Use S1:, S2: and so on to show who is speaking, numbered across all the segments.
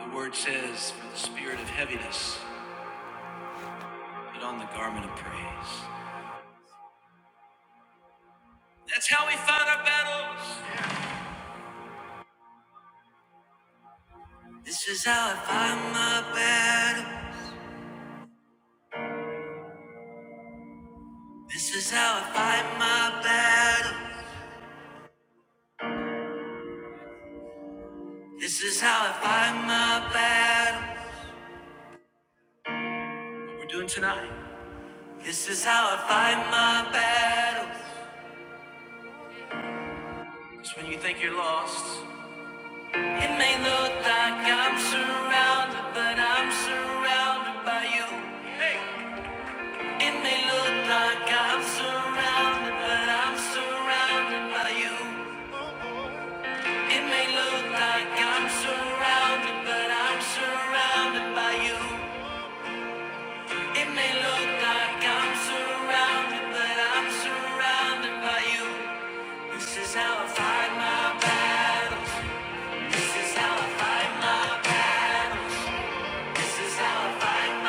S1: The word says, for the spirit of heaviness, put on the garment of praise. That's how we fight our battles. This is how I fight my battle. This is how I fight my battle. This is how I fight my battle. What we're doing tonight. This is how I fight my battle. It's when you think you're lost. It may look like I'm surrounded, but I'm surrounded by you. It may look like I'm surrounded, but I'm surrounded by you. It may look like I'm surrounded, but I'm surrounded by you. It may look like I'm surrounded, but I'm surrounded by you. This is how I fight my battles. This is how I fight my battles. This is how I fight.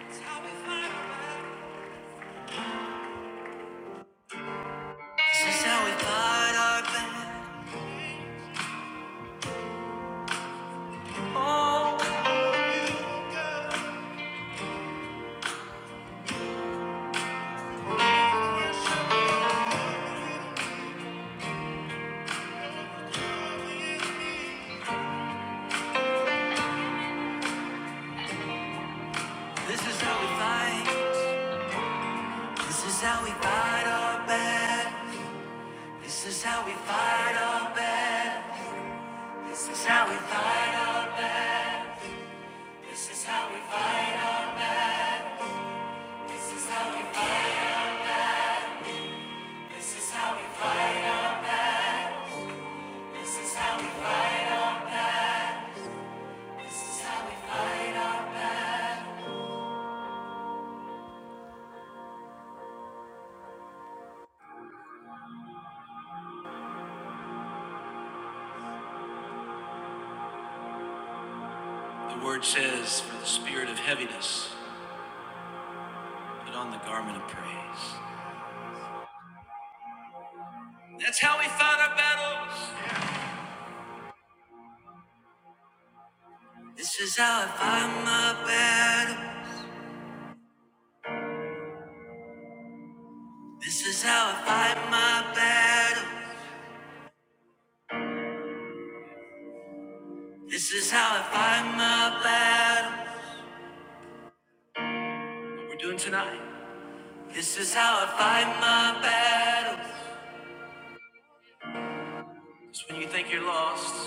S1: This is how we fight our battles. Oh. This is how we fight. This is how we fight our bad. This is how we fight our bad. This is how we fight our. This is how. The word says, "For the spirit of heaviness, put on the garment of praise." That's how we fight our battles. This is how I fight my battle. This is how I fight my battle. This is how I fight my battle. What we're doing tonight. This is how I fight my battle. It's when you think you're lost.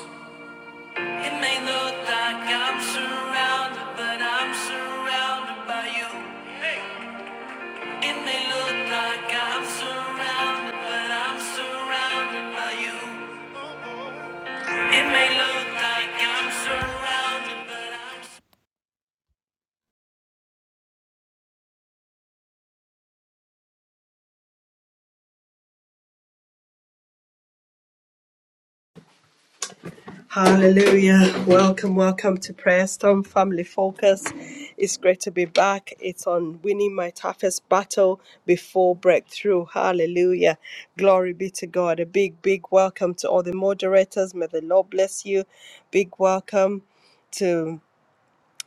S1: It may look like I'm surrounded, but I'm surrounded by you. It may look like I'm surrounded, but I'm surrounded by you. It may look like I'm surrounded, but I'm.
S2: Hallelujah. Welcome, welcome to Prayer Storm Family Focus. It's great to be back. It's on winning my toughest battle before breakthrough. Hallelujah. Glory be to God. A big, big welcome to all the moderators. May the Lord bless you. Big welcome to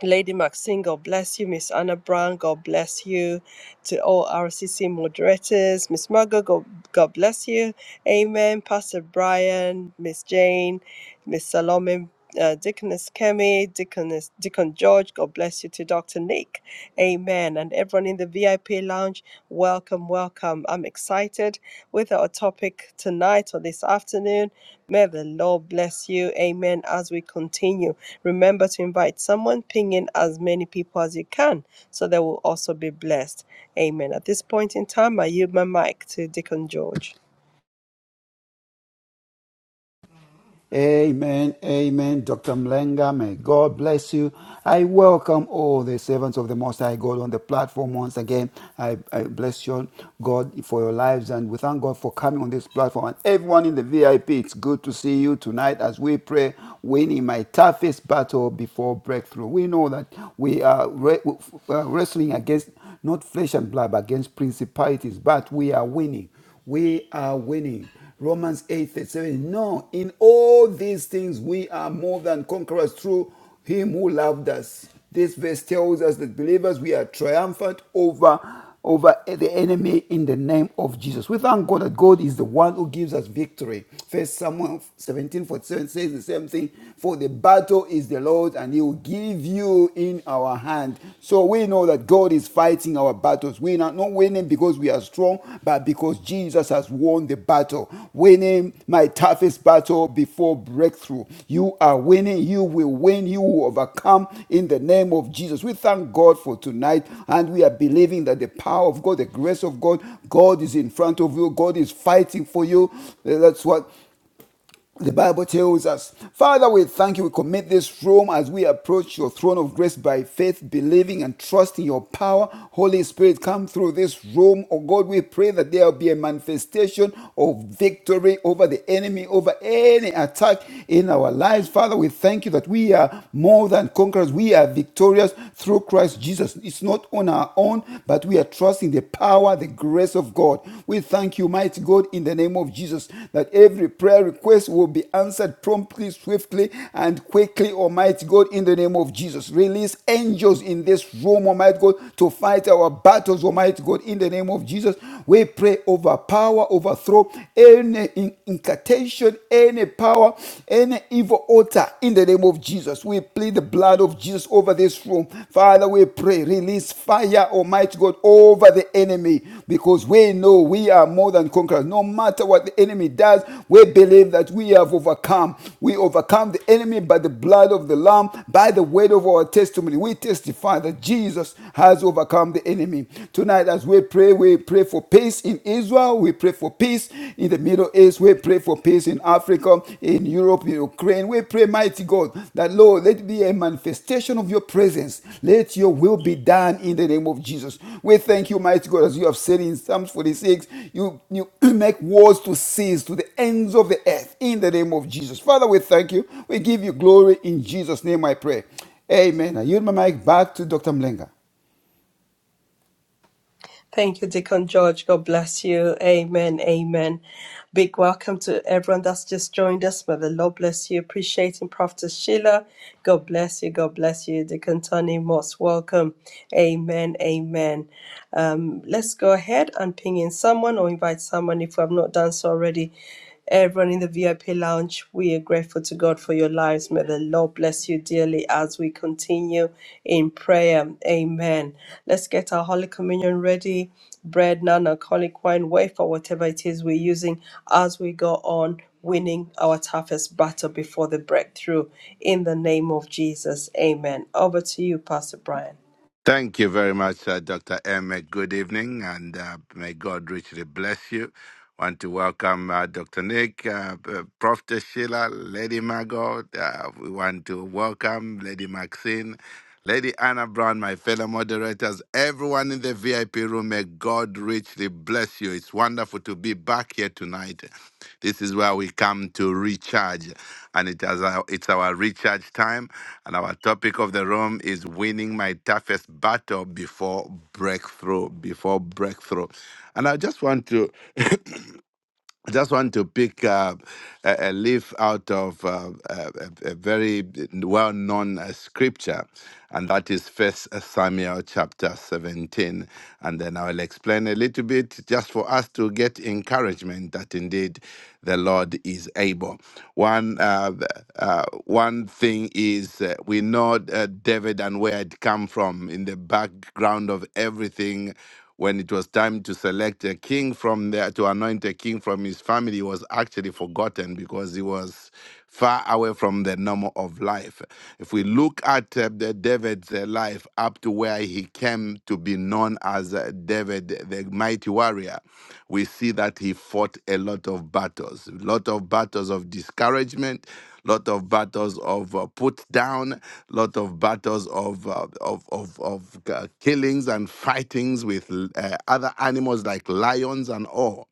S2: Lady Maxine, God bless you. Miss Anna Brown, God bless you. To all RCC moderators, Miss Margot, God, God bless you. Amen. Pastor Brian, Miss Jane, Miss Salome, uh, Deaconess Kemi, Deaconess, Deacon George, God bless you. To Dr. Nick, Amen. And everyone in the VIP. VIP Lounge. Welcome, welcome. I'm excited with our topic tonight or this afternoon. May the Lord bless you. Amen. As we continue, remember to invite someone, ping in as many people as you can so they will also be blessed. Amen. At this point in time, I yield my mic to Deacon George.
S3: Amen, amen. Dr. Mlenga, may God bless you. I welcome all the servants of the Most High God on the platform once again. I, I bless you, God, for your lives, and we thank God for coming on this platform. And everyone in the VIP, it's good to see you tonight as we pray, winning my toughest battle before breakthrough. We know that we are re- uh, wrestling against not flesh and blood, but against principalities, but we are winning we are winning. Romans 8 37. No, in all these things we are more than conquerors through him who loved us. This verse tells us that believers we are triumphant over over the enemy in the name of Jesus. We thank God that God is the one who gives us victory. First Samuel 17 47 says the same thing. For the battle is the Lord, and he will give you in in our hand. So we know that God is fighting our battles. We are not winning because we are strong, but because Jesus has won the battle. Winning my toughest battle before breakthrough. You are winning. You will win. You will overcome in the name of Jesus. We thank God for tonight and we are believing that the power of God, the grace of God, God is in front of you. God is fighting for you. That's what the Bible tells us, Father, we thank you. We commit this room as we approach your throne of grace by faith, believing and trusting your power. Holy Spirit, come through this room. Oh God, we pray that there will be a manifestation of victory over the enemy, over any attack in our lives. Father, we thank you that we are more than conquerors. We are victorious through Christ Jesus. It's not on our own, but we are trusting the the power, the grace of God. We thank you, mighty God, in the name of Jesus, that every prayer request will be answered promptly, swiftly, and quickly, Almighty God, in the name of Jesus. Release angels in this room, Almighty God, to fight our battles, Almighty God, in the name of Jesus. We pray over power, overthrow any in- incantation, any power, any evil altar, in the name of Jesus. We we plead the blood of Jesus over this room. Father, we pray, release fire, Almighty God, over the enemy because we know we are more than conquerors. No matter what the enemy does, we believe that we have overcome. We overcome the enemy by the blood of the Lamb, by the word of our testimony. We testify that Jesus has overcome the enemy. Tonight, as we pray, we pray for peace in Israel. We pray for peace in the Middle East. We pray for peace in Africa, in Europe, in Ukraine. We pray, mighty God, that Lord, let it be a manifestation of your presence. Let your will be done in the name of Jesus. We thank you, mighty God, as you have said in Psalms 46, you, you make wars to cease to the ends of the earth in the name of Jesus. Father, we thank you. We give you glory in Jesus' name, I pray. Amen. I yield my mic back to Dr. Mlenga.
S2: Thank you, Deacon George. God bless you. Amen. Amen. Big welcome to everyone that's just joined us. May the Lord bless you. Appreciating Prophet Sheila. God bless you. God bless you. Deacon Tony Moss, welcome. Amen. Amen. Um, let's go ahead and ping in someone or invite someone if we have not done so already. Everyone in the VIP lounge, we are grateful to God for your lives. May the Lord bless you dearly as we continue in prayer. Amen. Let's get our Holy Communion ready. Bread, non alcoholic wine, wafer, whatever it is we're using as we go on winning our toughest battle before the breakthrough. In the name of Jesus. Amen. Over to you, Pastor Brian.
S4: Thank you very much, uh, Dr. Emmett. Good evening, and uh, may God richly bless you. Want to welcome uh, Dr. Nick, uh, uh, Prof. Sheila, Lady Margot. Uh, we want to welcome Lady Maxine, Lady Anna Brown, my fellow moderators, everyone in the VIP room, may God richly bless you. It's wonderful to be back here tonight. This is where we come to recharge, and it is our, it's our recharge time. And our topic of the room is winning my toughest battle before breakthrough. Before breakthrough, and I just want to I just want to pick uh, a, a leaf out of uh, a, a a very well-known uh, scripture, and that is First Samuel chapter 17. And then I'll explain a little bit, just for us to get encouragement that indeed the Lord is able. One uh, uh, one thing is uh, we know uh, David and where it come from in the background of everything when it was time to select a king from there to anoint a king from his family he was actually forgotten because he was far away from the normal of life if we look at uh, the david's uh, life up to where he came to be known as uh, david the mighty warrior we see that he fought a lot of battles a lot of battles of discouragement lot of battles of uh, put down, lot of battles of uh, of of, of uh, killings and fightings with uh, other animals like lions and all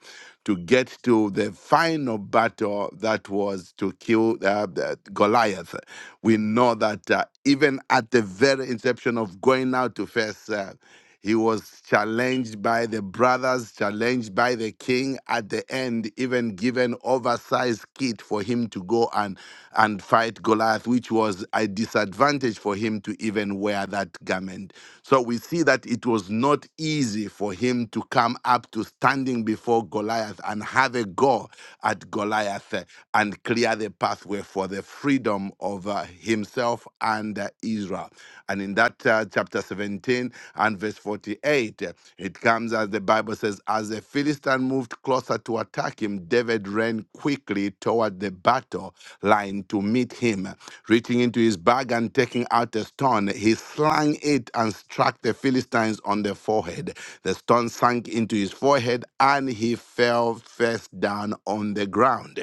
S4: to get to the final battle that was to kill uh, the Goliath. We know that uh, even at the very inception of going out to face uh, he was challenged by the brothers, challenged by the king. At the end, even given oversized kit for him to go and, and fight Goliath, which was a disadvantage for him to even wear that garment. So we see that it was not easy for him to come up to standing before Goliath and have a go at Goliath uh, and clear the pathway for the freedom of uh, himself and uh, Israel. Israel. And in that uh, chapter 17 and verse 48, uh, it comes as the Bible says, As the Philistine moved closer to attack him, David ran quickly toward the battle line to meet him. Reaching into his bag and taking out a stone, he slung it and struck the Philistines on the forehead. The stone sank into his forehead and he fell face down on the ground.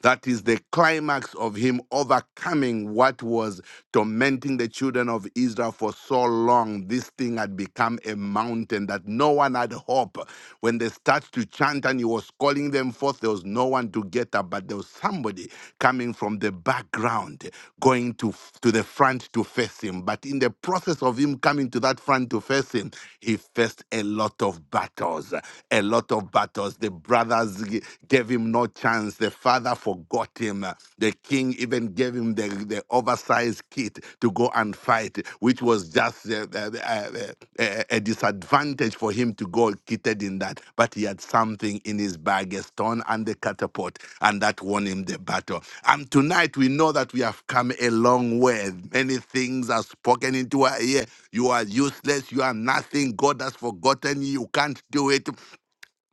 S4: That is the climax of him overcoming what was tormenting the children of Israel for so long. This thing had become a mountain that no one had hope. When they started to chant and he was calling them forth, there was no one to get up, but there was somebody coming from the background, going to, to the front to face him. But in the process of him coming to that front to face him, he faced a lot of battles. A lot of battles. The brothers kings g- gave him no chance. The father forgot him. The king even gave him the, the oversized kit to go and fight, which was just uh, uh, uh, uh, uh, a disadvantage for him to go kitted in that. But he had something in his bag, a stone and a catapult, and that won him the battle. And tonight we know that we have come a long way. Many things are spoken into our ear. You are useless. You are nothing. God has forgotten you. You can't do it.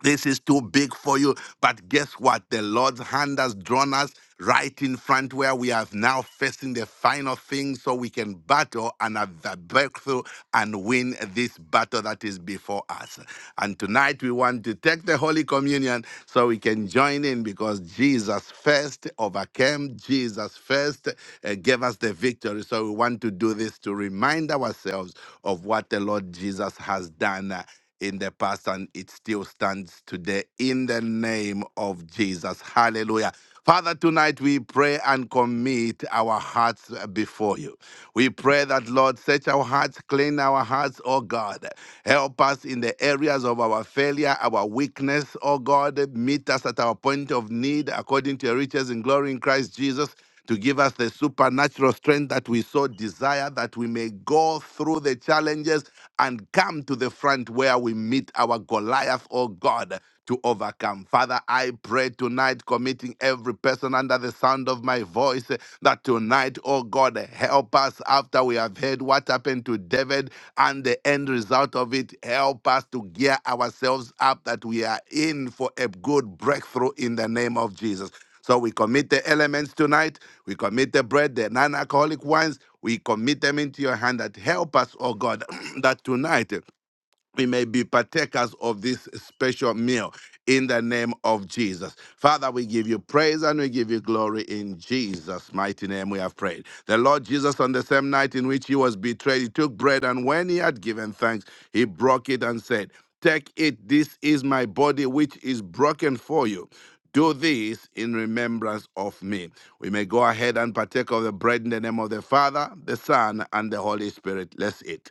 S4: This is too big for you. But guess what? The Lord's hand has drawn us right in front where we are now facing the final thing so we can battle and have the breakthrough and win this battle that is before us. And tonight we want to take the Holy Communion so we can join in because Jesus first overcame, Jesus first uh, gave us the victory. So we want to do this to remind ourselves of what the Lord Jesus has done. uh, in the past and it still stands today in the name of Jesus. Hallelujah. Father, tonight we pray and commit our hearts before you. We pray that, Lord, search our hearts, clean our hearts, oh God. Help us in the areas of our failure, our weakness, oh God. Meet us at our point of need according to your riches in glory in Christ Jesus to give us the supernatural strength that we so desire, that we may go through the challenges and come to the front where we meet our Goliath, oh God, to overcome. Father, I pray tonight, committing every person under the sound of my voice, eh, that tonight, oh God, help us after we have heard what happened to David and the end result of it. Help us to gear ourselves up that we are in for a good breakthrough in the name of Jesus. So we commit the elements tonight we commit the bread, the non alcoholic wines. We commit them into your hand that help us, oh God, that tonight we may be partakers of this special meal in the name of Jesus. Father, we give you praise and we give you glory in Jesus' mighty name. We have prayed. The Lord Jesus, on the same night in which he was betrayed, he took bread and when he had given thanks, he broke it and said, Take it, this is my body which is broken for you. Do this in remembrance of me. We may go ahead and partake of the bread in the name of the Father, the Son, and the Holy Spirit. Let's eat.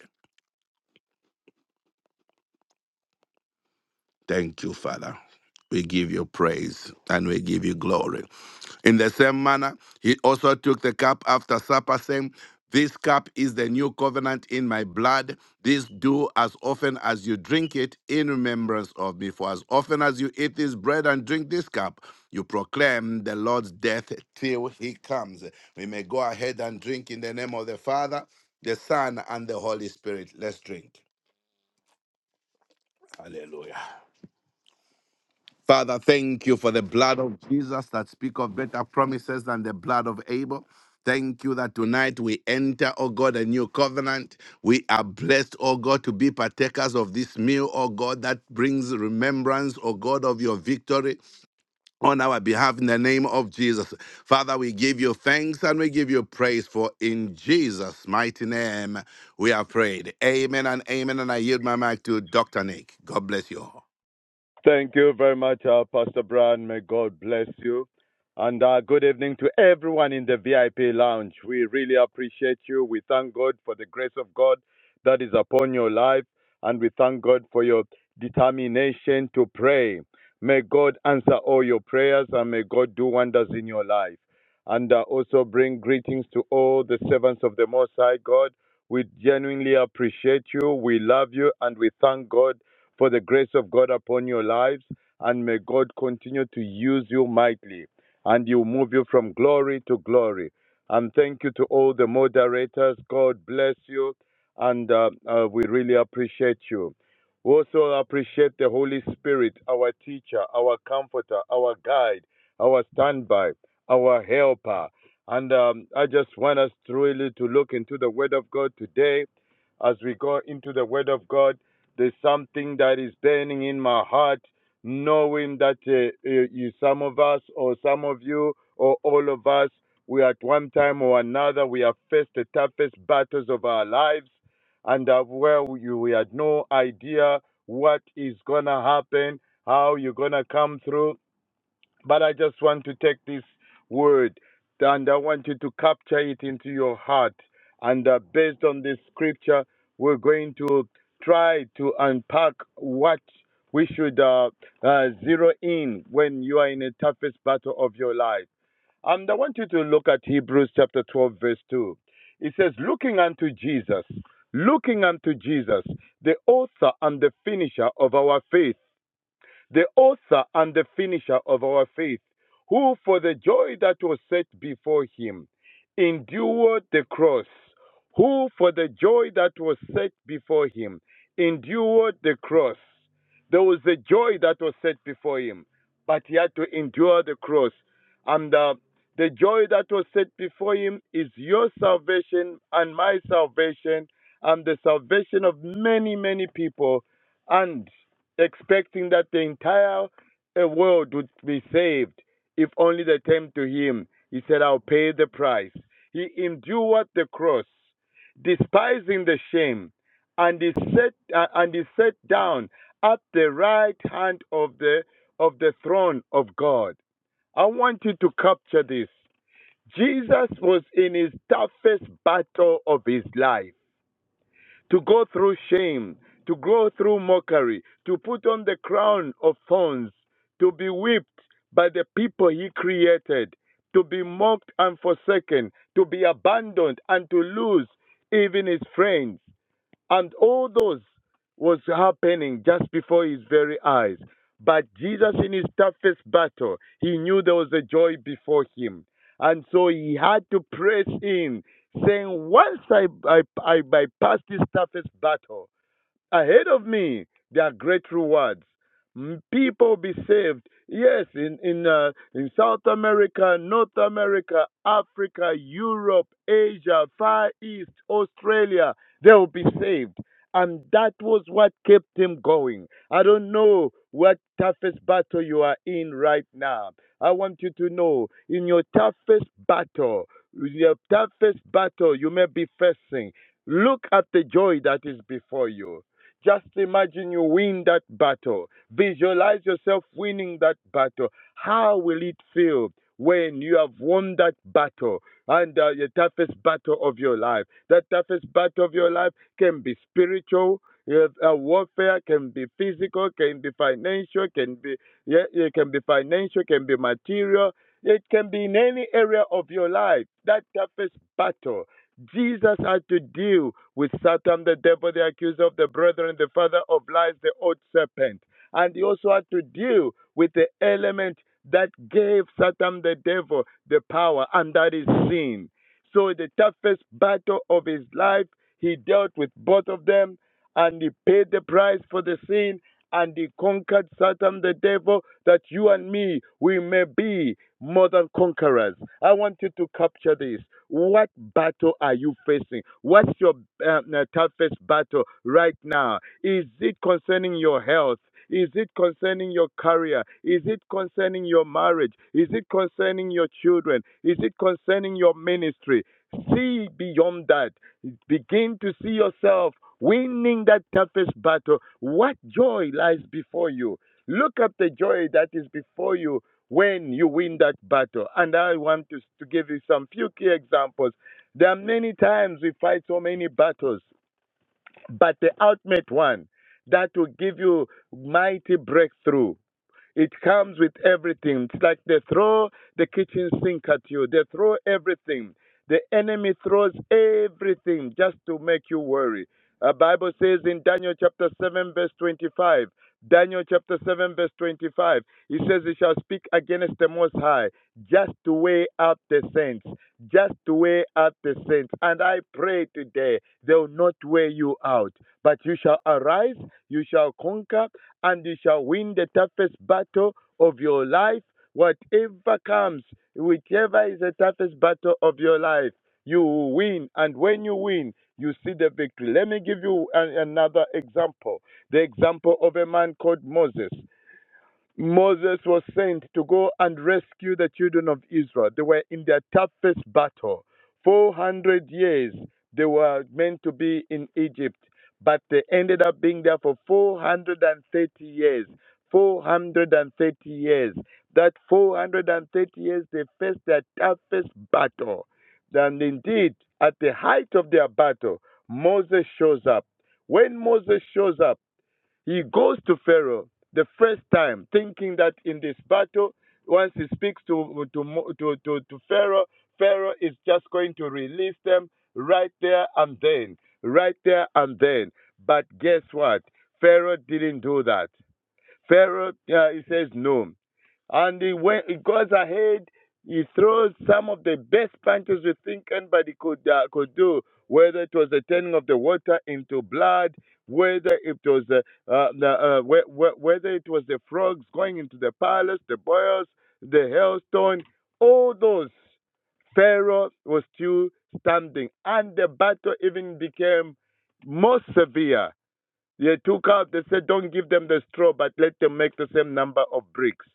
S4: Thank you, Father. We give you praise and we give you glory. In the same manner, he also took the cup after supper, saying, This cup is the new covenant in my blood. This do as often as you drink it in remembrance of me. For as often as you eat this bread and drink this cup, you proclaim the Lord's death till he comes. We may go ahead and drink in the name of the Father, the Son, and the Holy Spirit. Let's drink. Hallelujah. Father, thank you for the blood of Jesus that speak of better promises than the blood of Abel. Thank you that tonight we enter, oh God, a new covenant. We are blessed, oh God, to be partakers of this meal, oh God, that brings remembrance, oh God, of your victory on our behalf in the name of Jesus. Father, we give you thanks and we give you praise for in Jesus' mighty name we are prayed. Amen and amen. And I yield my mic to Dr. Nick. God bless you all.
S5: Thank you very much, uh, Pastor Brown. May God bless you. And uh, good evening to everyone in the VIP lounge. We really appreciate you. We thank God for the grace of God that is upon your life. And we thank God for your determination to pray. May God answer all your prayers and may God do wonders in your life. And uh, also bring greetings to all the servants of the Most High God. We genuinely appreciate you. We love you and we thank God for the grace of God upon your lives, and may God continue to use you mightily, and you move you from glory to glory. And thank you to all the moderators. God bless you, and uh, uh, we really appreciate you. We also appreciate the Holy Spirit, our teacher, our comforter, our guide, our standby, our helper. And um, I just want us truly to look into the Word of God today as we go into the Word of God. There's something that is burning in my heart, knowing that uh, uh, you, some of us, or some of you, or all of us, we at one time or another, we have faced the toughest battles of our lives, and uh, where we, we had no idea what is gonna happen, how you're gonna come through but I just want to take this word and I want you to capture it into your heart. And uh, based on this scripture, we're going to try to unpack what we should uh, uh, zero in when you are in the toughest battle of your life. And I want you to look at Hebrews chapter 12, verse 2. It says, Looking unto Jesus, looking unto Jesus, the author and the finisher of our faith the author and the finisher of our faith, who for the joy that was set before him endured the cross, who for the joy that was set before him endured the cross. There was the joy that was set before him, but he had to endure the cross. And uh, the joy that was set before him is your salvation and my salvation and the salvation of many, many people. And expecting that the entire uh, world would be saved if only they came to him. He said, I'll pay the price. He endured the cross, despising the shame, and he sat, uh, and he sat down at the right hand of the, of the throne of God. I want you to capture this. Jesus was in his toughest battle of his life to go through shame, to go through mockery, to put on the crown of thorns, to be whipped by the people he created, to be mocked and forsaken, to be abandoned and to lose even his friends. And all those was happening just before his very eyes. But Jesus, in his toughest battle, he knew there was a joy before him. And so he had to press in, saying, Once I, I, I bypass this toughest battle, ahead of me there are great rewards Mm, people be saved yes in in uh, in south america north america africa europe asia far east australia they will be saved and that was what kept him going i don't know what toughest battle you are in right now i want you to know in your toughest battle your toughest battle you may be facing look at the joy that is before you just imagine you win that battle. Visualize yourself winning that battle. How will it feel when you have won that battle? And uh, the toughest battle of your life. That toughest battle of your life can be spiritual. Yes, uh, warfare can be physical, can be financial, can be yeah, it can be financial, can be material. It can be in any area of your life. That toughest battle Jesus had to deal with Satan, the devil, the accuser of the brethren, the father of lies, the old serpent. And he also had to deal with the element that gave Satan, the devil, the power, and that is sin. So, the toughest battle of his life, he dealt with both of them and he paid the price for the sin and he conquered Satan the devil that you and me we may be more than conquerors. I want you to capture this. What battle are you facing? What's your um, uh, toughest battle right now? Is it concerning your health? Is it concerning your career? Is it concerning your marriage? Is it concerning your children? Is it concerning your ministry? See beyond that. Begin to see yourself winning that toughest battle. What joy lies before you? Look at the joy that is before you when you win that battle. And I want to, to give you some few key examples. There are many times we fight so many battles, but the ultimate one that will give you mighty breakthrough it comes with everything. It's like they throw the kitchen sink at you, they throw everything. The enemy throws everything just to make you worry. The Bible says in Daniel chapter 7, verse 25, Daniel chapter 7, verse 25, he says, He shall speak against the Most High just to weigh out the saints, just to weigh out the saints. And I pray today, they will not weigh you out, but you shall arise, you shall conquer, and you shall win the toughest battle of your life. Whatever comes, whichever is the toughest battle of your life, you will win. And when you win, you see the victory. Let me give you an, another example the example of a man called Moses. Moses was sent to go and rescue the children of Israel. They were in their toughest battle. 400 years they were meant to be in Egypt, but they ended up being there for 430 years. 430 years. That 430 years they faced their toughest battle. And indeed, at the height of their battle, Moses shows up. When Moses shows up, he goes to Pharaoh the first time, thinking that in this battle, once he speaks to to to to, to Pharaoh, Pharaoh is just going to release them right there and then, right there and then. But guess what? Pharaoh didn't do that. Pharaoh, uh, he says no. And he, went, he goes ahead, he throws some of the best punches we think anybody could, uh, could do, whether it was the turning of the water into blood, whether it was the, uh, the, uh, whe- whe- whether it was the frogs going into the palace, the boils, the hailstone, all those. Pharaoh was still standing, and the battle even became more severe they took out, they said, don't give them the straw, but let them make the same number of bricks.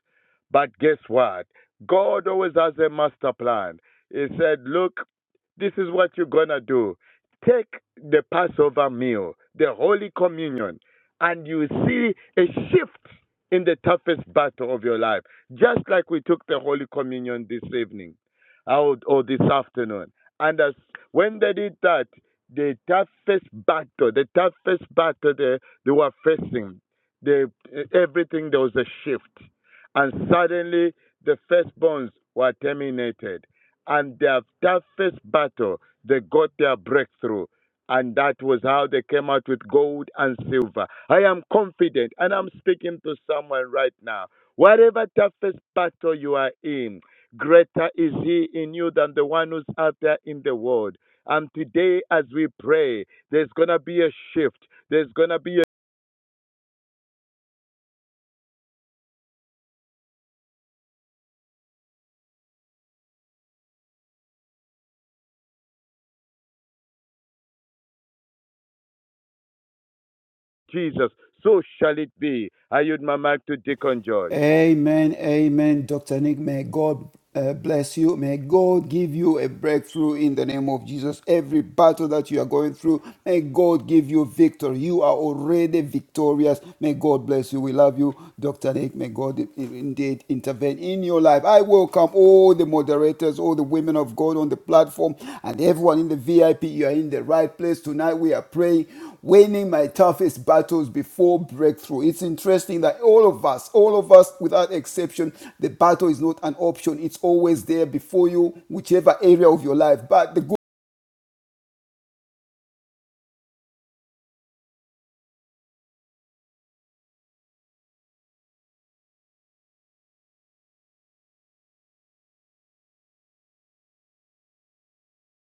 S5: But guess what? God always has a master plan. He said, look, this is what you're going to do. Take the Passover meal, the Holy Communion, and you see a shift in the toughest battle of your life. Just like we took the Holy Communion this evening out or this afternoon. And as, when they did that, the toughest battle, the toughest battle they, they were facing, they, everything, there was a shift. And suddenly, the firstborns were terminated. And their toughest battle, they got their breakthrough. And that was how they came out with gold and silver. I am confident, and I'm speaking to someone right now. Whatever toughest battle you are in, greater is he in you than the one who's out there in the world. And today, as we pray, there's going to be a shift. There's going to be a Jesus. So shall it be. I yield my mic to Deacon George.
S3: Amen, amen, Dr. Nick. May God uh, bless you. May God give you a breakthrough in the name of Jesus. Every battle that you are going through, may God give you victory. You are already victorious. May God bless you. We love you, Dr. Nick. May God i- indeed intervene in your life. I welcome all the moderators, all the women of God on the platform, and everyone in the VIP. You are in the right place tonight. We are praying winning my toughest battles before breakthrough. It's interesting that all of us, all of us without exception, the battle is not an option. It's always there before you, whichever area of your life. But the good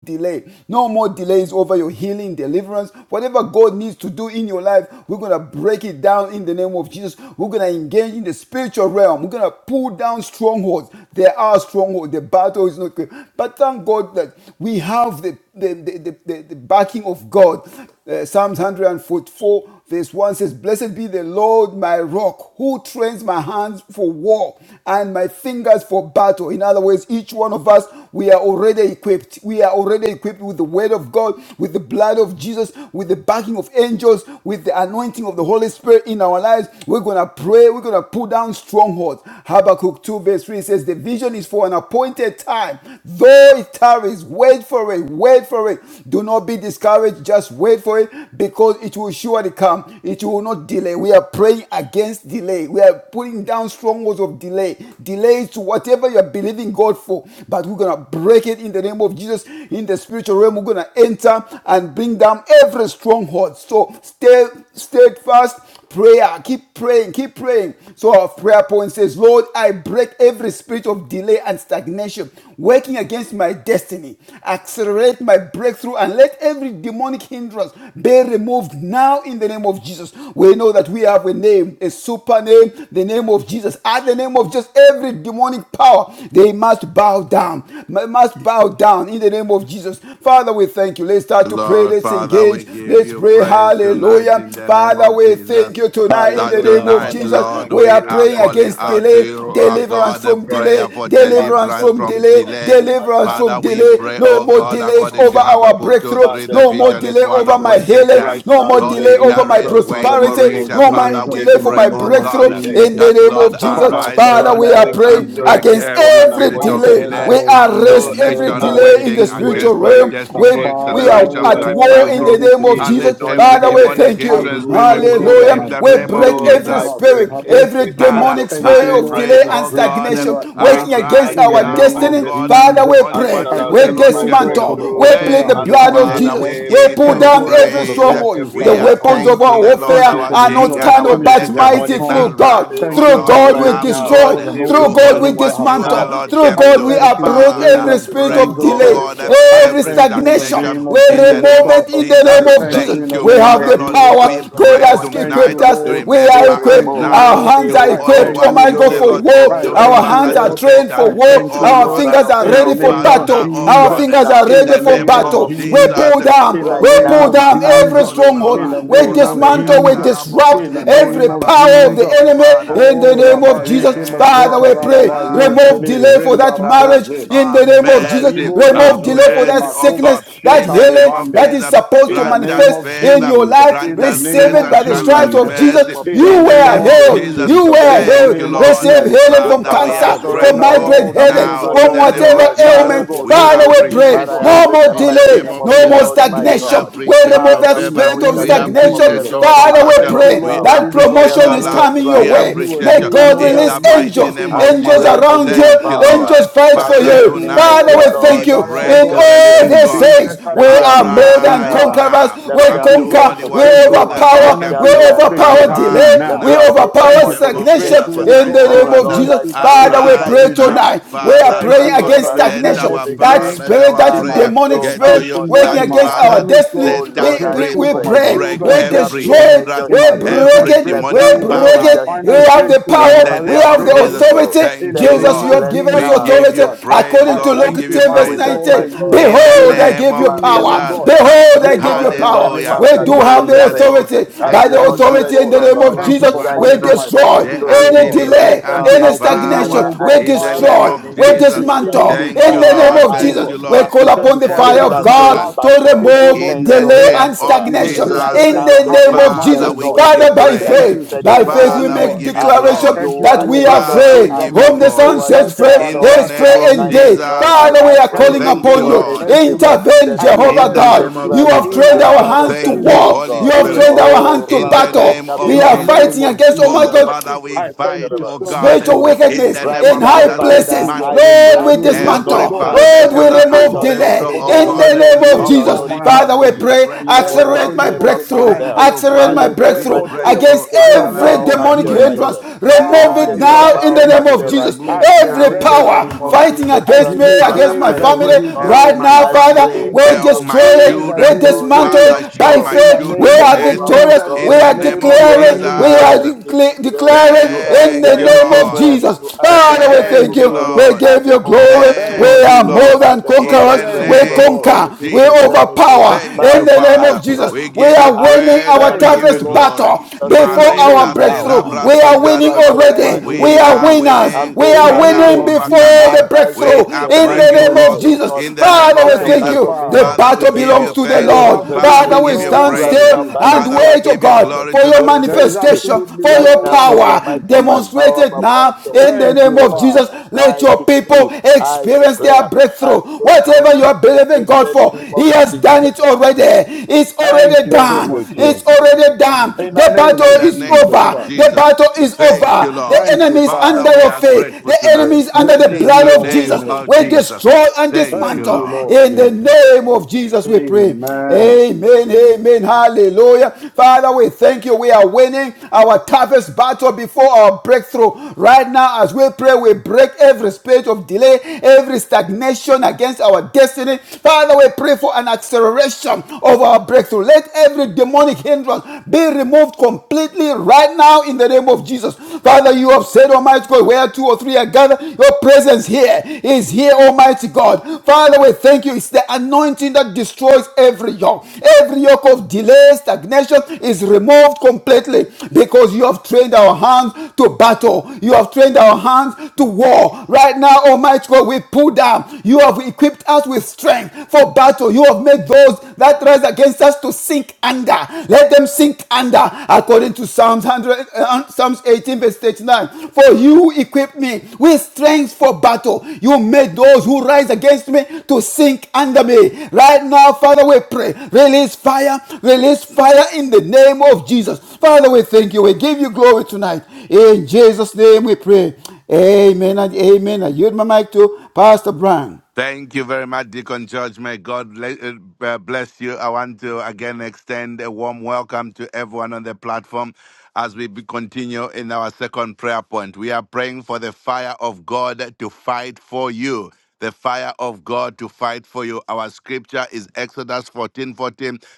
S3: delay. No more delays over your healing, deliverance. Whatever God needs to do in your life, we're going to break it down in the name of Jesus. We're going to engage in the spiritual realm. We're going to pull down strongholds. There are strongholds. The battle is not good. But thank God that we have the the, the, the, the, the backing of God. Uh, Psalms 144, verse 1 says, Blessed be the Lord, my rock, who trains my hands for war and my fingers for battle. In other words, each one of us, we are already equipped. We are already equipped with the word of God, with the blood of Jesus, with the backing of angels, with the anointing of the Holy Spirit in our lives. We're going to pray. We're going to pull down strongholds. Habakkuk 2, verse 3 says, The vision is for an appointed time, though it tarries, wait Wait for it. Wait for it. Do not be discouraged. Just wait for it because it will surely come. It will not delay. We are praying against delay. We are putting down strongholds of delay. Delays to whatever you are believing God for. But we're going to break it in the name of Jesus. In the spiritual realm, we're going to enter and bring down every stronghold. So stay steadfast Prayer, keep praying, keep praying. So our prayer point says, Lord, I break every spirit of delay and stagnation working against my destiny. Accelerate my breakthrough and let every demonic hindrance be removed now in the name of Jesus. We know that we have a name, a super name, the name of Jesus. At the name of just every demonic power, they must bow down. They must bow down in the name of Jesus. Father, we thank you. Let's start to pray.
S4: Lord
S3: Let's engage
S4: Father, we
S3: engaged.
S4: give
S3: Let's
S4: you
S3: pray.
S4: praise tonight
S3: Hallelujah.
S4: in the name
S3: Father,
S4: of
S3: we
S4: Jesus.
S3: thank you tonight in
S4: That
S3: the name
S5: Hallelujah.
S3: of
S4: tonight,
S5: Father, we
S3: Jesus.
S4: Lord,
S5: thank
S3: We
S5: you
S3: are
S5: and
S4: we
S5: we
S4: are
S3: praying
S5: bless you
S4: calling
S3: against
S5: right
S4: out
S5: in
S4: to
S3: delay,
S5: the
S4: you,
S5: name
S4: our
S5: of
S3: deliverance
S4: God,
S5: Jesus
S4: a
S3: from
S5: Christ,
S4: prayer
S3: delay,
S4: for
S5: the Son of
S3: deliverance
S5: the
S4: deliverance
S3: from
S5: living
S4: from
S5: God.
S3: delay,
S4: delay.
S5: My
S3: deliverance
S4: Father,
S3: from
S5: Father, we
S4: we
S5: pray
S3: delay.
S4: pray,
S3: No
S4: oh
S5: right in
S3: more
S5: the
S4: God,
S5: name
S3: delays
S5: of
S4: according
S3: over
S4: to
S5: Jesus,
S3: our
S4: Habakkuk 2
S3: breakthrough,
S5: by
S4: 3,
S5: the
S4: the
S3: no more
S5: blood
S4: vision
S5: of
S4: is
S3: delay
S4: for an
S3: over
S5: Jesus,
S3: my
S4: appointed
S3: healing,
S5: right
S4: time.
S3: no
S6: In
S5: now
S6: the
S3: more
S5: in
S4: Though
S6: name
S5: the
S6: of
S3: delay
S4: it
S5: name
S3: over
S5: of
S3: my
S5: Jesus.
S4: tarries,
S6: Jesus, in
S4: wait
S6: the
S5: Father, we
S3: prosperity,
S4: for
S6: name
S5: pray
S4: it.
S6: of
S5: for
S4: Uh,
S3: no
S5: the
S3: more
S5: prayer of
S4: Father,
S6: Jesus,
S4: we
S3: delay
S6: in
S3: for
S6: the
S4: pray,
S3: my
S5: deliverance
S4: oh
S6: name of
S5: from
S4: God,
S3: breakthrough
S4: uh,
S5: delay.
S3: in
S6: Jesus.
S3: the
S4: that
S3: name of
S4: Lord,
S5: Abba,
S6: Father,
S3: Jesus.
S6: I
S4: arise,
S3: Father,
S5: Father,
S6: surrender
S4: Lord,
S3: we
S4: uh,
S3: are
S5: the
S6: all to
S3: praying
S4: and
S5: vision
S6: you,
S4: break
S5: is
S3: against
S6: God.
S5: for
S4: every
S5: an
S3: every
S4: spirit of
S5: appointed
S3: delay.
S4: delay
S3: We
S5: time.
S6: Ashorandall
S4: and
S3: arrest
S5: Though
S6: to
S5: it
S3: every
S4: stagnation
S5: tarries,
S3: delay
S6: Ashorandall
S3: in
S6: to
S3: the
S4: working
S5: wait
S3: spiritual
S4: against
S6: you.
S4: my
S5: for
S3: realm.
S5: it
S6: And
S4: destiny,
S3: We
S5: because it
S3: we
S6: Father,
S5: will
S3: are
S6: oh
S4: acceleration,
S3: at
S4: my
S5: surely
S6: God,
S3: war
S5: come.
S6: in
S3: in the
S4: breakthrough
S6: every
S3: name of
S5: It
S4: and
S6: situation,
S5: will
S3: Jesus.
S4: let
S5: not
S6: oh
S4: every
S3: Father,
S6: God,
S3: we
S5: delay.
S4: demonic
S3: thank
S6: I
S3: you.
S5: It
S4: entrance
S5: will
S4: be
S6: believe,
S5: not
S6: oh God,
S4: removed
S6: that
S5: delay.
S3: Hallelujah.
S6: my
S4: in the
S3: We
S4: name of
S3: break
S6: breakthrough
S5: Lord,
S6: is
S3: every
S5: I
S4: Jesus.
S6: about to
S5: break
S3: spirit,
S6: happen.
S3: every
S5: every
S6: I
S5: spirit
S4: Father,
S5: of
S3: demonic
S6: thank you,
S4: I
S3: spirit
S5: delay
S3: of
S6: Lord,
S5: and
S6: for
S4: pray,
S3: delay
S6: this
S3: and
S4: oh God,
S5: stagnation,
S6: breakthrough
S3: stagnation,
S6: right now.
S3: working
S5: working
S3: against
S4: arise
S6: In the
S3: our
S5: against
S4: now,
S6: name
S5: my
S4: oh
S6: of
S3: destiny.
S4: God,
S5: destiny.
S4: and
S3: Father,
S4: do
S3: we
S6: Jesus,
S4: only
S3: pray.
S4: what
S6: I
S4: you,
S3: We
S4: the
S5: Accelerate
S6: thank you,
S4: Lord,
S5: my
S6: oh
S4: can
S6: God, for
S4: do.
S6: the
S3: dismantle. We
S5: breakthrough
S6: offering
S3: plead
S6: that
S3: the
S4: Thank
S6: has
S5: and
S4: you,
S3: blood
S6: come,
S3: of
S5: let
S6: oh
S4: Father. We
S6: God.
S3: Jesus. We
S5: every
S4: give
S3: pull
S6: Thank
S4: you
S6: you,
S3: down
S6: oh
S5: demonic,
S6: God,
S3: every
S6: for the
S4: praise.
S5: let
S3: stronghold.
S6: blessings
S5: every
S6: that
S3: The
S4: We
S6: have
S4: are
S3: weapons
S5: demonic
S3: of
S6: come.
S4: saying to
S3: our
S4: the Lord,
S6: Thank you
S5: hindrances,
S3: warfare
S4: our
S6: for the
S3: are
S6: new
S4: King
S3: not
S4: and
S5: let
S3: carnal,
S4: our
S3: but
S5: every
S6: opportunities that
S4: Maker,
S6: have
S3: mighty
S5: demonic
S3: through
S6: come.
S3: God.
S4: around
S5: hindrances
S6: Thank
S4: on
S6: you, oh
S3: Through
S4: our
S6: God, for
S3: God,
S6: the
S3: we
S5: right
S4: behalf,
S6: open
S5: now
S3: destroy.
S4: Lord,
S6: doors and
S5: be
S3: Through
S4: do
S6: open
S3: God,
S4: only
S5: removed.
S3: we
S6: heavens that
S4: what
S6: have
S4: you, the
S6: come.
S3: dismantle.
S5: Now in
S4: Lord,
S5: the
S3: Through
S6: I
S4: can
S3: God,
S5: name
S4: do.
S3: we
S5: of
S6: thank you in the
S3: approach
S5: Jesus
S6: name
S4: Father,
S3: every
S5: Christ,
S6: of
S5: the
S3: spirit
S5: Son
S4: break,
S5: of
S3: of
S6: Jesus
S5: the
S4: oh
S3: delay,
S6: Christ.
S5: living
S4: God,
S5: God.
S6: I
S5: Mm.
S3: every
S4: every
S6: thank you in the
S3: stagnation,
S4: stagnation
S6: name
S3: we
S6: of
S5: In
S4: in the
S5: the
S6: Jesus
S3: remove
S4: name
S5: name
S6: Christ.
S3: it
S4: of
S5: of
S3: in the
S6: I
S4: Jesus.
S3: name
S5: Jesus
S3: of
S5: Christ,
S6: thank
S3: Jesus.
S6: you in
S4: Thank
S6: the
S4: you,
S3: We
S5: let
S6: name
S3: have
S4: Father,
S6: of
S3: the
S4: Lord.
S5: every
S6: Jesus
S3: power.
S5: mighty
S4: We
S6: Christ.
S5: God
S3: God
S4: pray
S6: I
S3: has
S5: demonic
S6: thank you,
S4: tonight.
S3: equipped us.
S5: hindrances
S6: Lord.
S3: We
S5: be
S6: I
S3: are
S4: Remember us
S3: equipped.
S6: thank you,
S5: removed,
S4: now
S3: Our
S6: Lord.
S5: be
S3: hands are
S4: do
S6: I
S4: only
S3: equipped.
S5: removed,
S6: thank
S3: Oh
S6: you,
S4: what
S3: my
S4: you,
S3: God,
S5: be
S6: Lord.
S4: the
S3: for
S4: Lord,
S3: war.
S4: can
S5: removed
S6: I
S4: do.
S5: right
S3: Our
S6: thank
S5: now in
S6: you,
S4: Father,
S3: hands
S5: the
S4: to
S3: are
S6: Lord.
S5: name of
S4: set
S3: trained
S4: us
S3: for
S6: I
S4: free,
S5: Jesus
S3: war.
S6: thank
S4: oh
S6: you,
S5: Christ,
S3: Our
S5: the
S6: Lord.
S4: God.
S5: Son
S3: fingers
S5: of
S3: are
S5: the
S6: In the
S3: ready
S4: Help
S5: Living
S3: for
S6: name
S4: us
S5: God.
S6: of
S4: now,
S3: battle.
S4: oh
S3: Our
S5: Right
S6: Jesus.
S4: God,
S3: fingers are
S5: now,
S4: in
S6: In the
S3: ready
S4: the
S5: in the
S3: for
S4: name
S6: name
S5: name
S6: of
S3: battle.
S4: of
S5: of
S3: We
S6: Jesus.
S4: Jesus.
S5: Jesus,
S3: pull
S6: In
S3: down.
S6: the
S3: We
S5: right
S4: Oh,
S6: name
S3: pull
S5: now,
S6: of
S3: down
S5: I
S3: every
S6: Jesus.
S4: Rekasatori
S3: stronghold.
S6: In
S4: Baba.
S5: remove
S6: the
S3: We
S6: name of
S5: every
S3: dismantle.
S4: Olambria
S3: We
S6: Jesus.
S4: Kalabobo
S3: disrupt
S6: In the
S4: Sekori
S6: name
S3: every
S6: of
S4: Baba.
S3: power of the
S6: Jesus.
S4: Thank you,
S3: enemy
S4: Father,
S3: in in the
S6: Oh,
S4: in the
S3: name of
S6: Rabbi, que
S3: Jesus.
S4: name
S3: Father,
S6: mazota
S3: we
S4: of
S3: pray,
S6: rarabaye,
S4: Jesus.
S6: que
S3: remove
S6: les
S3: delay for
S6: renda
S3: that
S4: Father,
S3: marriage in the
S4: have
S3: name of
S6: La
S3: Jesus.
S4: mercy,
S6: ribo do
S3: Remove
S4: have
S3: delay for
S6: zundele
S3: that
S4: mercy, oh
S6: makoba
S3: sickness,
S4: God,
S3: that
S4: in
S6: sheka
S4: the
S3: healing
S4: name of
S6: lebande.
S3: that is
S4: Jesus.
S3: supposed to
S6: In the
S4: Grant us
S6: name of
S3: manifest in
S4: favor,
S3: your
S6: Jesus,
S3: life.
S6: in
S4: grant
S6: the
S4: us
S3: Receive
S6: name
S4: grace,
S3: it
S6: of
S3: by
S4: and
S3: the
S5: So
S4: grant
S5: right
S3: stripes
S4: us
S5: now,
S6: Jesus,
S5: in
S3: of
S5: the name
S4: mercy
S5: of
S3: Jesus.
S6: in the
S5: just
S3: You
S4: in
S5: let
S4: the
S5: there
S3: were
S6: name
S4: name
S6: of
S5: be
S4: of
S5: a
S3: healed.
S4: Jesus.
S5: shift
S3: You
S5: in
S6: Jesus,
S5: the
S3: were
S6: in the
S5: name of
S4: Thank you,
S6: name
S3: healed.
S6: of
S5: Jesus
S4: Lord.
S3: Receive
S5: Christ,
S6: Jesus.
S3: healing
S5: the
S3: from
S4: Father,
S5: Son
S6: Father,
S5: of
S4: we
S6: I
S3: cancer,
S4: are
S5: the Living
S3: from
S5: God.
S6: surrender
S4: grateful
S3: migraine
S6: all to
S5: Some may
S3: headache,
S6: you,
S4: now
S5: trust
S6: God.
S4: in
S3: from
S6: that
S5: in
S4: the name
S6: Even
S3: whatever
S4: of
S6: right
S5: chariots,
S6: now,
S4: Jesus.
S6: oh
S5: others
S3: ailment.
S5: in
S6: God,
S4: We
S6: you are
S3: Father,
S5: horses,
S3: we
S6: doing,
S3: pray,
S6: oh
S5: but
S4: appreciate
S5: I
S6: God.
S5: have
S4: you
S3: no more
S6: Ah,
S4: in
S5: remembered
S4: the
S5: the
S6: in
S4: name
S6: the
S5: name
S3: delay,
S4: of
S5: of
S3: no
S5: the
S6: name
S3: more
S6: of
S4: Jesus.
S5: Lord my
S4: We
S3: stagnation.
S6: Jesus,
S5: God.
S3: We
S4: appreciate
S3: remove
S4: your
S3: that
S5: Father,
S6: in the
S4: favor.
S3: spirit
S5: knowing
S3: of
S5: that
S4: We
S6: name
S5: the
S6: of
S5: name of
S3: stagnation
S5: the
S4: appreciate
S6: Jesus.
S3: promotion.
S4: your
S5: Lord is
S6: I
S3: Father,
S5: a
S3: we
S4: compassion.
S6: thank you,
S5: strong
S3: pray
S4: We
S6: Lord, that
S3: that
S5: tower,
S6: even right
S5: the
S4: appreciate
S3: promotion
S6: now,
S4: your
S3: is
S6: Lord
S4: love.
S5: righteous
S3: coming your
S4: We
S5: run
S6: that
S3: way.
S5: into
S6: you are
S5: it
S4: appreciate
S3: May
S4: you
S6: doing,
S5: and
S3: God
S6: oh
S5: they
S4: in
S5: are
S6: God,
S3: release
S4: the
S5: safe.
S6: mighty
S4: mighty
S3: angels,
S4: name
S6: things
S5: I
S4: of
S6: in my
S3: angels
S4: Jesus.
S5: pray
S6: life and in
S3: around you,
S5: today,
S6: my
S4: Thank you,
S6: family.
S5: Father,
S4: Lord.
S3: angels fight
S6: The
S5: that
S3: for
S4: Father,
S5: in
S6: breakthrough,
S5: the
S3: you.
S6: oh
S5: name of
S4: tonight
S3: Father,
S6: God,
S4: eh,
S5: the
S3: we
S6: I
S4: we
S3: thank
S5: Lord,
S3: you.
S6: desire,
S5: let
S6: oh
S4: pray
S3: In
S6: God,
S4: to
S5: there
S4: the
S5: be a
S3: all
S4: living
S6: in
S3: these
S5: shift,
S4: God. eh,
S3: things,
S6: business, that
S3: we
S5: let there
S3: are
S6: breakthrough is
S5: be a
S3: more
S6: happening
S3: than
S4: Arise
S6: now.
S5: turnaround,
S3: conquerors.
S4: now
S5: let
S3: We
S6: Thank
S5: there
S4: and
S6: you,
S5: be
S4: do
S5: a
S3: conquer,
S6: Lord,
S4: only
S6: for
S3: we
S4: what
S6: breakthrough
S4: you,
S6: in
S5: breakthrough,
S6: my
S4: the Lord,
S5: let
S3: overpower,
S5: there
S4: can
S3: we
S6: finances.
S5: be
S4: do.
S6: That
S5: an
S6: breakthrough is
S3: overpower
S5: increase,
S6: happening
S4: Arise
S3: delay,
S5: let
S6: now.
S3: we
S5: there
S4: now
S5: be a
S6: Thank
S4: and
S3: overpower
S6: you for the
S4: perform
S3: stagnation
S4: miracle
S5: multiplication.
S6: breakthrough,
S3: in
S4: signs
S3: the
S6: God, in
S4: and
S5: Oh
S3: name
S6: my
S3: of
S5: Lord,
S4: wonders.
S5: I
S6: ministry.
S3: Jesus.
S6: That
S5: pray
S3: Father,
S6: breakthrough is
S3: we
S5: in the
S3: pray
S4: Arise
S6: happening
S5: name
S4: now.
S6: now.
S5: of
S3: tonight. We are
S5: Jesus
S4: Father,
S6: Thank
S3: praying
S4: Lord
S6: you,
S5: Christ, the
S4: God,
S6: Lord,
S3: against
S6: that
S5: Son
S6: there
S5: of
S6: is no
S4: let
S5: the
S3: stagnation.
S6: more
S4: our
S5: living
S3: That
S5: God,
S4: Father,
S6: delay
S4: let
S3: spirit,
S4: our
S6: in
S3: that
S5: Father,
S6: my
S4: prayer
S3: demonic
S5: show
S3: spirit
S4: get to
S5: up
S3: pray,
S4: you.
S5: on
S6: education,
S3: working
S5: my
S6: Lord, in
S4: That
S6: my
S3: against
S5: behalf.
S3: our
S4: Father
S6: academics,
S3: destiny.
S5: Oh
S6: Lord.
S4: set us
S5: Lord,
S3: We,
S5: I
S3: we,
S4: free.
S6: Breakthrough
S3: we
S6: for
S5: pray,
S6: my
S3: pray,
S4: Break
S3: we
S5: let
S6: children,
S5: there
S4: every
S5: be
S3: destroy
S6: breakthrough
S5: a
S3: it,
S5: major
S4: hindrance,
S3: we
S6: in my
S5: shift.
S3: break
S6: business,
S4: every
S3: it,
S5: Let
S3: we
S5: there
S4: demonic
S6: breakthrough,
S5: be a
S6: God, in
S3: break
S4: power
S6: my
S5: major
S3: it. We
S6: finance,
S5: shift
S3: have the
S6: breakthrough in
S5: a
S6: my
S4: in the
S3: power, we
S6: career,
S5: major
S4: name
S3: have
S4: of
S3: the
S6: breakthrough
S4: Jesus,
S5: breakthrough
S3: authority.
S6: in
S4: thank
S6: the
S4: you,
S5: taking
S3: Jesus,
S6: name
S3: you
S6: of
S4: Lord.
S3: have
S5: place
S3: given us
S4: We
S5: now.
S6: Jesus
S4: give
S3: authority
S4: you
S5: Mm.
S6: Christ.
S4: praise,
S3: according
S6: I
S3: to
S4: Lord. We
S6: thank
S3: Luke
S4: give
S6: you,
S4: you
S3: 10, verse
S6: mighty
S5: Knowing
S4: praise.
S5: that,
S3: 19.
S6: God,
S5: my
S6: that
S5: God,
S6: you
S4: In
S6: are
S4: the
S5: you are
S3: Behold,
S6: doing
S3: I
S5: not
S4: name
S5: a
S3: give you
S4: of
S5: man
S6: extremely,
S5: that you
S3: power.
S6: oh
S4: Jesus.
S6: God,
S5: should lie,
S3: Behold, I give
S6: greater
S5: nor
S3: you
S5: the
S6: than I
S5: Son
S3: power.
S6: can
S5: of
S6: ever
S4: Hallelujah.
S3: We
S5: Man that
S3: do
S6: think
S5: you
S6: or
S3: have
S5: should
S3: the
S5: repent.
S6: imagine.
S4: Mandalebos.
S3: authority
S6: I
S5: Have
S3: by
S5: you
S4: Thank
S3: the
S4: you,
S5: not
S6: thank you,
S4: Father,
S3: authority
S5: said it,
S3: in
S6: God.
S3: the
S5: O
S3: name
S4: that
S5: God?
S4: you
S3: of
S6: Thank
S4: have
S6: you
S3: Jesus.
S6: for
S5: Shall you
S3: We
S4: granted
S6: fighting
S5: not
S4: us
S6: my
S5: make
S3: destroy
S5: it
S4: the
S6: battles,
S5: good?
S6: oh
S3: any
S6: God.
S5: Right
S4: ability
S3: delay,
S6: Thank
S5: now,
S4: and
S6: you
S4: the
S3: any
S6: for
S5: Abba
S6: bringing,
S3: stagnation.
S4: power.
S5: Father,
S6: oh
S5: I
S3: We
S6: God,
S4: In the
S5: pray
S6: Father,
S5: in
S4: name
S3: destroy,
S5: the
S4: of
S5: name
S3: we
S5: of
S4: Jesus.
S6: victory
S5: Jesus,
S6: even
S3: dismantle.
S4: Thank
S3: In
S4: you,
S5: right
S3: the
S6: before
S5: as
S3: name
S6: I act,
S4: Lord.
S3: of
S5: I
S6: oh
S4: Thank
S3: Jesus,
S6: God.
S4: you,
S3: we
S4: Lord.
S3: call
S6: You said
S5: dismantle
S3: upon the
S6: before I
S5: Take
S6: even
S3: fire
S4: Help
S3: of
S6: open
S5: out
S4: us
S6: my
S5: this
S4: tonight
S6: mouth
S3: God
S6: to
S3: to
S5: battle,
S6: speak, oh
S3: remove
S6: God,
S4: in
S6: you
S4: the
S6: have
S5: mental
S3: delay
S6: heard
S4: name
S3: and
S5: battle.
S4: of
S6: because
S3: stagnation.
S6: you
S5: Right
S4: Jesus.
S6: searched
S3: In
S5: now,
S6: the
S5: in
S3: the
S5: the
S6: heart
S3: name
S6: of
S5: name of
S3: of
S6: man,
S5: just
S4: Father,
S6: oh
S3: Jesus,
S4: we
S6: God.
S5: knowing
S4: give you
S5: the
S3: Father, by
S5: joy that
S6: Thank
S4: praise.
S5: is
S6: you
S3: faith,
S5: set
S3: by
S6: so much,
S3: faith,
S5: before
S3: we
S6: oh
S3: we
S4: Father,
S5: me.
S4: we
S3: make
S6: God.
S4: give you
S5: I
S6: I
S3: declaration
S4: glory.
S6: thank you
S3: that
S6: for
S5: endure
S6: your
S3: we
S5: the
S3: are
S6: word that
S5: cross,
S4: Father,
S3: free.
S4: we
S6: says
S5: I
S6: I'm
S4: give
S6: like
S4: you
S3: Whom
S6: a
S3: the Son
S6: tree
S4: honor.
S5: endure the
S3: sets free
S6: planted by the
S4: In
S5: battle.
S4: the
S3: is
S6: bank of
S4: name
S3: free
S6: the
S5: And
S4: of
S6: river.
S5: mighty
S3: indeed.
S5: God,
S4: Jesus.
S6: I,
S5: I
S3: Father, we
S6: I
S3: are
S6: thank
S5: pray
S3: calling
S6: you,
S4: Thank you,
S3: upon
S6: Lord.
S5: for
S6: I
S3: you.
S5: a
S6: thank
S4: Lord.
S6: you,
S5: shift
S6: Lord.
S5: in
S3: Intervene,
S5: the
S6: I
S5: name
S6: will
S5: of
S3: Jehovah
S4: In
S6: bear
S4: the
S6: forth
S3: God.
S5: Jesus
S4: name of
S6: fruit
S3: You
S5: Christ,
S3: have
S6: in
S4: Jesus.
S3: trained
S5: the
S6: and
S3: our
S6: out
S5: Son
S6: of
S5: of
S3: hands to
S5: the
S4: Thank you,
S6: season,
S5: Living
S3: war.
S4: Holy
S3: You
S5: God.
S3: have
S6: in
S4: Spirit,
S3: trained our
S6: all
S3: hands
S5: Oh,
S3: to
S4: in the
S6: seasons,
S3: battle.
S4: name
S6: in
S3: We
S4: of
S6: the
S3: are
S5: Rabrakatara
S4: Jesus.
S6: name
S3: fighting
S6: of
S3: against, oh my
S4: For
S5: Brukusikatara
S6: Jesus.
S3: God,
S4: Father, we
S6: I thank
S4: fight,
S6: you
S5: Brukusikataraba.
S4: oh
S6: so much,
S4: God,
S3: spiritual
S6: Lord.
S5: Hmm.
S4: in
S3: wickedness
S4: the
S5: Right
S4: name
S6: Thank
S3: in
S6: you
S4: of
S6: for
S3: high
S5: now,
S6: the
S4: Jesus,
S5: Father,
S3: places.
S6: breakthrough, Lord.
S5: I
S4: dismantling
S3: Lord,
S6: I
S5: pray
S3: we
S6: will
S5: they shall
S6: reap,
S5: not
S6: oh
S4: every
S3: dismantle.
S6: God, the
S5: stand.
S3: Lord, we
S4: foundational
S6: benefits,
S5: Evil
S6: oh
S3: remove
S5: shall
S6: God,
S5: not
S3: delay
S4: ancestral,
S6: of
S4: oh
S6: all
S3: in
S5: prevail.
S6: that you
S4: God,
S3: the
S6: have
S3: name
S5: Evil
S3: of
S6: laid
S5: shall
S3: Jesus.
S6: upon
S5: not
S4: opposition.
S6: my heart
S3: Father,
S6: to
S4: We
S3: we
S5: succeed.
S6: do.
S3: pray,
S4: break in the
S5: Evil
S4: name
S6: All
S4: of
S6: the
S5: shall
S3: accelerate my
S4: Jesus.
S6: labors
S5: never
S6: of my
S3: breakthrough,
S6: hands,
S4: Thank
S5: prevail.
S6: Lord,
S4: you,
S3: accelerate
S6: they
S3: my
S5: Father,
S4: Father.
S6: will
S5: the,
S6: bear
S4: We
S3: breakthrough
S5: my
S6: forth
S5: God,
S4: break
S5: the
S6: fruit
S3: against
S4: through,
S5: wicked
S6: in
S5: shall
S6: the
S3: every
S6: name
S5: bow
S4: accelerate
S6: of
S5: up
S4: my
S3: demonic
S5: the
S6: Jesus.
S4: breakthrough.
S3: hindrance.
S5: righteous.
S4: Let
S5: The
S3: Remove
S4: every
S6: Ah,
S3: it
S5: wicked shall
S6: Lord,
S3: now
S4: demonic
S6: I
S3: in
S5: bow
S3: the
S6: thank
S3: name
S5: up
S4: hindrance
S6: you.
S3: of
S5: the
S4: be
S3: Jesus.
S5: righteous.
S6: I
S4: removed
S3: Every
S4: now
S5: In
S4: in
S5: the
S4: the
S6: surrender
S3: power
S4: name
S6: to
S5: name of
S6: you.
S4: of
S3: fighting
S5: Jesus
S4: Jesus.
S6: I
S3: against
S6: give
S5: Christ,
S3: me,
S5: the
S6: you
S5: Son
S4: Father,
S3: against
S5: of
S3: my
S5: the
S6: praise.
S4: I
S6: I
S3: family,
S6: give
S4: pray,
S5: living
S6: you
S5: God,
S4: help
S3: right
S4: my
S6: glory.
S3: now,
S5: I
S4: family,
S3: Father,
S5: pray,
S3: we
S6: Ancient
S4: help
S5: Abba
S6: of
S3: destroy
S4: my
S5: Father,
S6: days,
S3: it,
S6: I
S3: we
S4: children,
S6: give you
S5: show
S3: dismantle
S6: praise.
S4: Father,
S5: yourself
S3: it
S4: show
S3: by
S4: my
S5: strong.
S6: In the
S3: faith. We
S6: name
S4: children
S6: of
S3: are
S5: Jehovah,
S4: mercy
S3: victorious
S5: my
S6: Jesus,
S3: victorious. We
S6: in
S4: in
S5: God,
S6: the
S4: the
S3: are
S4: name
S6: name of
S4: of
S5: you
S3: declaring,
S5: are the
S3: we
S6: Jesus.
S3: are
S4: Jesus.
S5: covenant keeping
S3: decla-
S5: God.
S3: declaring
S5: You are
S3: in
S5: the
S3: the
S4: Thank you,
S6: Thank
S3: name
S6: you,
S5: righteous
S3: of
S4: Lord.
S5: God.
S6: God.
S3: Jesus.
S5: You are the
S3: Father, we thank
S4: Thank
S5: merciful
S6: Thank
S4: you,
S6: you,
S3: you.
S5: God. You
S3: We
S6: Lord.
S4: Lord.
S5: are
S3: give
S5: the
S3: you
S5: all
S3: glory.
S5: powerful
S3: We
S6: Thank
S5: God.
S4: Thank
S6: you,
S4: you,
S3: are
S5: You
S6: Lord.
S3: more
S4: Lord.
S5: are
S3: than
S5: the God
S4: In
S5: that
S3: conquerors.
S4: the
S5: reigns
S3: We
S6: Thank you,
S5: from
S4: name
S6: Lord.
S4: of
S3: conquer.
S5: eternity
S3: We
S5: to
S4: Jesus.
S5: eternity.
S3: overpower
S4: Thank
S3: in
S4: you,
S3: the
S5: Father,
S3: name
S5: I
S4: Father.
S3: of Jesus.
S5: trust
S4: We
S5: you.
S3: We
S4: give
S3: are
S4: you
S5: I
S3: winning
S4: praise
S3: our
S5: declare
S4: and we
S6: Thank
S5: the
S4: give
S6: you,
S4: you
S5: name
S3: toughest
S6: Lord.
S5: of
S4: glory.
S3: battle
S5: Jesus is
S6: In
S5: a
S6: the
S3: before our
S5: strong
S4: Mareka
S6: name of
S4: sela
S5: tower.
S3: breakthrough. We
S6: Jesus.
S5: I'm
S3: are
S5: the
S4: brasketari
S3: winning
S4: baba.
S5: righteous
S3: already.
S6: Thank
S5: run
S6: you,
S3: We
S4: We
S5: into
S3: are
S6: Lord.
S4: are
S5: it,
S3: winners.
S5: and
S4: winning.
S3: We
S5: they
S6: In
S3: are
S6: the
S4: We
S5: are
S4: are
S6: name
S3: winning
S6: of
S5: safe.
S3: before
S6: Jesus.
S5: And
S3: the
S4: overcoming.
S5: I
S4: We
S5: say
S3: breakthrough
S4: are
S5: the
S3: in
S6: Thank
S3: the
S4: breaking
S6: you,
S5: battle
S3: name of
S6: Lord.
S4: forth
S5: is
S3: Jesus.
S5: not
S4: in the
S5: mine,
S4: name
S3: Father,
S5: but
S3: we
S4: of
S5: the
S6: Thank
S3: thank
S6: you,
S4: Jesus.
S5: battle
S3: you.
S6: Father.
S3: The
S5: belongs
S4: Father,
S5: to
S4: we
S3: battle
S5: the
S4: give
S3: belongs
S4: you
S5: Lord.
S3: to the
S6: There
S4: thanks.
S6: is
S5: There
S3: Lord.
S5: is a
S4: Father,
S6: absolutely
S4: we
S3: Father, we
S4: give
S5: shift
S6: no
S4: you
S3: stand
S6: one
S5: right
S4: praise.
S6: like
S3: still
S5: now
S6: you,
S5: by the
S3: and
S4: Father, we
S5: blood
S3: wait,
S6: Jesus.
S3: oh
S5: of
S4: give you
S3: God,
S5: Jesus.
S4: glory
S3: for your
S5: There is a
S6: There is
S5: shift
S3: manifestation, for
S6: absolutely
S5: right
S6: no
S3: your
S5: now,
S6: one
S5: not
S6: like
S5: by
S3: power
S5: might,
S6: you,
S5: not by
S6: Jesus.
S5: power,
S3: demonstrated
S5: but by
S3: now
S5: the
S3: in
S5: Holy
S3: the
S6: Thank
S3: name
S6: you,
S3: of
S5: Spirit.
S3: Jesus.
S6: Father.
S3: Let
S5: I
S3: your people
S5: decree, I
S3: experience their
S5: declare I
S3: breakthrough.
S5: pronounce
S3: Whatever you
S5: it
S3: are believing
S5: in
S3: God
S5: the
S3: for,
S5: name of
S3: He has done
S5: Jesus.
S3: it already. It's
S6: Thank
S3: already
S6: you
S5: Thank
S6: so
S3: done.
S6: much,
S5: you,
S6: Lord.
S3: It's
S5: Jesus.
S3: already done.
S6: In the
S3: The
S6: name
S4: in
S3: battle
S6: of
S4: the
S3: is
S4: name
S6: Jesus
S4: of
S3: over.
S6: Christ.
S3: The
S4: Jesus.
S3: battle is
S4: Thank you,
S3: over.
S4: Lord.
S3: The
S6: Thank
S3: enemy
S6: you,
S3: is
S4: Father,
S3: under
S6: Father.
S4: we
S3: your
S4: are
S3: feet.
S4: grateful
S3: The
S4: tonight.
S3: enemy
S5: Amen.
S3: is under under the
S6: Blessed
S4: In
S6: be
S3: blood
S4: the
S6: your
S3: of
S6: holy
S4: name
S3: Jesus.
S6: name.
S4: of
S3: We
S4: Jesus.
S3: destroy and
S4: Thank
S6: Thank
S4: you,
S3: dismantle.
S6: you,
S4: Lord.
S6: Lord.
S3: In the
S5: Amen.
S3: name of Jesus, we pray.
S6: Amen.
S3: Amen. Amen. Hallelujah. Father, we thank you. We are winning our toughest battle before our breakthrough. Right now, as we pray, we break every spirit of delay, every stagnation against our destiny. Father, we pray for an acceleration of our breakthrough. Let every demonic hindrance be removed completely right now now in the name of Jesus. Father, you have said, Almighty God, where two or three are gathered, your presence here is here, Almighty God. Father, we thank you. It's the anointing that destroys every yoke. Every yoke of delay, stagnation is removed completely because you have trained our hands to battle. You have trained our hands to war. Right now, Almighty God, we pull down. You have equipped us with strength for battle. You have made those that rise against ministers to sink under. Let them sink under, according to Psalms 100, uh, Psalms 18, verse 39. For you equipped me with strength for battle. You made those who rise against me to sink under me. Right now, Father, we pray. Release fire, release fire in the name of Jesus. Father, we thank you. We give you glory tonight. In Jesus' name we pray. Amen and amen. I yield my mic to Pastor Brian.
S4: Thank you very much, Deacon George. May God le- uh, uh, bless you. I want to again extend a warm welcome to everyone on the platform as we be- continue in our second prayer point. We are praying for the fire of God to fight for you. the fire of God to fight for you. Our scripture is Exodus 14:14.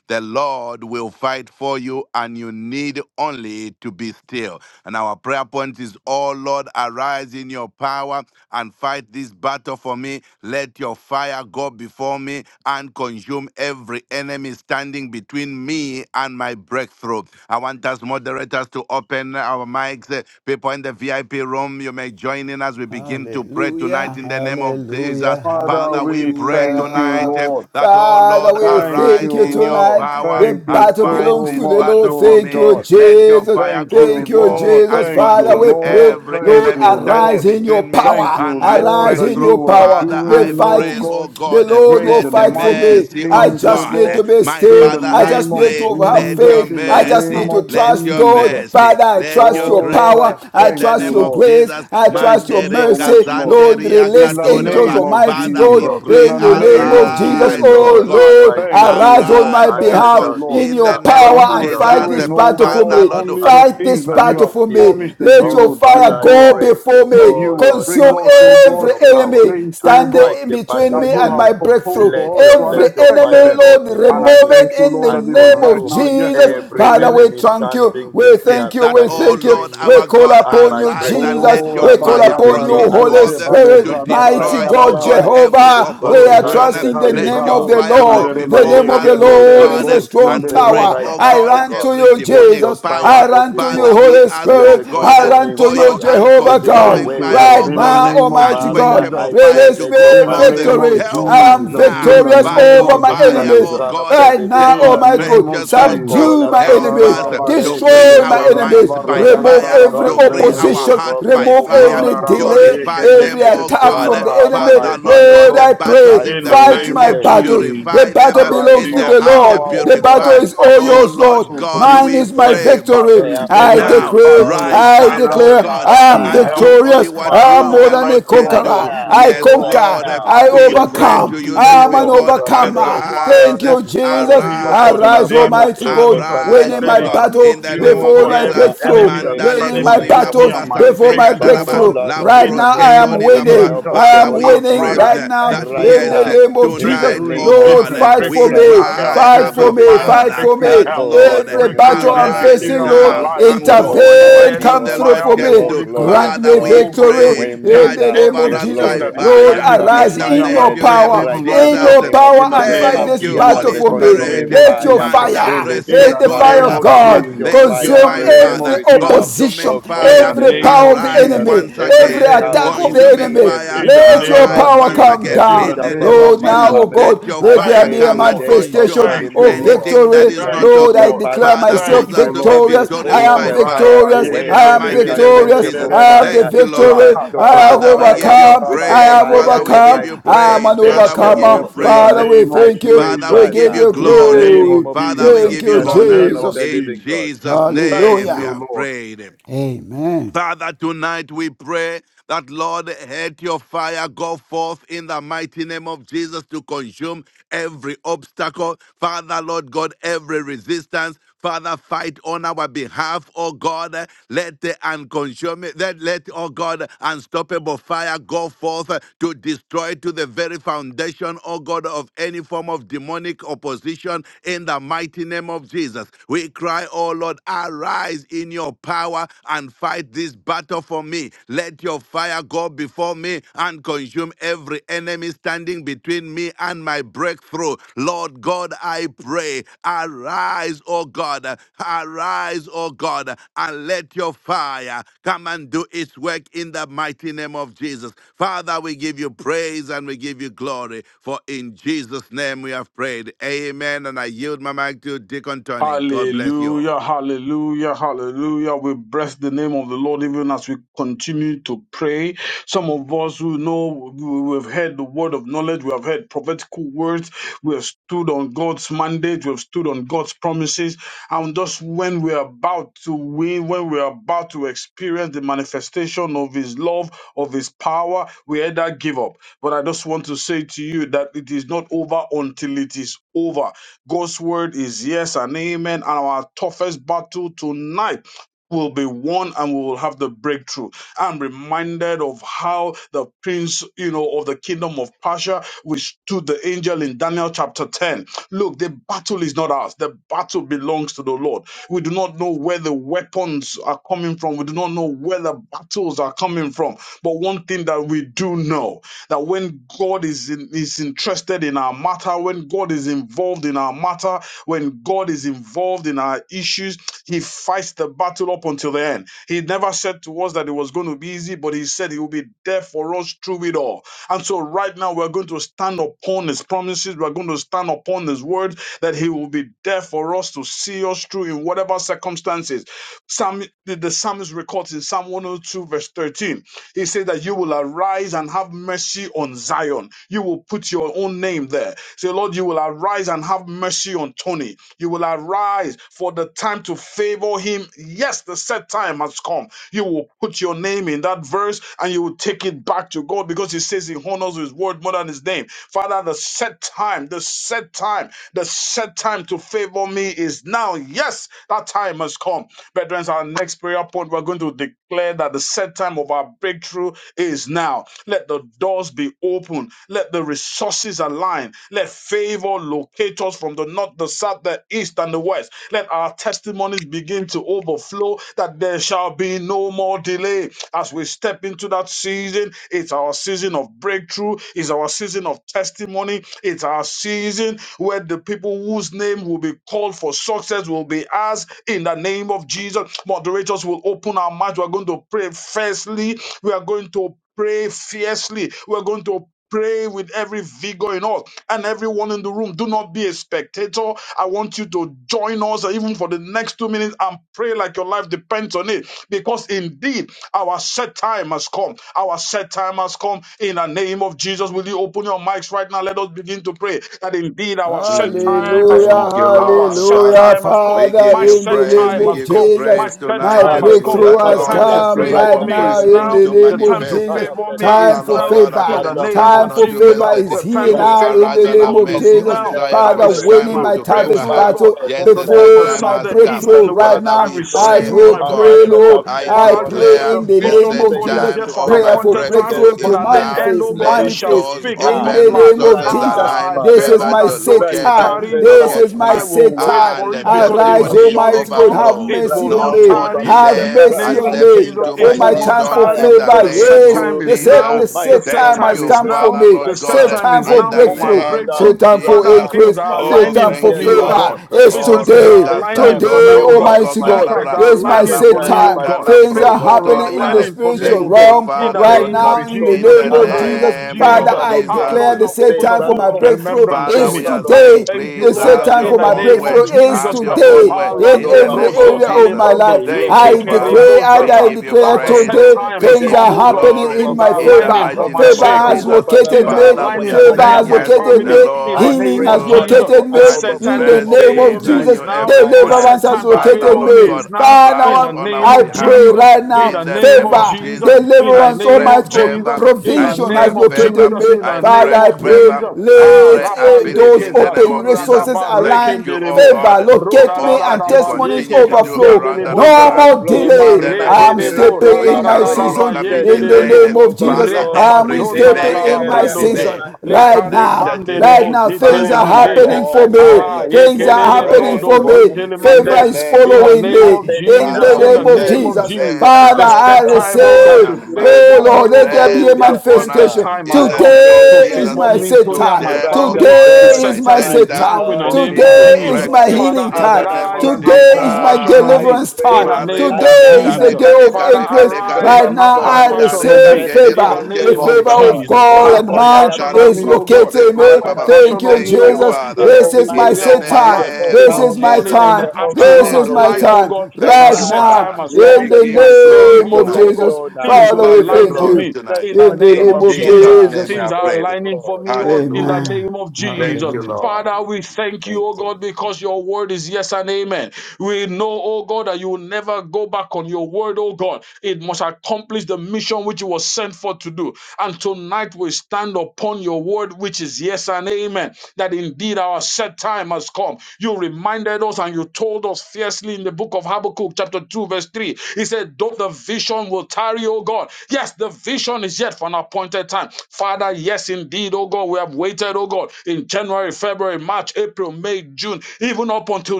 S4: The Lord will fight for you, and you need only to be still. And our prayer point is, Oh Lord, arise in your power and fight this battle for me. Let your fire go before me and consume every enemy standing between me and and my breakthrough. I want us moderators to open our mics. Eh, People in the VIP room, you may join in as we begin to pray tonight
S3: Hallelujah,
S4: in the name of Jesus.
S3: hallelujah,
S6: Father,
S4: Father, we
S6: we
S4: pray
S6: thank you,
S3: hallelujah.
S4: tonight eh,
S6: Lord.
S4: that, oh
S3: Father,
S4: Lord,
S3: we
S6: Thank
S4: arise
S3: thank
S6: you,
S3: you
S4: in your
S3: tonight.
S6: Lord.
S4: power
S3: The
S6: Thank you
S4: and
S3: battle
S4: fight
S3: belongs
S6: so
S4: this
S3: to the
S6: much,
S3: Lord.
S4: battle for
S6: oh
S3: Thank
S4: me.
S3: you,
S6: God.
S4: Let your
S3: Jesus.
S4: fire
S6: Thank
S4: go
S6: you,
S3: Thank you,
S4: before me
S6: Lord.
S3: Jesus.
S4: and
S6: Thank you,
S3: Father,
S4: consume
S3: we pray,
S6: Lord.
S4: every
S6: Thank
S3: Lord,
S4: enemy
S6: you,
S4: standing
S3: arise
S4: standing
S6: Lord.
S3: in your
S4: between me
S6: Thank you,
S3: power.
S4: and my
S6: Lord,
S3: Arise
S6: that
S3: in
S4: breakthrough.
S3: your
S6: you are
S3: power.
S4: Father,
S3: The
S4: I
S6: doing,
S3: fight
S6: oh
S4: pray,
S3: is
S4: oh
S6: God,
S3: the
S4: God,
S3: Lord will
S6: great
S4: let
S6: and
S4: the
S3: fight for
S6: mighty
S3: me.
S4: mercy
S3: I
S4: of
S6: things, oh
S3: just
S4: God,
S3: need to
S6: God.
S3: be
S4: my
S6: In
S3: still.
S6: the
S4: Father,
S3: I
S4: I
S3: just
S6: name
S3: need
S6: of
S4: pray,
S3: to have
S4: let
S6: Jesus,
S4: your
S3: faith.
S6: in the
S3: I just need
S6: name
S4: mercy,
S3: to
S6: of
S4: let
S3: trust
S4: your
S3: God.
S6: Jesus.
S4: mercy,
S3: Father, I
S4: let
S3: trust
S4: your
S3: your
S6: Oh Lord,
S4: grace,
S3: power.
S6: I
S3: I
S4: in
S6: thank
S4: the
S3: trust
S6: you,
S4: name
S3: your
S6: Lord.
S4: of
S3: grace.
S4: Jesus,
S3: I
S6: Thank
S3: trust
S6: you
S3: your
S4: Mandere
S6: so much,
S3: mercy.
S6: Lord.
S3: Lord,
S4: Kasanderia
S6: In
S3: release
S6: the
S4: Katode
S3: angels,
S4: Baba.
S6: name of
S3: Almighty
S4: Father,
S3: God,
S4: we
S5: God.
S6: Jesus, in
S4: pray,
S3: in
S6: the
S3: the
S5: I
S3: name
S6: name
S5: pray
S3: of
S6: of
S5: the
S3: Jesus.
S4: arise,
S6: Jesus.
S4: oh
S3: Oh
S5: Lord will
S4: God.
S5: fight
S3: Lord,
S5: for
S6: Thank
S5: me,
S6: you,
S3: arise on
S6: Lord.
S3: my
S4: Arise,
S5: and
S4: oh
S6: Thank
S5: I
S4: God,
S6: you,
S5: shall
S3: behalf
S6: Lord,
S5: need,
S3: in
S4: in
S3: your
S4: the
S5: uh,
S4: name
S5: I,
S6: that
S4: of
S3: power
S5: I
S6: you
S3: and
S6: are
S5: shall
S3: fight
S4: Jesus.
S5: only,
S3: this
S6: doing, oh
S3: battle
S5: my
S3: for
S5: God,
S4: Father,
S6: God,
S3: me.
S4: Lord,
S5: be
S6: only
S5: at
S6: the
S3: Fight
S5: peace
S6: things
S3: this
S6: that
S5: and
S6: you
S3: battle
S5: be
S6: have
S3: for me.
S5: still.
S6: promised that
S3: Let
S6: you
S3: your
S5: Oh,
S6: will
S5: Father,
S6: do
S3: fire
S5: I
S6: for
S3: go
S6: us.
S5: pray.
S3: before me
S6: That
S3: me.
S6: you
S5: Oh,
S6: will
S5: Lord,
S6: bring
S3: Consume
S6: us,
S5: arise
S6: oh
S5: in
S6: God,
S3: every
S5: your
S6: to the
S5: power
S3: enemy
S6: place,
S5: and
S6: oh
S3: standing
S5: fight
S6: God,
S3: in
S5: the
S3: between
S5: battle
S6: that
S3: me
S5: for
S6: you
S3: and
S6: have
S3: my
S5: me.
S6: proposed
S3: breakthrough.
S5: Let
S6: for us
S5: your,
S6: to
S5: let
S3: Every
S5: your fire
S6: unexpected
S3: enemy,
S6: it.
S5: go
S3: Lord,
S6: And I
S5: before
S3: remove
S5: me
S6: thank you,
S3: it in
S6: Lord,
S3: the
S5: and
S6: that even
S3: name
S6: right
S3: of
S5: consume
S6: now, yes,
S3: Jesus.
S6: you are
S5: every
S3: Father,
S6: doing it.
S3: we
S5: enemy
S3: thank you.
S5: standing,
S3: We
S5: be, uh,
S3: thank you.
S4: that,
S3: We
S5: standing
S4: oh
S3: thank you.
S4: Lord,
S5: between me
S3: We
S4: our
S3: call
S4: God,
S5: and
S3: upon
S5: my
S3: you,
S4: arise and
S5: breakthrough.
S3: Jesus.
S4: let
S6: Oh,
S4: your
S3: We
S6: Rabba,
S3: call
S5: Standing
S4: fire
S6: Rabba,
S3: upon
S5: between
S3: you,
S5: me
S6: Rabba,
S4: proceed
S5: and
S6: Kose,
S5: my
S3: Holy
S4: forth
S6: Bale,
S4: to
S5: breakthrough.
S6: Bra,
S3: Spirit,
S6: da, da,
S5: Right
S6: da,
S3: mighty
S4: destroy,
S6: da,
S5: now, in
S6: da,
S4: oh
S5: the
S3: God,
S6: da,
S4: God,
S5: name
S6: da.
S5: of
S4: every
S5: Jesus
S3: Jehovah.
S5: Christ,
S3: We
S5: the
S3: are
S5: Son of
S4: opposition.
S6: Orreke
S5: the
S3: trusting the
S5: living
S4: Let
S3: name
S4: your
S3: of
S5: God.
S6: calibrado
S3: the
S4: fire
S5: I
S3: Lord.
S4: go
S6: zundere
S3: The
S5: pray,
S4: before
S3: name
S6: mande
S3: of
S5: let
S4: us,
S3: the
S5: there
S4: oh
S5: is
S6: kerede
S5: a
S3: Lord is
S4: God,
S3: a
S6: lebo
S5: shift
S3: strong
S4: and
S6: zundele
S5: happening
S4: break,
S3: tower.
S5: right
S6: mosta.
S4: oh
S5: now,
S3: I
S4: God,
S5: oh
S3: run
S5: God.
S3: to
S4: every
S3: you,
S5: Let your
S4: demonic
S3: Jesus.
S5: fire
S3: I
S4: power.
S5: go
S3: run to you,
S5: before
S4: Father,
S5: me.
S4: we
S3: Holy
S4: ask,
S5: You are
S4: oh
S3: Spirit.
S5: the
S4: God,
S3: I run
S5: consuming
S3: to
S4: for
S3: you,
S4: your
S5: fire.
S3: Jehovah
S5: Isn't your
S3: God.
S6: Thank
S4: unconsuming
S5: word
S6: you,
S4: fire,
S5: like
S3: Right
S6: Lord,
S4: oh
S6: in the
S3: now,
S5: fire?
S4: God,
S6: name of
S3: Almighty
S5: Father,
S3: God,
S6: Jesus.
S4: unquenchable
S5: I
S4: fire
S5: pray,
S3: release
S4: to
S5: let
S3: me
S4: go
S5: your
S6: In the
S5: fire
S4: forth
S6: name
S5: go
S6: of
S3: victory.
S5: before
S3: I
S4: Help
S5: me
S4: us
S3: am
S6: Jesus.
S5: in
S6: In
S4: now
S5: the
S6: the
S3: victorious
S5: name
S4: by
S5: of
S6: name
S4: your
S3: over
S6: of
S3: my
S5: Jesus Christ,
S4: fire,
S5: the
S3: enemies.
S4: oh
S6: Jesus.
S5: Son of the
S4: God.
S3: Right
S5: living
S3: now,
S6: In the
S5: God.
S3: Almighty
S6: name
S4: Demonstrate
S3: God,
S6: of
S5: I
S4: yourself strong.
S6: Jesus.
S5: call
S3: subdue
S6: Yada
S3: my
S5: upon
S6: da
S4: Help
S5: you,
S6: da
S5: the
S3: enemies,
S4: us
S6: da ba
S5: covenant
S4: to
S6: yeke
S4: free
S5: keeping
S3: destroy
S6: leke
S3: my
S4: our
S5: God,
S6: rada
S3: enemies,
S4: minds
S6: ba
S5: the
S4: by
S6: rada da
S3: remove
S6: da
S5: righteous
S4: fire,
S6: da
S3: every
S5: God,
S6: ba
S4: to
S5: the
S4: free
S6: zendere
S4: our
S5: merciful
S3: opposition,
S6: bo.
S4: hearts
S5: God, the
S4: by
S3: remove
S5: all
S4: fire.
S6: Runda
S3: every
S5: powerful God.
S6: raba
S3: delay,
S5: Mm.
S4: Purify
S6: yekende
S3: every
S4: them,
S6: kede
S4: oh
S3: attack
S5: My
S6: zunda
S3: from
S4: God.
S3: the
S6: raba
S5: Father,
S3: enemy.
S5: my
S4: Father, Lord
S6: yekende
S5: Father,
S4: God,
S3: Lord,
S4: the
S6: bro.
S3: I pray,
S5: I
S4: battles in
S6: In
S4: the
S6: the
S5: pray
S3: fight
S6: name
S4: mind,
S3: my
S6: of
S5: today
S3: battles.
S5: mm,
S3: The
S6: Jesus,
S4: purify them
S3: battle
S5: in the
S6: arise
S3: belongs
S5: name
S4: in
S3: to
S6: in
S3: to
S5: of
S4: the
S6: your
S3: the
S4: heart,
S5: Jesus
S3: Lord.
S6: power,
S5: Christ,
S6: oh
S3: The
S5: the
S6: God,
S5: Son
S3: battle
S4: purify.
S5: of
S6: and
S3: is
S5: the
S6: fight
S3: all
S6: this
S5: living,
S4: Oh
S3: yours, Lord.
S4: Lord
S6: battle for
S4: God,
S6: me.
S3: Mine
S4: we
S3: is
S5: pray
S3: my
S5: and
S6: Every
S4: pray.
S3: victory.
S6: battle
S5: declare,
S6: in
S3: I
S6: business, every
S4: Now
S5: Almighty
S3: decree,
S6: battle in
S5: God,
S6: my
S4: rise
S3: I
S4: up,
S6: finance,
S4: O
S5: the
S3: declare,
S6: every
S3: I
S4: God,
S6: battle
S3: am
S6: in
S4: and
S6: health.
S5: Father,
S4: do only
S3: victorious.
S4: what
S5: right
S3: I am
S6: Father,
S4: you,
S3: more
S4: the
S5: now,
S3: than
S6: fight
S3: a
S4: Lord, can
S6: your
S5: right
S3: conqueror.
S4: do.
S5: now,
S6: battles,
S3: I
S6: oh
S4: Yes,
S6: Lord.
S5: right
S4: Lord,
S6: The
S3: conquer,
S5: now,
S3: I
S6: battle
S5: in
S4: we
S5: the name
S4: pray
S5: of
S6: belongs
S4: to
S6: to
S3: overcome.
S4: you,
S3: I
S4: the
S5: Jesus
S6: you,
S3: am
S6: oh
S4: living
S3: an
S5: Christ,
S6: God.
S5: the
S4: God.
S5: Son of
S6: Let
S5: the
S6: your
S3: overcomer.
S5: living God.
S6: fire
S3: Thank
S4: Arise,
S6: go
S3: you,
S6: before
S3: Jesus.
S6: me,
S5: Marika
S6: oh God,
S4: arise,
S5: papa
S6: in the
S4: O
S3: Arise,
S5: papa
S4: God.
S6: name of
S3: Almighty
S5: rabro
S3: God
S6: Jesus.
S4: Arise,
S5: kosandara
S3: winning
S4: O
S6: Let
S3: my
S6: it
S5: baba.
S4: God, in
S3: battle
S4: the
S6: consume,
S5: Oh,
S4: name
S6: oh
S4: of
S3: before
S6: God,
S3: my
S5: Jehovah,
S6: every
S4: Jesus.
S5: I
S3: breakthrough,
S6: enemy that
S5: pray
S6: is
S5: in
S4: Mandale
S3: winning
S5: the
S6: standing
S3: my
S5: name
S4: koriba
S6: between
S5: of
S6: me
S3: battles
S4: boba
S6: and my
S5: Jesus,
S3: before
S4: samperi
S3: my
S6: breakthrough,
S5: by
S6: oh
S5: the
S4: andaraba
S6: God,
S3: breakthrough.
S5: blood of
S3: Right
S6: in the
S3: now,
S5: Jesus,
S3: I
S4: labroske
S6: name
S3: am
S6: of
S4: tori
S5: with the
S3: winning.
S4: bababa.
S5: help
S6: Jesus.
S5: of
S3: I
S5: the
S4: Father,
S3: am
S4: we
S5: Holy
S6: Ah,
S3: winning
S4: pray
S6: Father,
S5: Spirit,
S6: I
S3: right now
S6: thank
S4: that
S6: you,
S5: right
S3: in the
S6: Lord.
S5: now.
S4: yes.
S3: name of
S5: In the
S3: Jesus.
S4: Tonight,
S6: Breakthrough
S4: oh
S6: in
S5: name of
S3: Lord,
S4: God,
S6: business,
S4: eh,
S3: fight
S5: Jesus
S3: for
S4: we
S6: breakthrough in
S5: Christ,
S3: me,
S5: the
S6: career,
S5: Son of
S4: cry,
S3: fight
S5: the
S6: breakthrough
S3: for
S4: Abba
S6: in
S5: living
S3: me,
S5: God,
S6: finance,
S3: fight
S4: Father,
S3: for
S6: breakthrough
S5: I
S6: in
S4: that
S3: me.
S6: health,
S5: call
S4: Lord, eh,
S3: Every
S5: upon you, the
S3: battle
S6: breakthrough in
S3: I'm
S6: every
S5: covenant
S4: arise
S6: area
S3: facing,
S5: keeping
S6: of my
S3: Lord,
S4: now
S5: God,
S6: life,
S4: and
S6: oh
S5: the
S4: do
S6: God.
S5: all
S4: only
S3: intervene,
S4: what
S6: Let
S5: powerful
S4: you,
S6: the
S3: come
S4: the
S5: God,
S3: through
S4: Lord,
S6: fire
S3: for
S6: of
S5: the
S6: the
S3: me.
S4: can
S5: all
S4: do.
S6: Holy Ghost,
S5: glorious
S3: Grant
S4: Father,
S3: me
S5: God
S4: we
S6: oh God,
S5: the
S3: victory
S4: pray,
S3: in
S6: consume
S4: charge
S3: the
S5: waymaker,
S3: name
S4: over
S3: of
S5: the
S4: us
S3: Jesus.
S6: everything
S4: by
S5: glory
S6: that is
S5: and the
S3: Lord,
S4: fire.
S6: standing
S5: lifter of
S3: arise
S4: In the
S6: between
S5: my
S6: me
S3: in
S6: and my
S3: your
S5: head.
S4: mighty name
S6: breakthrough
S3: power,
S4: of
S5: Right
S6: even
S5: now,
S6: right
S5: in
S3: in
S5: the
S6: now.
S3: your
S4: Jesus,
S5: name of
S6: In
S3: power,
S6: the
S3: and
S5: Jesus,
S6: name
S3: fight
S6: of
S4: Thank
S3: this
S4: you,
S5: appear as
S3: battle
S6: Jesus,
S4: Holy
S5: the
S3: for
S6: in the
S3: me.
S5: consuming
S6: name
S4: Spirit.
S6: of
S3: Let your
S5: fire.
S6: Jesus.
S4: Manda
S3: fire,
S5: Release
S6: In
S5: your
S6: the
S3: let the
S4: bresketoria
S3: fire
S6: name
S3: of
S5: fire.
S6: of
S4: baba
S5: Let
S4: baba.
S3: God
S5: your
S6: Jesus.
S4: Thank you,
S6: In
S5: fire
S6: the
S3: consume
S4: my
S5: burn
S6: name
S3: every
S6: of
S4: Father.
S5: every chaff.
S6: Jesus.
S4: Consuming
S3: opposition,
S5: Oh God,
S6: In the
S5: in
S4: fire,
S5: the
S3: every
S5: name
S6: name
S5: of
S3: power of
S6: of
S3: the
S4: arise
S5: Jesus,
S3: enemy,
S6: Jesus.
S4: once
S6: In the
S3: every
S5: every
S4: again.
S6: name
S5: chaff
S3: attack
S6: of
S3: of
S5: in
S3: the
S6: Jesus.
S4: Consuming
S5: me,
S3: enemy.
S5: every
S4: fire,
S6: In the
S5: chaff
S3: Let your
S6: name
S4: arise
S6: of
S5: around
S3: power
S5: me,
S4: once
S3: come
S6: Jesus.
S4: again.
S6: In
S5: every
S6: the
S4: In
S5: chaff
S4: the
S3: down.
S4: name
S6: name
S4: of
S5: around
S3: Lord,
S6: of
S5: my
S3: now,
S4: Jesus,
S3: oh
S6: Jesus.
S5: family.
S4: let
S3: God,
S4: your
S5: I
S3: let there
S4: fire
S6: Thank
S5: pray
S3: be a
S6: you,
S4: come and
S6: Lord.
S5: today, oh
S3: manifestation
S4: consume
S5: God,
S6: Thank
S5: in
S6: you,
S5: the
S3: of
S5: name
S6: Lord.
S5: of
S4: anything that
S3: victory.
S4: is
S5: Jesus,
S6: Thank
S4: not
S6: you,
S3: Lord,
S4: of
S3: I
S5: the
S4: you.
S6: Lord.
S5: Father
S3: declare
S4: Father,
S5: visit
S3: myself
S6: Thank
S4: cause us
S5: my
S6: you,
S4: to be
S6: Lord.
S3: victorious.
S5: family.
S3: I
S4: victorious
S5: It's
S6: Oh,
S3: am
S4: by
S5: a
S4: fire.
S6: Radaba
S5: powerful
S3: victorious.
S5: way
S4: In
S3: I
S4: the
S6: Yekende,
S3: am
S5: with
S4: mighty name of
S3: victorious.
S4: Jesus.
S5: unquenchable
S3: I have the
S5: fire,
S4: Thank you,
S5: with
S4: Lord.
S3: victory.
S6: Rakata,
S3: I have
S5: unstoppable
S4: Father, we
S5: fire,
S4: give you
S3: overcome.
S5: with the
S3: I
S4: praise.
S3: have
S5: fire,
S4: Father, we give
S3: overcome.
S5: Almighty
S4: you
S5: God,
S3: I
S5: that
S3: am
S4: praise.
S3: an
S5: burns
S6: Yes,
S4: Father, we
S5: the
S4: give you
S3: overcomer.
S5: roots,
S6: Lord,
S5: oh
S6: in the
S3: Father,
S5: God.
S4: praise.
S3: we
S6: name
S5: I
S6: of
S3: thank
S5: pray,
S3: you.
S4: Father,
S6: Jesus.
S3: We
S4: we give
S3: give
S5: Father,
S4: you
S3: you
S6: In
S5: in
S6: the
S5: the
S4: glory.
S6: name of
S5: name
S3: glory.
S5: of
S4: Father, we
S5: Jesus
S3: Thank
S6: Jesus.
S4: give
S3: you,
S4: you
S6: In
S5: Christ,
S6: the
S5: the
S4: honor.
S5: Son
S6: name
S5: of
S6: of
S5: the
S3: Jesus.
S4: In
S5: living
S6: Jesus.
S5: God.
S4: Jesus'
S6: Thank
S4: name we
S6: you,
S3: Hallelujah.
S6: Lord.
S4: have prayed.
S3: Amen.
S4: Father, tonight we pray that, Lord, let your fire go forth in the mighty name of Jesus to consume every obstacle. Father, Lord God, every resistance. Father, fight on our behalf, oh God. Let the unconsuming, let, let, oh God, unstoppable fire go forth to destroy to the very foundation, oh God, of any form of demonic opposition in the mighty name of Jesus. We cry, oh Lord, arise in your your power and fight this battle for me. Let your fire go before me and consume every enemy standing between me and my breakthrough. Lord God, I pray, arise, O God, arise, O God, and let your fire come and do its work in the mighty name of Jesus. Father, we give you praise and we give you glory, for in Jesus' name we have prayed. Amen. And I yield my mic to Deacon Tony. God bless you all.
S6: Hallelujah, hallelujah, hallelujah. We bless the name of the Lord even as we continue to pray. Some of us who know we- we've heard the word of knowledge, we have heard prophetical words, we have stood on God's mandate, we have stood on God's promises. And just when we're about to win, when we're about to experience the manifestation of His love, of His power, we either give up. But I just want to say to you that it is not over until it is over. God's word is yes and amen. And our toughest battle tonight will be won and we will have the breakthrough. I'm reminded of how the prince, you know, of the kingdom of Persia withstood the angel in Daniel chapter 10. Look, the battle is not ours. The battle belongs to the Lord. We do not know where the weapons are coming from. We do not know where the battles are coming from. But one thing that we do know that when God is in, is interested in our matter, when God is involved in our matter, when God is involved in our issues, He fights the battle up until the end. He never said to us that it was going to be easy, but He said He will be there for us through it all. And so, right now, we're going to stand upon His promises. We're going to stand upon His word that He will be there for us to see us through in whatever circumstances. Psalm, the, the psalmist records in Psalm 102, verse 13. He said that you will arise and have mercy on Zion. You will put your own name there. Say, Lord, you will arise and have mercy on Tony. You will arise for the time to favor him. Yes, the set time has come. You will put your name in that verse and you will take it back to God because He says He honors His word more than His name. Father, the set time, the set time, the set time to favor me is now. Yes, that time has come. Brethren, our next prayer point, we're going to declare that the set time of our breakthrough is now. Let the doors be open. Let the resources align. Let favor locate us from the north, the south, the east, and the west. Jesus. Let our testimonies begin to overflow that there shall be no more delay. As we step into that season, it's our season of breakthrough, it's our season of testimony, it's our season where the people whose name will be called for success will be asked in the name of Jesus. Moderators will open our mouth. We're going to pray fiercely. We are going to pray fiercely. We're going to Pray with every vigor in us and everyone in the room. Do not be a spectator. I want you to join us uh, even for the next two minutes and pray like your life depends on it because indeed our set time has come. Our set time has come. In the name of Jesus, will you open your mics right now? Let us begin to pray that indeed our set
S4: Mm,
S6: time has
S3: Hallelujah,
S6: come.
S4: Thank you,
S6: Our
S4: Lord.
S6: set
S3: hallelujah,
S4: Father,
S6: time has come.
S4: we
S3: Father,
S4: give
S6: My
S4: you
S3: in the
S6: set
S4: praise.
S3: name
S6: time
S4: We
S6: has
S3: of
S4: give you
S6: come.
S3: Jesus.
S6: My
S4: praise
S6: set
S3: My
S4: tonight.
S6: time has come.
S5: Hallelujah.
S3: breakthrough
S4: That,
S6: The
S3: has
S5: Father, we
S4: Lord,
S6: time
S4: we
S6: to
S4: are
S5: thank you
S3: come
S4: praying
S5: right
S6: favor
S3: right
S4: for
S5: now in the
S6: me
S3: now
S6: is
S5: name of
S3: in
S4: breakthrough
S6: now.
S3: the
S4: to
S5: Jesus
S6: The
S3: name of
S6: time
S5: Christ, the
S6: to
S4: manifest
S5: Son
S3: Jesus.
S4: it.
S5: of
S6: favor
S5: the
S6: me
S5: living
S3: Time
S4: Father,
S6: is
S3: for
S4: Lord
S5: God.
S6: now.
S4: God,
S6: In
S3: favor.
S6: the
S4: according to
S5: Father, we
S6: name
S4: Psalm
S3: Time
S5: come
S6: of
S3: for
S5: to
S4: 102,
S5: call
S4: verse
S6: Jesus,
S3: favor
S4: 13,
S3: is
S6: the
S5: upon you
S3: here
S6: time
S4: you
S6: to
S5: right
S4: will
S3: now
S5: now.
S6: favor
S3: in
S4: arise
S3: the
S6: me,
S4: and
S3: name
S4: have
S5: Oh
S6: Lord,
S3: of
S5: God,
S6: is
S4: mercy
S5: for
S3: Jesus.
S4: on
S6: now.
S5: prayer
S4: Zion
S6: I
S5: for
S4: for
S3: Father,
S4: the
S6: receive
S3: winning
S6: my
S4: time
S5: breakthrough
S3: my
S4: to
S5: to
S4: favor
S3: toughest
S6: breakthrough, oh
S4: her.
S6: God,
S3: battle
S5: manifest.
S4: Yes,
S6: from the
S4: the
S5: Prayer
S6: north,
S4: said
S5: for
S6: the
S3: before
S4: time
S3: my
S6: south,
S4: has
S6: the
S5: breakthrough to
S6: east,
S4: come.
S3: breakthrough
S6: and the
S3: right
S6: west.
S5: manifest.
S4: Father,
S6: I
S3: now
S4: we
S5: Lord,
S4: pray,
S3: as
S6: receive
S3: we
S5: you
S4: oh
S6: my
S4: God.
S5: arise
S3: pray,
S6: breakthrough,
S5: and
S3: Lord.
S6: Lord.
S5: have
S4: I
S3: I
S5: mercy
S6: Father,
S5: on
S6: you
S5: Nick.
S6: said
S3: pray
S4: declare
S6: the
S3: in the
S4: the
S5: For
S6: vision,
S5: the
S3: name
S6: oh
S4: set
S3: of
S5: set
S6: God, is
S3: Jesus.
S5: time
S4: time
S6: yet
S5: to
S6: for an
S4: of
S3: Prayer
S4: my
S5: favor
S3: for
S5: Nick.
S6: appointed time,
S5: Yes,
S4: breakthrough
S3: breakthrough
S5: the
S6: but
S3: to
S4: is
S6: at the
S5: set
S4: now
S5: time
S6: end,
S5: to
S3: manifest,
S6: oh God, it
S4: let
S5: favor Nick
S6: shall
S3: manifest
S5: is
S4: doors
S6: speak and
S3: in
S6: not
S5: now.
S3: the
S4: open,
S6: lie.
S3: name of
S5: Right
S4: resources
S3: Jesus.
S5: now,
S6: Ah, I
S4: align,
S3: This
S6: pray,
S5: Father.
S3: is
S4: favor
S6: Lord,
S3: my
S6: that
S4: the
S6: though
S3: set
S5: Right
S6: it
S4: locate,
S5: now,
S3: time.
S6: tarries, oh
S5: favor
S3: This
S5: me,
S6: God,
S3: is
S4: locate
S3: my
S4: me,
S6: I
S5: Almighty
S3: set
S6: will
S5: God.
S6: wait
S3: time.
S5: Right
S4: and
S6: for
S4: the
S6: it
S5: now,
S6: because it
S3: Arise,
S5: favor
S6: will
S5: me,
S4: testimonies
S6: surely
S3: Almighty
S5: Almighty
S3: God,
S6: come.
S5: God.
S3: have
S4: overflow.
S6: It
S5: Right
S3: mercy
S6: will
S3: on
S4: No
S6: not
S5: now,
S3: me.
S4: more
S5: favor
S6: tarry
S5: me,
S3: Have
S6: in
S5: left,
S4: delay.
S6: the
S5: right,
S3: mercy
S4: I
S6: name
S3: on
S5: and
S6: of
S4: step
S3: me
S6: Jesus.
S5: center,
S4: into
S5: oh
S3: for
S6: It
S4: my
S3: my
S6: will
S5: God.
S6: not
S3: time
S4: season
S3: for
S5: I
S6: tarry.
S5: am
S4: in the
S3: favor.
S6: The
S5: looking to
S6: set
S4: name
S3: Yes,
S4: of
S6: time
S5: you,
S3: they
S6: is
S5: the
S3: said
S6: now.
S3: the
S4: Jesus.
S6: The
S3: set
S5: Almighty
S6: set
S5: God,
S3: time
S4: Thank
S5: that
S3: has
S6: time
S5: you
S4: you,
S6: is
S3: come
S5: favor
S3: for
S6: now.
S4: Father,
S5: me
S3: me.
S6: The
S4: Lord
S5: right
S6: set
S3: Set
S5: now.
S4: God,
S6: time
S3: time
S6: is
S5: I
S3: for
S4: in
S6: now
S4: the
S6: for
S5: pray,
S6: my
S3: breakthrough.
S4: name
S5: Father,
S6: breakthrough.
S3: Set
S4: of
S3: time
S5: right
S3: for
S6: Father,
S5: now,
S4: Jesus.
S5: that
S6: things
S3: increase.
S6: are
S3: Set
S5: Father,
S4: Oh,
S6: aligning
S3: time
S6: for
S3: for
S4: thank
S5: yes,
S4: you,
S6: me, oh
S5: I
S4: Lord.
S3: favor.
S6: God.
S3: It's
S5: declare
S4: Oh,
S6: Businesses
S5: the
S3: today.
S6: are
S5: set time
S6: aligning
S3: Today
S6: for
S4: rekasato
S6: me,
S3: Today,
S5: of
S6: oh
S5: my,
S6: God.
S4: lambroko
S3: Almighty
S5: my
S3: God,
S6: Contracts
S4: calabra,
S6: are
S5: breakthrough,
S3: is
S5: the
S3: my
S5: set
S6: aligning
S3: set
S6: for
S5: time
S6: me,
S5: of
S4: alambria
S6: oh
S3: time.
S5: my
S6: God.
S3: Things
S4: calambro
S5: breakthrough
S3: are
S6: Favors
S5: is
S3: happening
S4: cotore
S6: are
S3: in the
S5: now.
S4: bregre.
S6: aligning for me,
S5: Let
S3: spiritual
S6: oh
S4: Thank
S6: God.
S4: you,
S5: doors
S3: realm
S6: In the
S4: Father,
S5: open,
S3: right
S4: Lord
S6: name
S4: God.
S6: of
S3: now in the
S4: In
S6: Jesus,
S5: resources
S4: the
S6: in
S3: name
S6: the
S3: of
S6: name
S5: align,
S3: Jesus.
S6: of
S4: name
S3: Father,
S4: of
S6: Jesus.
S5: favor
S3: I
S6: Ah,
S5: locate
S4: Jesus,
S6: Lord,
S3: declare
S5: me,
S6: you
S3: the
S6: have
S3: set
S6: opened the
S3: time
S5: favor
S3: for
S6: book
S3: my
S6: of
S4: uh,
S5: locate me,
S3: breakthrough
S6: remembrance for
S4: Father,
S3: is
S6: me.
S4: we
S5: favor
S4: are
S6: I
S5: locate
S4: saying,
S3: today.
S5: me.
S6: thank you,
S3: The
S4: please
S6: Lord,
S3: set
S5: Right
S4: have
S3: time
S5: now,
S4: your
S5: in
S6: in
S3: for
S6: the
S5: the
S3: my
S5: name
S4: own
S5: of
S6: name of
S4: way.
S3: breakthrough
S5: Jesus,
S3: is
S6: Jesus
S4: Have your
S5: I'm
S6: Christ.
S4: own
S3: today
S4: way
S6: Ah,
S5: testimonies
S6: Lord,
S3: in
S4: in the
S3: every
S6: Lebro
S4: name of
S3: area
S6: Zota
S5: overflow,
S3: of my
S4: Jesus.
S6: Lemande,
S3: life.
S4: Thank you,
S5: overflow,
S3: I
S6: Yekeke
S4: Father.
S5: overflow,
S3: decree
S6: Rebo
S3: and
S4: We
S3: I
S6: Zata.
S4: give you
S5: overflow,
S3: declare
S6: God, the
S4: praise
S6: set
S4: and
S3: today
S5: overflow.
S6: time
S4: we
S6: has
S3: things
S4: give
S6: come,
S3: are
S4: you
S6: oh God.
S5: Testimonies
S3: happening
S4: glory
S3: in
S6: Things
S3: my
S6: are
S4: in
S5: overflow.
S4: the
S6: aligning
S3: favor.
S5: Oh,
S6: for
S4: mighty
S6: my
S4: name
S3: Favor
S4: of
S6: sake, oh
S3: has
S5: kamaraka
S6: God.
S4: Jesus.
S5: bada
S3: located
S6: Things
S5: bada
S6: are
S4: Father,
S3: me.
S5: bada
S4: we
S6: aligning
S4: are
S6: for
S5: bada
S6: me
S3: Favor
S4: saying,
S6: and
S3: has
S6: my
S4: yes,
S3: located
S4: the
S6: family
S5: kasituruba.
S3: me.
S6: in
S5: I
S6: the
S4: Lord is
S3: Healing
S6: name
S5: pray,
S6: of
S3: has
S4: good
S5: Father,
S6: Jesus.
S3: located
S5: for
S6: The
S3: me.
S5: an
S4: and
S6: set
S4: his
S3: In
S6: time
S5: overflow
S6: to
S3: the
S5: of
S3: name
S6: favor
S3: of
S4: mercies are
S6: me is
S3: Jesus,
S5: testimonies
S4: new
S5: in
S6: now.
S4: every
S5: my
S6: The
S4: morning.
S3: deliverance
S5: life.
S6: set
S3: has
S6: time to
S5: I
S4: Father,
S3: located
S5: call
S6: favor
S4: Lord
S6: me
S3: me.
S4: God,
S6: is now in
S4: arise
S6: the
S3: Father,
S4: on our
S6: name
S3: I
S6: of
S4: behalf.
S3: pray
S6: Jesus.
S3: right now,
S6: In the
S4: In the
S6: name
S4: name
S6: of
S4: of
S3: favor,
S6: Jesus.
S4: Jesus,
S6: In the
S4: I
S3: deliverance,
S6: name
S4: pray
S3: Almighty
S6: of
S3: God,
S6: Jesus.
S4: favor.
S6: In
S4: I
S6: the
S3: provision has
S4: pray
S6: name of
S3: located
S4: favor.
S6: Jesus.
S3: me.
S6: In
S4: I
S6: the
S3: Father,
S6: name
S4: pray
S3: I
S6: of
S3: pray,
S4: favor
S6: Jesus.
S4: I
S6: Ah,
S4: pray
S3: let
S6: Rabba
S3: eh,
S4: ability
S3: doors
S6: leke
S4: in the name
S3: open,
S4: of
S6: zatora da
S4: Jesus.
S3: resources
S6: ba reke
S4: Thank
S3: align,
S4: you, oh
S6: nderebo.
S3: Favor,
S4: God, for
S3: locate
S6: Roda
S3: me
S6: da
S4: all
S6: da
S4: that
S3: and
S6: da
S4: you
S6: ba
S3: testimonies
S4: continue
S6: yeke
S4: to do
S3: overflow.
S6: kazinde
S4: around and
S5: testimonies
S4: among
S3: No
S6: leboska.
S4: us.
S3: more
S5: overflow
S6: Lima
S4: In
S3: delay.
S4: the
S5: in my
S4: name
S6: reke
S4: of
S3: I'm
S5: spirit,
S4: Jesus,
S6: lebo.
S3: stepping
S5: soul,
S4: we
S6: Rada
S3: in
S5: and
S6: da
S3: my
S4: shall
S6: da
S4: no
S6: da
S5: body.
S6: ba
S3: season
S4: longer be
S6: yende
S3: in the
S4: delayed.
S5: Testimonies
S6: lebo.
S3: name of Jesus.
S4: Father,
S5: overflow
S4: every
S3: I'm
S5: in
S6: Rekabazonta la
S3: stepping
S4: delay,
S5: every
S6: la la
S3: in
S4: every
S3: my
S5: area of
S6: brandoze.
S4: delay,
S5: my
S3: season
S5: life.
S3: right
S6: Lekade
S4: financial
S3: now.
S6: bande de
S3: Right
S4: delay,
S3: now, things
S6: bozitele
S5: Oh,
S4: Father,
S3: are
S4: we
S6: mandeke.
S5: Father,
S3: happening
S5: I
S3: for
S4: go
S3: me.
S4: forth.
S6: Ah,
S5: pray
S3: Things
S5: for
S4: We
S3: are
S5: an
S6: yekelele
S3: happening
S4: break
S3: for
S6: brodo
S5: overflow
S4: forth
S3: me.
S5: of
S6: zundele
S5: new
S4: in
S3: Favor
S4: the
S6: mande.
S3: is
S4: name
S6: In
S5: testimonies
S6: the
S4: of
S3: following
S6: name
S3: me
S4: Jesus.
S6: of
S5: happening
S3: in the
S6: Jesus,
S4: Father,
S6: in
S5: now,
S4: we
S6: the
S3: name of
S6: name
S4: thank
S5: taking
S6: of
S4: you.
S3: Jesus.
S5: place
S6: Jesus,
S4: Let the
S3: Father,
S5: now.
S6: let's
S3: I
S6: that
S4: favor of
S6: time,
S5: Father,
S6: oh
S4: God
S6: God,
S5: thank
S6: to
S3: receive.
S4: and
S5: you, oh
S4: man
S3: Oh
S6: favor me,
S5: God.
S3: Lord,
S6: oh
S3: let there
S6: God.
S3: be
S5: Oh,
S3: a
S4: rest
S6: The
S4: upon us
S6: appointed
S3: manifestation.
S5: Jehovah,
S6: time has
S4: in
S5: I
S4: the
S6: come
S4: name of
S5: praise
S6: to
S3: Today
S5: your
S3: is
S4: Jesus.
S6: favor
S3: my
S5: holy
S6: me,
S5: name,
S3: set
S4: So
S6: Tony, and
S3: time.
S6: my
S4: there, oh
S5: righteous
S3: Today
S6: family.
S4: God,
S6: The
S4: is
S5: God,
S3: Today
S6: set
S3: is
S4: my
S3: my
S6: time
S4: set
S6: is
S3: set
S5: mighty
S4: time
S6: now in
S3: time.
S5: God,
S6: the
S4: for
S6: name
S4: me
S6: of
S4: to
S3: Today
S5: powerful
S3: is
S4: break
S6: Jesus.
S3: my
S5: God,
S4: through
S6: Father,
S3: healing
S4: in
S3: time.
S4: the
S5: covenant
S4: name
S6: arise
S4: of
S6: and have
S5: keeping
S3: Today is my
S5: God.
S6: compassion on
S5: I
S4: Jesus.
S6: me
S3: deliverance
S6: in
S3: time.
S6: the
S5: pray
S4: Mare
S6: name
S5: that
S6: of
S4: kare
S3: Today is the
S4: kare
S5: Father,
S6: Jesus.
S5: let
S3: day
S4: kare
S3: of
S6: Father,
S4: kare
S3: increase.
S4: kare
S5: testimonies
S6: arise
S4: kare.
S3: Right
S6: and have
S3: now, I
S5: overflow.
S6: compassion
S4: Mandare
S5: Let
S6: on
S3: receive
S6: me
S4: kakele
S6: in the
S5: testimonies
S3: favor.
S4: proske
S3: The
S6: name
S4: kore
S6: of
S3: favor
S4: baba.
S5: overflow.
S3: of
S6: Jesus.
S3: God
S6: Have
S3: and
S5: Father,
S4: Olambria
S5: I am
S3: man
S6: compassion on
S3: is
S5: calling
S6: me,
S4: kalambro
S6: O
S5: upon
S6: God.
S5: you,
S4: kose
S5: the
S3: locating me.
S6: Have
S4: kore baba.
S5: covenant
S3: Thank
S6: compassion
S3: you,
S5: keeping
S6: on me,
S4: Thank
S6: O
S4: you,
S5: God,
S6: God,
S3: Jesus.
S5: the
S6: in
S4: Father.
S3: This is
S6: every
S3: my
S4: In
S6: area
S5: Almighty
S4: the
S6: of
S3: set
S5: God,
S6: my
S3: time.
S5: the
S6: life,
S5: all
S4: name
S6: in
S3: This
S6: the
S4: of
S3: is
S5: powerful
S3: my
S6: morning,
S4: Jesus.
S5: God,
S6: in the
S5: the
S3: time.
S5: all
S3: This
S6: afternoon,
S3: is
S6: at
S5: glorious
S3: my
S6: night,
S4: Hallelujah.
S6: O
S5: God,
S6: God.
S3: time.
S5: the
S4: Thank
S6: The
S3: Right
S4: you,
S6: set
S5: Father.
S3: now,
S6: time
S4: Father.
S6: has
S5: Let
S3: in
S6: come
S4: We
S5: the
S3: the
S4: give
S6: my
S4: you
S6: favor
S4: glory
S5: testimonies
S3: name of
S6: will, oh
S4: tonight.
S6: God,
S3: Jesus.
S5: overflow
S4: We
S5: now.
S6: things
S3: Father,
S6: will
S3: we
S4: give you
S5: Let
S6: align
S3: thank
S5: the
S6: for
S5: tem-
S4: glory
S3: you.
S6: me
S4: tonight.
S6: in the
S3: In
S5: testimonies
S3: the
S6: name
S4: In
S3: name
S6: of
S3: of
S5: overflow
S6: Jesus.
S4: Jesus'
S5: now.
S4: name
S3: Jesus.
S4: we
S6: Things
S4: are
S6: are
S5: Oh
S4: praying.
S6: aligning for
S5: God.
S6: me on in the
S4: Hallelujah.
S3: Amen.
S6: name of Jesus.
S4: Thank you,
S3: Hallelujah.
S4: Lord.
S6: Father, we thank you,
S4: Thank
S6: oh
S4: you.
S6: God, because your word is yes and amen. We know, oh God, that you will never go back on your word, oh God. It must accomplish the mission which you were sent for to do. And tonight we stand upon your word, which is yes and amen, that indeed our set time has come. You reminded us and you told us fiercely in the book of Habakkuk chapter 2, verse 3. He said, Though the vision will tarry, O God. Yes, the vision is yet for an appointed time. Father, yes, indeed, O God, we have waited, O God, in January, February, March, April, May, June, even up until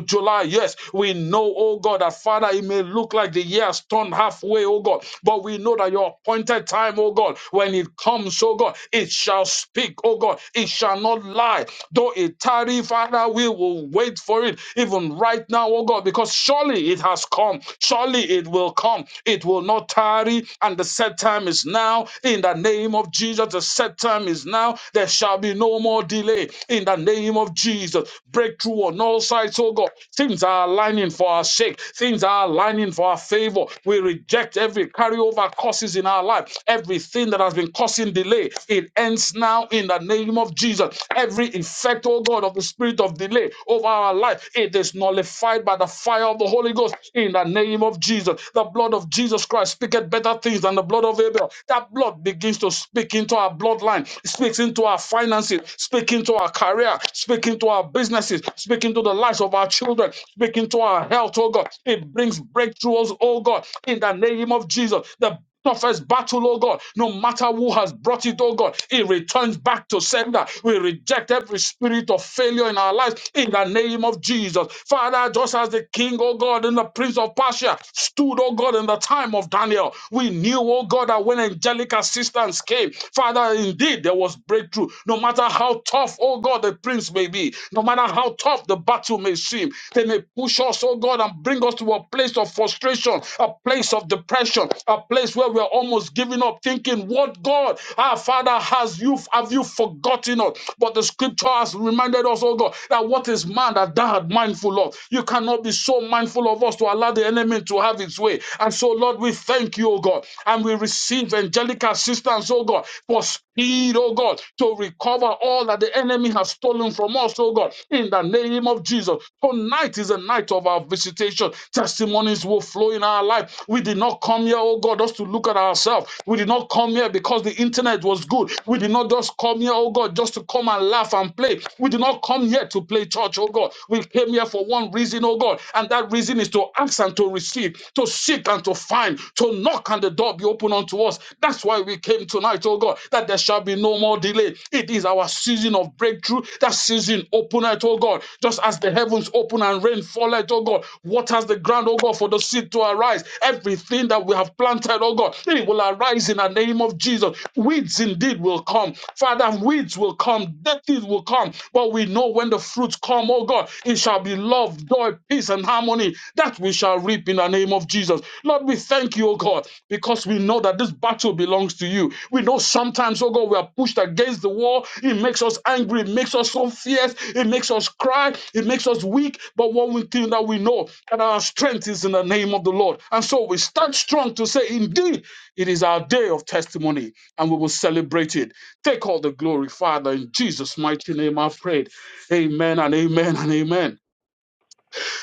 S6: July. Yes, we know, O God, that Father, it may look like the year has turned halfway, O God, but we know that your appointed time, O God, when it comes, O God, it shall speak, O God, it shall not lie. Though it tarry, Father, we will wait for it, even right now, O God, because surely it has come. Surely it will come. It will not tarry. And the set time is now. In the name of Jesus, the set time is now. There shall be no more delay. In the name of Jesus, breakthrough on all sides, oh God. Things are aligning for our sake. Things are aligning for our favor. We reject every carryover causes in our life. Everything that has been causing delay, it ends now in the name of Jesus. Every effect, oh God, of the spirit of delay over our life, it is nullified by the fire of the Holy Ghost in the name of Jesus. The blood of Jesus Christ speaketh better things than the blood of Abel. That blood begins to speak into our bloodline, it speaks into our finances, speak into our career, speak into our businesses, speak into the lives of our children, speak into our health, oh God. It brings breakthroughs, oh God, in the name of Jesus. the toughest battle, oh God, no matter who has brought it, oh God, it returns back to sender. We reject every spirit of failure in our lives in the name of Jesus. Father, just as the king, oh God, and the prince of Persia stood, oh God, in the time of Daniel, we knew, oh God, that when angelic assistance came, Father, indeed there was breakthrough. No matter how tough, oh God, the prince may be, no matter how tough the battle may seem, they may push us, oh God, and bring us to a place of frustration, a place of depression, a place where we're almost giving up, thinking, What God, our Father, has you have you forgotten us? But the scripture has reminded us, oh God, that what is man that thou art mindful of? You cannot be so mindful of us to allow the enemy to have its way. And so, Lord, we thank you, oh God, and we receive angelic assistance, oh God, for Heed, O God, to recover all that the enemy has stolen from us, O God, in the name of Jesus. Tonight is a night of our visitation. Testimonies will flow in our life. We did not come here, O God, just to look at ourselves. We did not come here because the internet was good. We did not just come here, O God, just to come and laugh and play. We did not come here to play church, O God. We came here for one reason, O God, and that reason is to ask and to receive, to to seek and to find, to knock and the door be open unto us. That's why we came tonight, oh God, that there shall be no more delay. It is our season of breakthrough. That season open it, oh God. Just as the heavens open and rain fall it, oh God, waters the ground, oh God, for the seed to arise. Everything that we have planted, oh God, it will arise in the name of Jesus. Weeds indeed will come. Father, weeds will come, death will come. But we know when the when the fruits come, oh God, it shall be love, joy, peace, and harmony that we shall reap in the name of Jesus. Lord, we thank you, oh God, because we know that this battle belongs to you. We know sometimes, oh God, we are pushed against the wall. It makes us angry, it makes us so fierce, it makes us cry, it makes us weak. But one we thing that we know that our strength is in the name of the Lord. And so we stand strong to say, indeed, it is our day of testimony, and we will celebrate it. Take all the glory, Father, in Jesus' mighty name, I pray. Amen and amen and amen.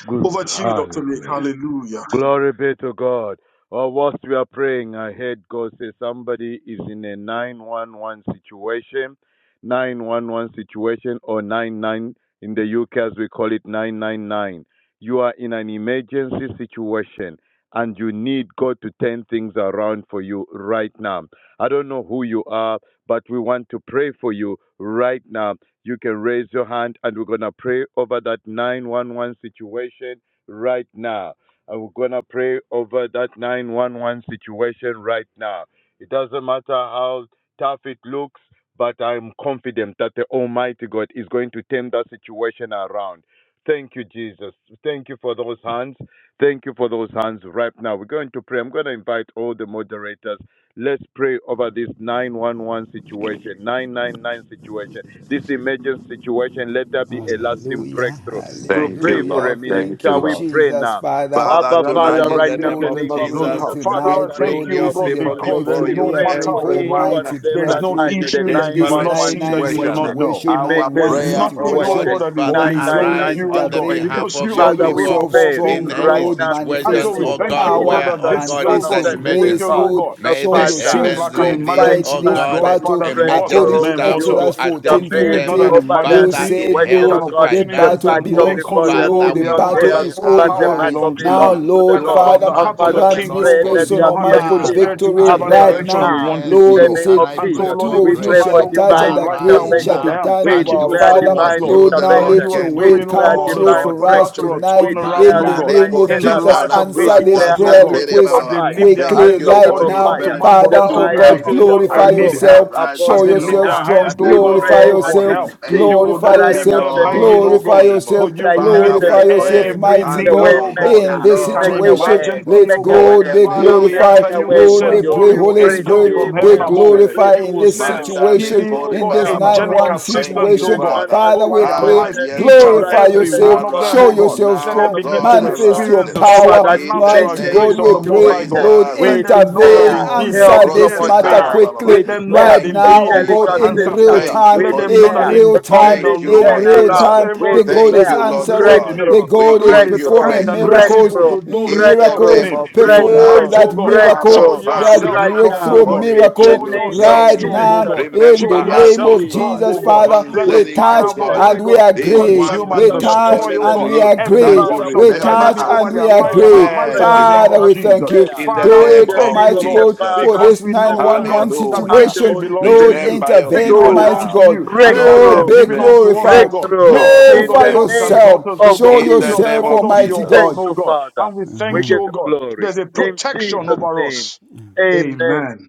S5: Good.
S6: Over to you, Dr. Nick.
S5: Hallelujah.
S6: Hallelujah.
S5: Glory be to God. Or whilst we are praying, I heard God say somebody is in a 911 situation, 911 situation, or 99 in the UK as we call it 999. You are in an emergency situation and you need God to turn things around for you right now. I don't know who you are, but we want to pray for you right now. You can raise your hand and we're going to pray over that 911 situation right now. I'm going to pray over that 911 situation right now. It doesn't matter how tough it looks, but I'm confident that the Almighty God is going to turn that situation around. Thank you, Jesus. Thank you for those hands. Thank you for those hands right now. We're going to pray. I'm going to invite all the moderators. Let's pray over this 911 situation, 999 situation, this emergency situation. Let there be a lasting
S3: Hallelujah,
S5: breakthrough. We'll
S4: Thank you,
S5: pray for a
S3: hallelujah.
S4: Lord.
S5: minute.
S4: Thank
S3: Thank
S4: you,
S5: Shall
S3: you,
S5: we
S4: Lord.
S5: pray
S3: Jesus,
S5: now?
S3: Father.
S6: Ah,
S4: Father,
S5: Abba,
S6: yeah, they
S5: Father,
S4: tonight in
S3: Lord,
S5: right
S6: must
S4: the
S5: now
S6: take
S5: in
S4: name
S3: Lord,
S6: it.
S5: the
S6: they
S3: we
S4: of
S5: name of
S6: must don't
S3: pray
S4: Jesus,
S5: Jesus
S6: have.
S5: Christ,
S6: Father,
S5: the
S4: we
S6: I
S3: tonight.
S5: Son of
S6: thank
S4: bring
S3: Lord,
S5: the
S6: you, O
S4: your
S3: this
S5: living
S3: is
S6: God,
S3: a
S4: people
S5: God.
S6: because there
S4: before
S3: breakthrough.
S6: is
S5: We
S6: no
S3: We
S4: you,
S3: are
S5: pray
S6: matter,
S3: praying
S5: for
S3: for
S6: O
S3: a
S5: each
S6: God,
S4: everyone
S5: one
S3: mighty
S5: of
S6: there
S5: them
S6: is
S5: that
S4: that
S6: no
S4: is
S5: are
S3: breakthrough
S4: in
S5: in
S4: a
S5: the
S6: issue that
S3: in
S6: you do
S3: this
S5: 911
S4: desperate
S6: not
S3: 9
S6: see, that
S3: 9
S6: you do
S4: situation.
S6: not
S5: situation,
S6: know.
S3: situation,
S4: Our
S3: 9
S6: There
S3: 1
S6: is
S5: emergency
S4: prayer, oh
S6: nothing, O
S3: situation.
S4: God,
S6: God,
S5: situation,
S4: is
S6: that is
S4: Father,
S3: Holy Spirit,
S6: beyond
S4: arise
S5: 999
S6: you, O
S4: on the
S6: God,
S3: intervene.
S5: situation.
S4: behalf
S6: because
S4: of
S6: you
S3: Show
S4: your
S6: are the
S5: Father, we
S6: ruler
S4: people
S3: yourself
S6: of all
S5: pray
S4: in
S6: things,
S3: strong,
S6: O
S4: any
S5: right
S6: God.
S3: Lord.
S5: now in
S6: And
S5: the
S6: so
S4: situation,
S3: Manifest
S6: we
S3: your
S4: oh
S5: name of
S6: thank
S4: God,
S6: you, O
S3: power,
S6: God,
S5: Jesus
S4: where,
S6: that
S4: oh
S5: Christ, the
S6: this,
S4: God,
S5: Son
S6: O
S4: it's
S5: of
S3: manifest
S6: God,
S4: an
S3: your
S5: the living
S3: grace,
S6: situation, O
S4: emergency.
S5: God.
S3: Lord.
S6: God,
S5: The
S4: May
S3: Show
S6: may
S4: the
S5: Father,
S6: seem
S3: yourself
S6: like
S4: heavens
S5: you
S6: an
S3: strong
S4: release,
S5: break
S3: fight
S6: emergency,
S4: oh
S6: O
S3: this
S5: past,
S6: God,
S4: God,
S5: you
S3: battle
S6: Father,
S5: break
S6: to us as
S3: according
S4: emergency
S5: through,
S3: to
S6: mere
S4: staff
S5: you
S6: mortals.
S4: to
S3: Exodus
S6: But
S4: attend
S3: 14
S6: to
S4: to
S6: you,
S5: intervene
S6: it's not
S4: them
S3: 14,
S6: an
S5: over their
S3: You
S4: Father,
S6: emergency.
S4: in
S3: said,
S5: situation,
S6: It's an
S3: Lord,
S5: oh
S4: health,
S5: God.
S3: the
S5: The
S6: opportunity
S4: finance,
S3: battle
S4: and
S6: to
S5: battle
S6: make
S4: all.
S3: belongs to
S5: before
S6: us,
S3: the
S6: oh
S5: them
S4: Father,
S5: is
S6: God,
S3: Lord, the
S4: we
S5: not
S6: realize
S3: battle
S5: theirs,
S6: that
S4: pray,
S3: is
S6: all
S3: all
S5: but the
S6: power
S3: yours.
S4: arise
S5: battle
S6: belongs to
S3: Now,
S6: you.
S5: belongs
S4: now.
S5: to the
S6: And
S3: Lord,
S4: Do
S6: that,
S5: Lord.
S6: Lord,
S4: only
S6: the
S3: Father,
S5: And
S6: heart
S4: what
S6: of the
S4: you,
S5: Father, we
S4: the
S3: grant
S6: king,
S3: this
S4: Lord,
S6: oh
S5: pray
S6: God,
S5: let
S6: is
S4: can
S6: in
S3: person,
S4: do.
S5: there
S6: your
S5: be
S6: hand,
S5: a
S3: Almighty
S6: and you can
S3: God,
S5: shift
S6: steer
S4: Father,
S6: it to
S3: victory
S4: I
S6: whichever
S3: right
S5: happening
S4: pray
S6: direction
S4: for
S3: now.
S6: you
S5: now
S6: want it
S5: in
S6: to
S3: Lord,
S5: the
S4: mercy
S3: you
S6: go.
S5: name
S4: and
S3: said,
S5: of
S4: I
S6: And so,
S4: pray
S3: if
S5: Jesus.
S6: Lord,
S3: two
S4: for
S3: of
S5: We
S6: even
S3: you
S5: pray
S6: tonight,
S4: grace.
S5: for
S3: shall
S6: oh God,
S3: touch
S6: even
S5: divine
S3: and
S6: right
S3: agree,
S6: now,
S4: Arise
S3: it
S6: oh
S3: shall
S6: God,
S3: be
S5: intervention.
S4: now
S6: I am
S3: done
S5: We
S3: of
S4: and
S6: thanking
S3: our
S6: you
S4: do
S5: declare
S6: so
S4: only
S3: Father.
S6: much,
S5: divine
S4: what
S6: Lord,
S4: you,
S3: Lord,
S4: the
S3: now
S6: that
S4: Lord,
S5: intervention.
S6: you
S3: let
S6: are
S3: your
S4: can
S5: We
S4: do.
S3: word
S6: doing, oh
S5: declare
S3: come
S4: Oh,
S6: God, a
S3: true
S5: divine
S4: Lord
S3: for us
S4: God.
S5: breakthrough.
S6: supernatural
S3: tonight
S5: We
S6: turnaround,
S3: in
S5: declare
S6: oh
S4: Manda
S3: the
S6: God,
S5: divine
S3: name
S4: rebo
S3: of
S6: in the
S4: se
S3: Jesus. Jesus,
S5: turnaround.
S6: life of
S5: We
S6: this
S4: kalambra
S3: answer this
S5: declare
S6: ones, oh
S4: kasa
S3: prayer
S6: God.
S4: tere
S3: request
S5: unquenchable
S6: As they
S4: baba.
S5: fire,
S6: lift their
S3: quickly
S4: Thank
S6: hands,
S4: you,
S6: oh
S3: right
S6: God, it's
S5: unstoppable
S4: Holy
S6: not
S3: now.
S5: fire,
S6: unto
S4: Spirit.
S6: man, but
S3: Father,
S5: the
S6: unto
S3: oh
S6: you
S5: fire
S6: to
S3: God,
S4: Tonight,
S6: say,
S5: of the
S6: Lord, I
S3: glorify
S5: Holy
S4: as
S6: need
S4: we
S5: Ghost
S6: help
S3: yourself.
S4: arise,
S5: upon
S4: we
S6: as
S3: Show
S6: they
S5: you
S6: lift
S3: yourself
S4: know
S6: their
S5: now.
S3: strong.
S6: hands,
S4: that
S6: oh
S4: the
S5: We
S6: God, to
S3: Glorify
S5: pray
S6: you
S5: and
S4: Lord
S6: for
S5: we
S3: yourself.
S4: is
S6: help.
S5: decree
S6: You will
S4: able.
S3: Glorify
S6: not
S5: right
S4: The
S6: leave
S5: now
S3: yourself.
S5: in
S6: them
S5: the name
S4: Lord
S6: hanging,
S5: of
S6: oh
S4: is
S3: Glorify
S6: God,
S5: Jesus
S4: able.
S3: yourself.
S6: but you
S5: right
S6: will
S5: now in
S4: Father,
S6: meet
S5: the
S4: we
S3: Glorify
S6: their
S5: name of
S3: yourself,
S4: pray
S5: Jesus.
S6: every
S3: mighty
S5: The
S4: and
S6: need,
S3: God,
S5: way
S4: know
S6: oh
S4: that
S6: God.
S4: the
S3: in
S5: maker,
S3: this
S6: It's an
S5: make
S4: Lord
S5: a
S4: is
S3: situation.
S5: way,
S4: able.
S6: emergency,
S3: Let
S6: oh
S5: make a
S6: God.
S5: way.
S4: In
S3: God
S4: the
S3: be
S5: He's
S6: Father, we
S4: name
S6: ask
S4: of
S5: making
S6: that
S5: a
S3: glorified.
S6: you will
S5: way
S3: Lord,
S5: for
S3: we
S6: send
S4: Jesus,
S3: pray,
S5: you.
S6: warrior
S3: Holy
S4: thank
S6: angels
S4: you,
S3: Spirit,
S6: from
S5: Receive
S3: be
S6: heaven
S4: Holy
S5: help,
S6: above.
S4: Spirit.
S3: glorified
S6: You
S3: in
S6: will
S5: receive
S3: this
S6: send
S5: help,
S4: Mandale
S3: situation,
S6: speedy, oh
S5: receive
S4: kori
S3: in
S6: God,
S4: ba
S3: this
S4: ba
S5: help.
S4: ba
S3: 9
S4: ba ba.
S6: angelic
S5: Oh,
S3: 1
S5: Father,
S4: Thank
S6: assistance,
S4: you,
S6: oh
S3: situation.
S6: God,
S3: Father,
S4: Father.
S5: 911
S3: Father,
S6: over
S3: we
S6: their
S4: Ah,
S3: pray,
S6: lives,
S5: situation,
S4: yes,
S6: each and
S4: Lord.
S5: right
S3: glorify
S5: now in
S6: every
S5: the
S3: yourself,
S6: one
S5: name
S6: of
S5: of
S6: them,
S3: show
S6: oh
S4: Arise
S5: Jesus,
S6: God.
S3: yourself
S5: Christ,
S6: Let
S5: Son
S6: them
S4: now,
S3: strong,
S5: of the
S6: begin
S4: God,
S6: to
S5: living God
S3: manifest
S4: arise.
S3: your
S6: experience the
S5: over
S3: power.
S5: that
S4: In the
S3: Mighty
S6: supernatural
S4: name
S5: emergency
S3: God,
S6: grace of
S3: we
S6: the
S4: of
S6: Most
S3: pray,
S6: High
S5: situation.
S6: God.
S3: Lord,
S4: Jesus.
S6: Let
S5: We
S6: them know that
S3: intervene,
S5: declare
S4: Oh,
S6: indeed
S3: answer
S5: help
S6: God
S5: from
S3: this
S6: hears
S5: on
S3: matter
S6: prayer.
S5: high.
S4: lebrosketa
S3: quickly
S5: We
S6: Let them know
S5: declare
S3: right
S6: that
S4: Thank you,
S3: now, oh
S6: indeed
S5: angelic
S3: God,
S6: God
S4: Jesus.
S3: in
S6: answers
S3: real
S5: assistance.
S6: prayer.
S4: Thank
S3: time,
S4: you,
S5: We
S6: Let them
S4: Holy
S6: know
S3: in
S6: that
S5: declare
S4: Spirit.
S3: real
S5: a
S3: time,
S6: indeed the
S5: complete
S4: Thank you,
S3: in
S6: Lord
S4: mighty
S3: real
S6: is
S5: turnaround.
S4: God.
S3: time.
S5: We
S3: The
S6: favorable
S3: God
S6: to
S4: Thank
S3: is
S5: declare
S4: you,
S6: those who
S4: Lord
S6: trust
S3: answering,
S6: in
S4: God.
S6: Him.
S3: the
S5: breakthrough,
S4: We
S6: The
S3: God is
S6: Lord
S4: give
S6: is
S4: you
S5: breakthrough,
S6: kind
S3: performing
S4: praise
S6: and
S4: tonight.
S3: miracles,
S6: merciful
S5: breakthrough,
S6: to those
S4: In
S6: who
S4: the
S6: trust in
S5: breakthrough,
S3: miracles,
S4: name
S6: Him.
S4: of
S3: perform
S5: breakthrough,
S6: Tonight,
S4: Jesus,
S3: that
S6: oh God,
S4: Abba
S3: miracle,
S6: show
S5: breakthrough
S4: Father,
S3: that
S6: yourself
S5: right
S4: we
S6: strong,
S4: are
S5: now.
S6: oh
S3: breakthrough
S6: God.
S4: calling
S5: In
S4: to
S5: the
S6: Show
S3: miracle
S4: you.
S5: name of
S6: yourself
S3: right
S4: Please
S6: strong, oh
S3: now
S5: Jesus,
S6: God.
S3: in
S6: Show
S3: the
S4: remember
S5: we
S4: us,
S3: name
S6: yourself
S4: O
S3: of
S5: agree,
S6: strong,
S4: God,
S3: Jesus,
S5: we
S6: oh God.
S3: Father.
S6: Let the
S3: We
S5: decree,
S4: concerning,
S6: fire
S4: O
S5: in
S3: touch
S6: of the
S5: the
S6: Holy
S4: God,
S5: name
S3: and we
S5: of
S6: Ghost
S4: these
S5: Jesus Christ,
S4: ones
S6: Consume
S3: agree.
S5: the
S4: that
S3: We
S6: and
S5: Son
S4: we
S5: of
S4: are
S5: the
S3: touch
S6: destroy, oh
S4: calling
S5: living
S3: and
S4: to
S6: God,
S3: we
S5: God.
S4: you,
S6: every
S4: that
S3: agree.
S4: you
S5: Father,
S6: works
S5: we
S6: of
S3: We
S6: the
S5: thank
S4: remember
S6: enemy
S3: touch
S5: you.
S6: over
S4: us.
S3: and we
S6: their lives
S5: Lord,
S6: and
S5: we
S3: agree.
S6: our lives in the
S4: Mercy,
S5: pray
S6: name
S3: Father,
S6: of
S4: Lord
S3: we
S5: and
S6: Jesus.
S3: thank you.
S5: declare
S4: in the
S6: Father,
S3: Do
S5: in
S6: we
S4: name
S3: it,
S5: the
S4: of
S6: thank
S5: name
S6: you,
S5: of
S3: Almighty
S5: the
S6: Lord,
S3: God, for
S4: Jesus.
S5: Father,
S6: because
S3: this
S6: we know,
S5: the
S6: oh
S5: Son,
S6: God,
S3: 911
S6: that
S5: and
S4: Hallelujah.
S5: the
S6: victory
S3: situation.
S5: Holy
S6: belongs to
S3: Lord,
S5: Spirit.
S6: you.
S4: Remember your
S3: intervene,
S6: Victory
S4: people
S5: So,
S3: Almighty
S6: belongs to
S4: now.
S3: God.
S6: you, and
S4: Show
S6: that you
S3: Lord,
S5: breakthrough,
S6: have
S4: them
S3: be
S6: given unto us,
S4: mercy.
S6: oh
S3: glorified.
S6: God. You
S5: breakthrough
S6: have
S4: Show
S6: called
S5: in
S4: them
S3: Glorify
S6: us
S5: the
S6: sons
S5: name
S6: and
S4: mercy
S6: daughters,
S3: yourself.
S5: of
S6: oh
S3: Show
S6: God.
S4: in the
S6: You have
S5: Jesus.
S4: name
S3: yourself,
S6: called
S4: of
S6: us your
S3: Almighty
S5: Thank
S6: own,
S3: God.
S4: Jesus.
S6: oh
S5: you,
S6: God.
S5: Father.
S6: And we
S5: We
S6: thank
S5: give
S6: you, oh
S5: you
S6: God.
S5: glory
S6: There's a
S5: in
S6: protection
S5: Jesus'
S6: over
S5: name.
S6: us.
S5: Amen
S6: Amen.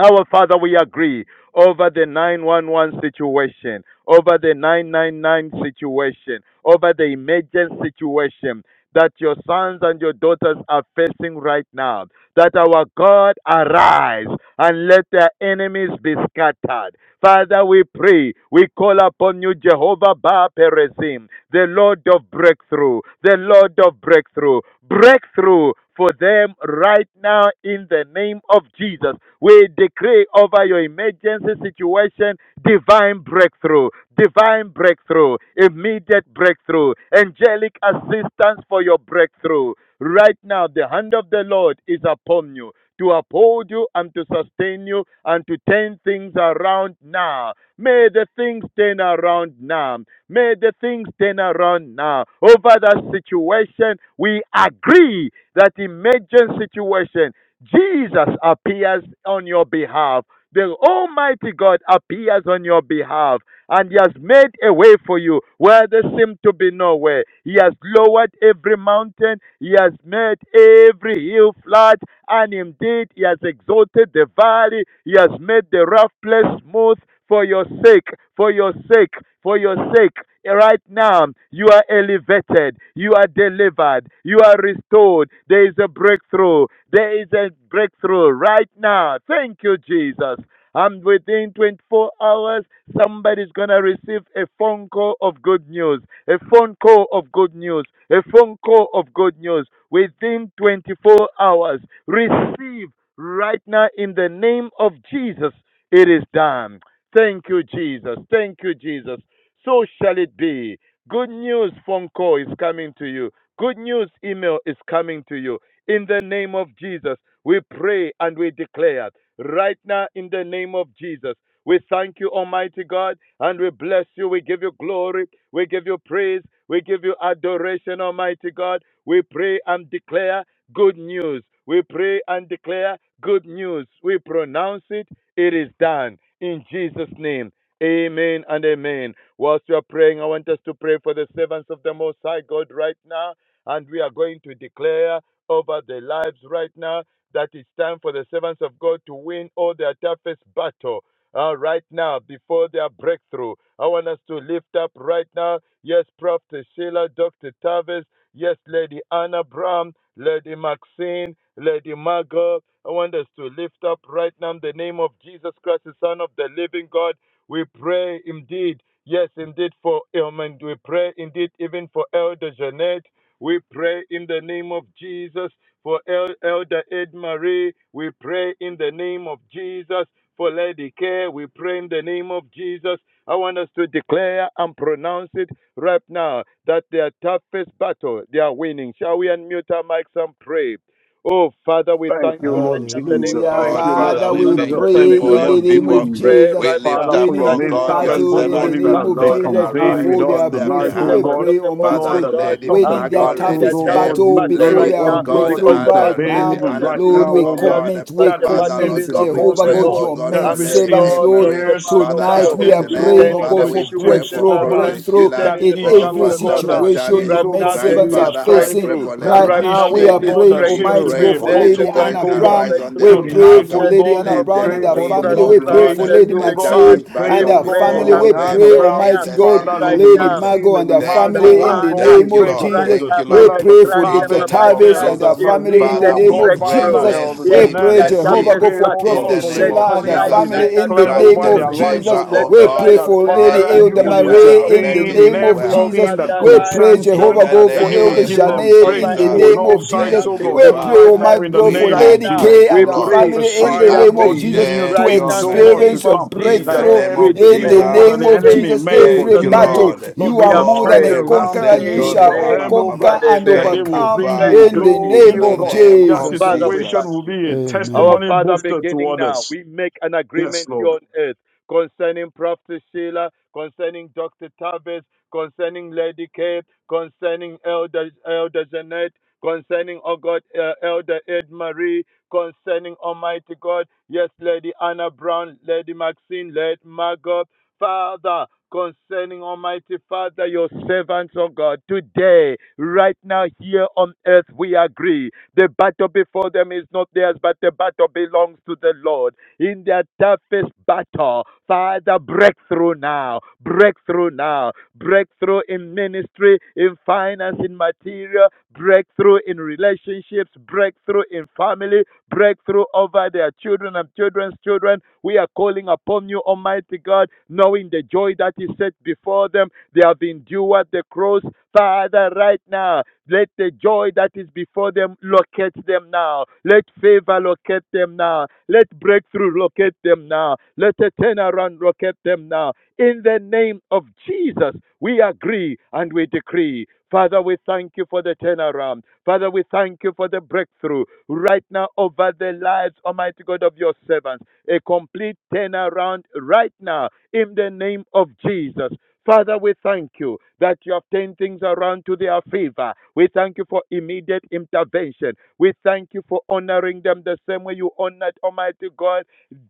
S5: our Father, we agree over the 911 situation, over the 999 situation, over the emergency situation that your sons and your daughters are facing right now that our God arise and let their enemies be scattered. Father, we pray, we call upon you, Jehovah Ba Perezim, the Lord of breakthrough, the Lord of breakthrough, breakthrough for them right now in the name of Jesus. We decree over your emergency situation divine breakthrough, divine breakthrough, immediate breakthrough, angelic assistance for your breakthrough. Right now, the hand of the Lord is upon you to uphold you and to sustain you and to turn things around now. May the things turn around now. May the things turn around now. Over that situation, we agree that emergent situation, Jesus appears on your behalf. The Almighty God appears on your behalf and He has made a way for you where there seemed to be no way. He has lowered every mountain, He has made every hill flat, and indeed He has exalted the valley, He has made the rough place smooth for your sake, for your sake, for your sake. Right now, you are elevated, you are delivered, you are restored. There is a breakthrough. There is a breakthrough right now. Thank you, Jesus. And within 24 hours, somebody's going to receive a phone call of good news, a phone call of good news, a phone call of good news. Within 24 hours, receive right now in the name of Jesus. It is done. Thank you, Jesus. Thank you, Jesus. So shall it be. Good news phone call is coming to you. Good news email is coming to you. In the name of Jesus, we pray and we declare right now in the name of Jesus. We thank you, Almighty God, and we bless you. We give you glory. We give you praise. We give you adoration, Almighty God. We pray and declare good news. We pray and declare good news. We pronounce it. It is done. In Jesus' name. Amen and amen. Whilst we are praying, I want us to pray for the servants of the Most High God right now. And we are going to declare over their lives right now that it's time for the servants of God to win all their toughest battle. Uh, right now, before their breakthrough, I want us to lift up right now. Yes, Prof. Sheila, Dr. Tavis, yes, Lady Anna Bram, Lady Maxine, Lady Margot. I want us to lift up right now in the name of Jesus Christ, the Son of the Living God. We pray indeed, yes, indeed, for Ilman. We pray indeed even for Elder Jeanette. We pray in the name of Jesus for El- Elder Ed Marie. We pray in the name of Jesus for Lady Care. We pray in the name of Jesus. I want us to declare and pronounce it right now that their toughest battle, they are winning. Shall we unmute our mics and pray? Oh, Father, we
S6: Thank
S5: thank
S6: you,
S5: you right
S6: Lord
S5: now in the name
S6: Jesus.
S5: of
S3: Hallelujah.
S6: Thank
S4: Lord,
S5: Jesus
S6: you, Lord
S5: Christ,
S4: Father,
S5: the
S3: Father,
S4: we
S5: Son
S3: we
S5: of
S6: Jesus.
S5: the
S4: thank you
S6: Thank
S5: living
S6: you,
S3: pray
S4: for
S3: in
S5: God.
S4: your
S6: Lord
S3: the name
S5: We
S4: people.
S3: of
S6: Jesus.
S5: pray
S3: Jesus.
S4: We
S5: right
S4: lift
S6: Father,
S5: now
S4: up,
S6: for your
S5: that
S3: Winning
S4: Lord
S3: the
S6: maid
S5: all
S4: God,
S5: the
S4: your
S6: servants,
S3: battle
S6: oh
S3: in the
S6: God,
S5: toughest
S4: servants,
S6: even
S3: name
S4: that
S6: as
S3: of
S6: they
S5: battle
S4: Lord,
S5: they
S3: Jesus
S5: are
S6: convene with
S4: arise
S3: before
S5: winning.
S6: us
S3: their
S4: on their
S5: The
S6: tonight,
S3: breakthrough.
S6: oh
S3: We
S4: behalf.
S5: servants
S6: God.
S5: of
S3: pray,
S5: the Most
S3: Almighty
S4: Father,
S5: High
S6: Lord,
S3: God,
S6: that their
S5: God
S4: Lady
S5: are
S6: toughest
S3: winning their
S4: Margot,
S5: winning
S6: battles,
S4: Lady
S5: their
S6: oh
S3: toughest
S4: Care,
S5: toughest
S6: God,
S3: battle
S6: you
S5: battle
S3: before
S6: will,
S4: Lady,
S5: right
S3: their
S4: oh
S6: oh
S5: now
S4: God,
S6: God,
S5: because
S3: breakthrough
S5: the
S3: right
S4: Anna,
S5: battle
S6: intervene
S4: Lady
S3: now.
S5: before
S6: even
S5: them
S4: Anna,
S6: right
S5: is
S3: Lord,
S6: now,
S5: not
S3: we
S6: oh
S4: oh
S6: God.
S5: theirs,
S4: God,
S3: commit, we
S5: but
S6: That
S5: the
S6: which
S4: Father,
S5: battle
S6: seems
S3: commit,
S4: Lord God,
S5: belongs
S4: we
S5: to
S3: Jehovah
S5: the
S4: pray,
S3: God,
S6: impossible,
S4: oh
S5: Lord.
S3: your
S4: God,
S6: that
S3: maid
S4: for
S5: And
S6: which
S5: the
S4: Lady
S6: seems
S3: servants,
S4: Ed
S5: Lord
S3: Lord.
S5: of the
S6: fierce,
S5: man of
S4: Father,
S6: that
S3: Tonight
S5: war
S3: we
S4: Elder
S3: are
S6: seems,
S5: is
S4: Jeanette,
S6: oh
S3: praying, oh
S5: turning
S6: God,
S5: the
S4: Father,
S3: God,
S6: which
S3: for
S4: we pray
S6: seems
S5: situations
S4: for
S3: breakthrough,
S5: around.
S4: Prophet
S6: turbulent,
S5: He's
S3: breakthrough
S4: Sheila,
S6: that
S5: turning the
S3: in
S6: issue,
S4: for,
S3: every
S4: for
S6: oh
S5: circumstances
S6: God,
S4: Dr.
S6: that
S5: around.
S3: situation situation
S4: Tavis.
S6: seems,
S3: your
S5: Right
S6: oh
S5: now
S6: God, to
S4: My
S5: there
S6: be
S3: maidservants
S6: a
S5: is
S3: are
S4: Father, I
S6: strife
S3: facing
S4: pray
S5: breakthrough.
S4: for Lady
S6: that
S3: right
S5: Right
S3: now.
S5: now
S6: issue,
S3: We
S5: there
S3: are
S6: oh
S4: Maxine.
S5: is
S6: God,
S3: praying,
S6: that
S4: We
S6: seems to
S5: breakthrough.
S3: Almighty
S4: pray,
S6: be
S3: God,
S6: a
S3: for
S5: There is
S4: Holy
S5: a
S3: Lady
S6: bottleneck,
S3: Anna
S4: Spirit,
S6: oh
S5: complete
S6: God.
S3: Brown.
S4: arise on their
S3: We
S5: breakthrough
S3: pray
S4: behalf.
S6: Tonight,
S5: in
S3: for
S6: oh
S5: the
S3: Lady
S6: God,
S5: name
S3: Anna
S6: we
S5: of
S4: Let
S3: Brown
S4: them
S3: and
S6: pray
S3: her
S5: Jesus
S6: for the
S4: win,
S3: family.
S5: Christ,
S4: oh
S5: the
S3: We
S5: Son
S3: pray
S5: of
S4: God,
S3: for
S5: the
S6: moderators,
S3: Lady
S6: oh
S4: the
S5: living
S6: God.
S5: God,
S3: Maxine
S6: We
S4: toughest
S6: pray,
S5: we
S3: and
S4: battle
S6: oh
S3: her
S6: God,
S5: pray
S6: for
S3: family.
S6: Lady
S5: and
S4: before
S3: We
S4: them.
S6: Anna
S3: pray,
S6: Brown,
S4: In
S5: declare
S3: Almighty
S4: the
S3: God,
S4: name
S6: Father,
S5: right
S6: Lady
S4: of
S3: Lady
S5: now
S4: Jesus.
S6: Maxine,
S3: Margot
S6: Lady
S3: and her
S6: Margot,
S4: Thank
S5: the
S4: you,
S3: family in
S6: oh
S4: Lord.
S3: the
S6: God.
S5: Father.
S6: We
S3: name
S4: Thank you,
S6: pray
S3: of
S6: for
S4: Lord.
S5: Grant
S6: Prophet
S3: Jesus.
S4: Thank
S5: them,
S4: you,
S3: We
S5: Almighty-
S4: Lord.
S6: Sheila,
S3: pray
S6: Dr.
S3: for
S5: grant them,
S4: In
S3: Dr.
S4: the
S6: Tavish,
S4: name
S5: Almighty
S4: of
S3: Tavis
S5: God,
S3: and her
S6: Elder
S4: Jesus.
S3: family
S6: Marie,
S3: in the
S5: immediate
S4: Father,
S6: oh
S3: name
S4: we
S6: God,
S3: of
S4: pray
S5: breakthrough.
S6: Father,
S3: Jesus.
S6: Elder
S5: Yes,
S3: We
S4: mercy,
S5: in
S6: Jeanette.
S3: pray,
S5: their
S6: We
S4: mercy
S3: Jehovah
S5: toughest
S3: God,
S6: pray,
S3: for
S6: oh
S4: in
S5: battle,
S6: God,
S3: Prophet
S4: the
S6: for
S4: name
S5: let
S6: Lady
S4: of
S3: Sheila
S5: your
S3: and
S6: Connie,
S3: her
S5: light
S6: and we
S4: Jesus.
S5: shine
S3: family
S5: out
S3: in the
S6: declare
S5: of
S6: over
S4: Grant
S3: name of
S4: them
S6: their
S3: Jesus.
S5: obscurity.
S6: lives,
S3: Jesus.
S6: oh
S4: favor,
S5: Let
S4: oh
S6: God,
S3: We
S5: your light,
S3: pray
S4: God.
S6: that
S3: for
S5: let your
S3: Lady
S4: Let
S6: Father,
S5: light
S4: it
S6: you
S3: Elder
S4: be
S6: will
S5: shine out of
S4: well.
S3: Marie in the
S4: Let
S6: intervene
S4: it
S6: in
S5: obscurity
S4: be
S3: name of
S4: well.
S3: Jesus.
S6: everything
S5: over
S6: that
S5: their
S3: We
S5: lives,
S3: pray,
S6: concerns
S4: In
S6: them,
S3: Jehovah
S4: the
S5: over
S3: God,
S6: that
S5: their
S3: for
S6: you will
S3: Elder
S4: name
S6: give
S5: families,
S4: of
S6: them
S3: Janet
S5: over
S3: in the
S6: breakthrough
S4: Jesus,
S6: on
S3: name
S6: all
S3: of
S5: everything
S6: sides,
S3: Jesus.
S5: that
S6: oh
S4: thank you,
S6: God,
S3: We
S5: belongs
S6: even
S3: pray,
S5: to
S6: right
S4: Father.
S6: now
S5: them.
S3: Almighty
S6: in the
S3: God,
S4: We
S3: for
S6: name
S5: Right
S4: are
S6: of
S3: Lady
S5: now,
S6: Jesus.
S3: Kay
S4: grateful,
S5: we
S3: and her
S6: We
S4: Lord.
S5: pray
S3: family
S6: prophesy
S5: and
S3: in
S4: We
S3: the
S5: we
S6: oh
S3: name of
S6: God,
S5: agree.
S3: Jesus
S6: new
S3: to
S4: appreciate
S5: Right
S6: things,
S4: your
S5: now, in
S6: oh
S5: the
S6: God,
S4: mercy.
S6: to
S5: name
S3: experience a
S5: of
S6: come.
S4: In
S6: That
S4: the
S5: Jesus,
S3: breakthrough
S4: name
S5: we
S4: of
S3: in
S6: everything,
S3: the
S6: oh
S5: declare
S6: God, that
S3: name
S4: Jesus,
S6: the
S3: of
S6: enemy
S5: in
S3: Jesus.
S6: meant for
S3: Every
S4: thank
S5: Jesus'
S4: you,
S6: evil,
S5: name.
S3: battle,
S4: Lord.
S3: you
S6: Lord,
S5: We
S3: are
S6: you
S5: have
S6: are
S3: more
S4: Oh,
S3: than
S6: turning it
S3: a
S5: prayed.
S4: Reba
S6: around
S3: conqueror.
S6: for
S3: You
S4: Sento,
S6: good for
S3: shall
S4: Riba,
S3: all
S4: Ba,
S6: them,
S5: Amen
S4: Ba,
S6: oh
S4: Ba, Ba.
S3: conquer
S6: God,
S5: and
S3: and
S6: that
S5: amen.
S6: they
S4: Thank
S6: will
S4: you,
S3: overcome
S6: bring
S5: Thank
S6: you
S4: Father.
S3: in
S5: you,
S3: the
S6: glory,
S4: In
S3: name
S5: Jesus.
S6: oh
S4: the
S3: of
S6: God.
S4: name
S6: Their
S4: of
S3: Jesus.
S5: Father, we thank
S6: situation
S4: Jesus.
S6: will
S5: you.
S6: be a
S3: Amen.
S5: Our
S6: testimony
S5: Father,
S6: booster to
S5: beginning now,
S6: others.
S5: we make an
S6: Yes,
S5: agreement here
S6: Lord.
S5: on earth concerning Prophet Sheila, concerning Dr. Tavis, concerning Lady Kate, concerning Elder, Elder Jeanette, concerning, oh God, uh, Elder Ed Marie, concerning Almighty God, yes, Lady Anna Brown, Lady Maxine, Lady Margot, Father, concerning Almighty Father, your servants, oh God, today, right now, here on earth, we agree. The battle before them is not theirs, but the battle belongs to the Lord. In their toughest battle, Father, breakthrough now, breakthrough now, breakthrough in ministry, in finance, in material, breakthrough in relationships, breakthrough in family, breakthrough over their children and children's children. We are calling upon you, Almighty God, knowing the joy that is set before them. They have endured the cross. Father, right now, let the joy that is before them locate them now. Let favor locate them now. Let breakthrough locate them now. Let a turnaround locate them now. In the name of Jesus, we agree and we decree. Father, we thank you for the turnaround. Father, we thank you for the breakthrough right now over the lives, Almighty God, of your servants. A complete turnaround right now in the name of Jesus. Father, we thank you that you have turned things around to their favor. We thank you for immediate intervention. We thank you for honoring them the same way you honored Almighty God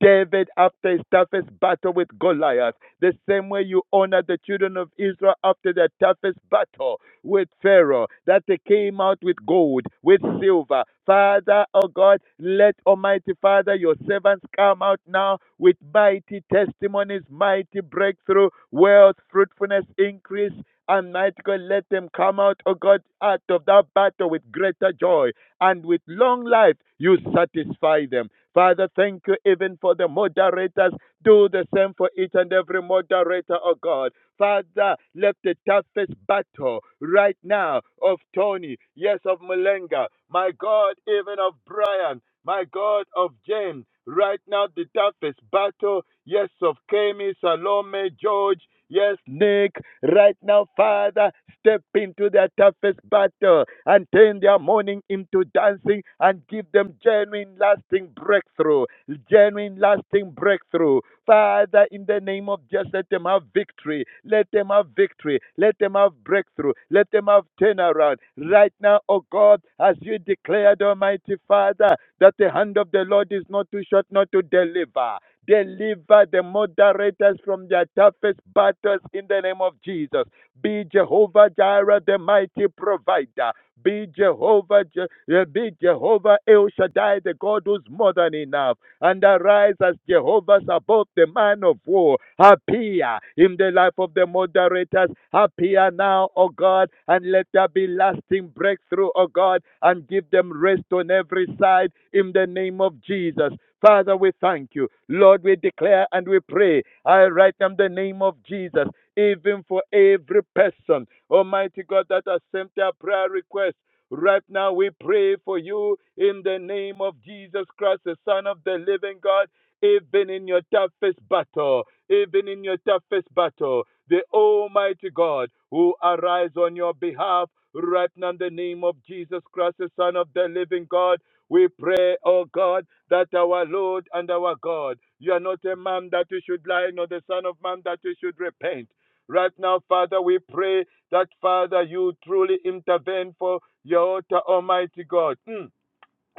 S5: David, after his toughest battle with Goliath, the same way you honor the children of Israel after their toughest battle with Pharaoh, that they came out with gold, with silver. Father, oh God, let Almighty Father, your servants come out now with mighty testimonies, mighty breakthrough, wealth, fruitfulness, increase. And might. God, let them come out, oh God, out of that battle with greater joy, and with long life you satisfy them. Father, thank you even for the moderators. Do the same for each and every moderator, oh God. Father, let the toughest battle right now of Tony, yes, of Mulenga, my God, even of Brian, my God, of James, right now the toughest battle, yes, of Kemi, Salome, George, Yes, Nick, right now, Father, step into their toughest battle and turn their mourning into dancing and give them genuine, lasting breakthrough. Genuine, lasting breakthrough. Father, in the name of Jesus, let them have victory. Let them have victory. Let them have breakthrough. Let them have turnaround. Right now, oh God, as you declared, Almighty Father, that the hand of the Lord is not too short not to deliver. Deliver the moderators from their toughest battles in the name of Jesus. Be Jehovah Jireh, the mighty provider. Be Jehovah, Je- uh, be Jehovah El Shaddai, the God who's more than enough. And arise as Jehovah Sabaoth, the man of war. Appear in the life of the moderators. Appear now, O God, and let there be lasting breakthrough, O God, and give them rest on every side in the name of Jesus. Father, we thank you. Lord, we declare and we pray. I write them the name of Jesus even for every person, Almighty God, that has sent their prayer request. Right now, we pray for you in the name of Jesus Christ, the Son of the living God, even in your toughest battle, even in your toughest battle, the Almighty God who arise on your behalf. Right now, in the name of Jesus Christ, the Son of the living God, we pray, oh God, that our Lord and our God, you are not a man that you should lie, nor the Son of Man that you should repent. Right now, Father, we pray that, Father, you truly intervene for your altar, Almighty God. Mm.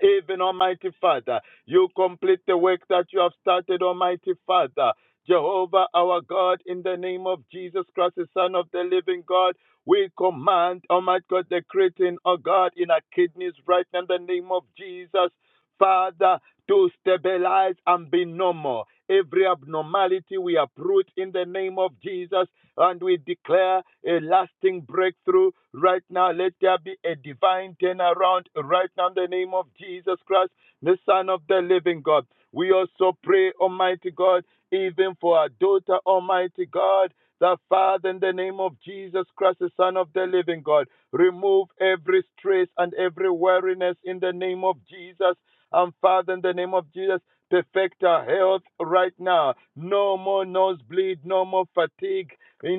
S5: Even Almighty Father, you complete the work that you have started, Almighty Father. Jehovah, our God, in the name of Jesus Christ, the Son of the living God, we command, Almighty God, the creating, oh God, in our kidneys right now in the name of Jesus. Father, to stabilize and be normal. Every abnormality we uproot in the name of Jesus and we declare a lasting breakthrough right now. Let there be a divine turnaround right now in the name of Jesus Christ, the Son of the living God. We also pray, Almighty God, even for our daughter, Almighty God. The Father, in the name of Jesus Christ, the Son of the Living God, remove every stress and every weariness in the name of Jesus. And Father, in the name of Jesus, perfect our health right now. No more nosebleed, no more fatigue,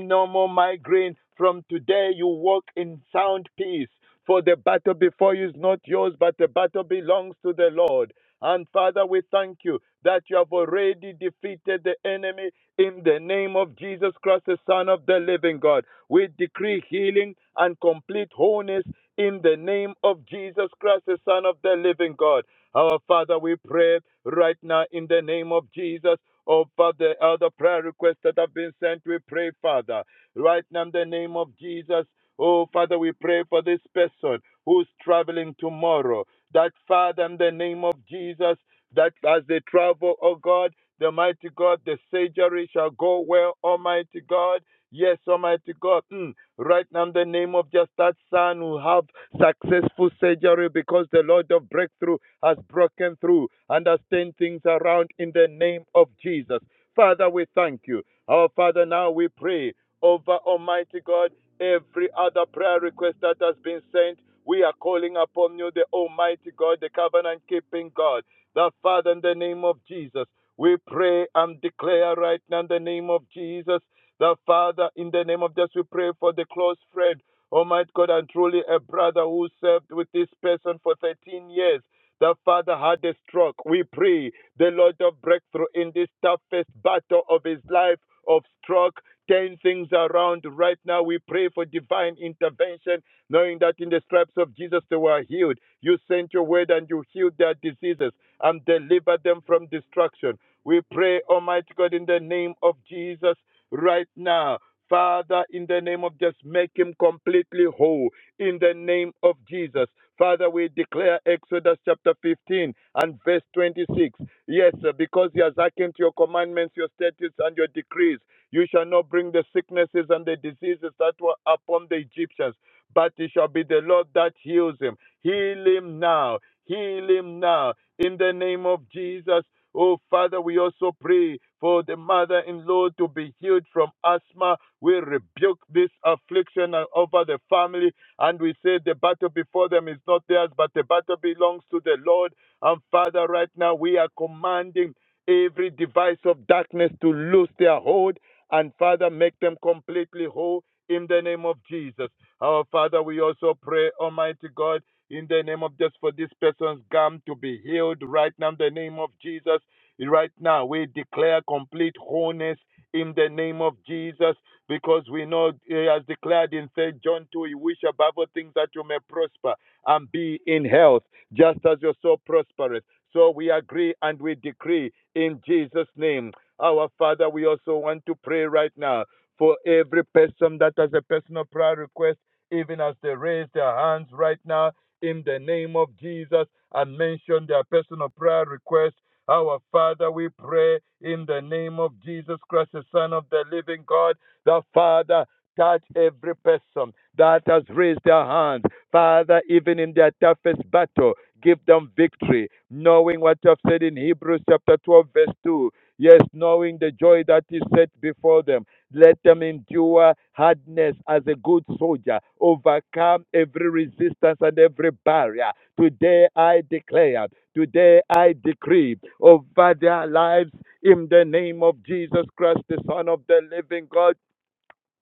S5: no more migraine. From today, you walk in sound peace. For the battle before you is not yours, but the battle belongs to the Lord. And Father, we thank you that you have already defeated the enemy in the name of Jesus Christ, the Son of the living God. We decree healing and complete wholeness in the name of Jesus Christ, the Son of the living God. Our Father, we pray right now in the name of Jesus. Oh, Father, the other prayer requests that have been sent, we pray, Father, right now in the name of Jesus. Oh, Father, we pray for this person who's traveling tomorrow. That, Father, in the name of Jesus, that as they travel, oh God, the mighty God, the surgery shall go well, Almighty God. Yes, Almighty God. Mm. Right now, in the name of just that son who have successful surgery because the Lord of breakthrough has broken through and has turned things around in the name of Jesus. Father, we thank you. Our Father, now we pray over Almighty God every other prayer request that has been sent. We are calling upon you, the Almighty God, the covenant keeping God, the Father, in the name of Jesus. We pray and declare right now in the name of Jesus the Father, in the name of Jesus, we pray for the close friend, Almighty God, and truly a brother who served with this person for 13 years. The Father had a stroke. We pray the Lord of breakthrough in this toughest battle of his life of stroke. Turn things around right now. We pray for divine intervention, knowing that in the stripes of Jesus they were healed. You sent your word and you healed their diseases and delivered them from destruction. We pray, Almighty God, in the name of Jesus right now. Father, in the name of just make him completely whole. In the name of Jesus. Father, we declare Exodus chapter 15 and verse 26. Yes, because he has hearkened to your commandments, your statutes, and your decrees. You shall not bring the sicknesses and the diseases that were upon the Egyptians but it shall be the Lord that heals him. Heal him now. Heal him now. In the name of Jesus. Oh, Father, we also pray for the mother in law to be healed from asthma. We rebuke this affliction over the family, and we say the battle before them is not theirs, but the battle belongs to the Lord. And Father, right now we are commanding every device of darkness to lose their hold, and Father, make them completely whole in the name of Jesus. Our Father, we also pray, Almighty God, in the name of just for this person's gum to be healed right now, in the name of Jesus. Right now, we declare complete wholeness in the name of Jesus, because we know he has declared in St. John 2, you wish above all things that you may prosper and be in health, just as your soul prospereth. So we agree and we decree in Jesus' name. Our Father, we also want to pray right now for every person that has a personal prayer request even as they raise their hands right now in the name of Jesus and mention their personal prayer request. Our Father, we pray in the name of Jesus Christ, the Son of the living God, the Father. Touch every person that has raised their hands. Father, even in their toughest battle, give them victory, knowing what you have said in Hebrews chapter 12, verse 2. Yes, knowing the joy that is set before them. Let them endure hardness as a good soldier, overcome every resistance and every barrier. Today I declare, today I decree over their lives in the name of Jesus Christ, the Son of the living God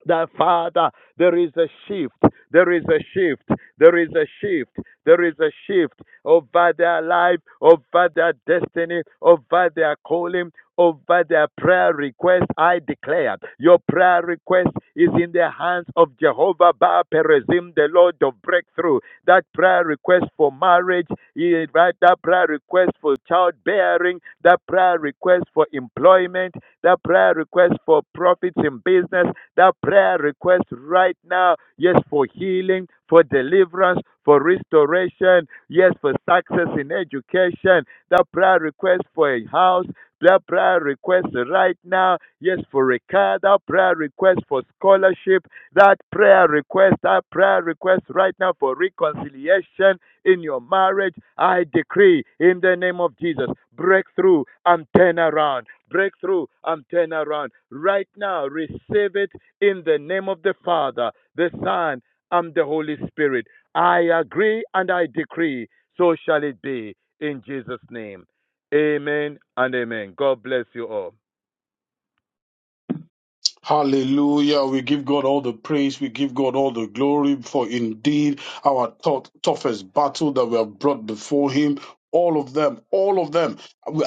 S5: that Father, there is a shift, there is a shift, there is a shift, there is a shift over their life, over their destiny, over their calling, over their prayer request. I declare your prayer request is in the hands of Jehovah Ba Perezim, the Lord of breakthrough. That prayer request request for marriage, eh, right? That prayer request for childbearing, that prayer request for employment, that prayer request for profits in business, that prayer request right now, yes, for healing, for deliverance, for restoration, yes, for success in education, that prayer request for a house, that prayer request right now, yes, for a car, that prayer request for scholarship, that prayer request, that prayer request right now for reconciliation in your marriage, I decree in the name of Jesus, breakthrough and turn around. Breakthrough and turn around. Right now, receive it in the name of the Father, the Son, and the Holy Spirit. I agree and I decree. So shall it be in Jesus' name. Amen and amen. God bless you all.
S6: Hallelujah. We give God all the praise. We give God all the glory for indeed. our tou- toughest battle that we have brought before Him. All of them, all of them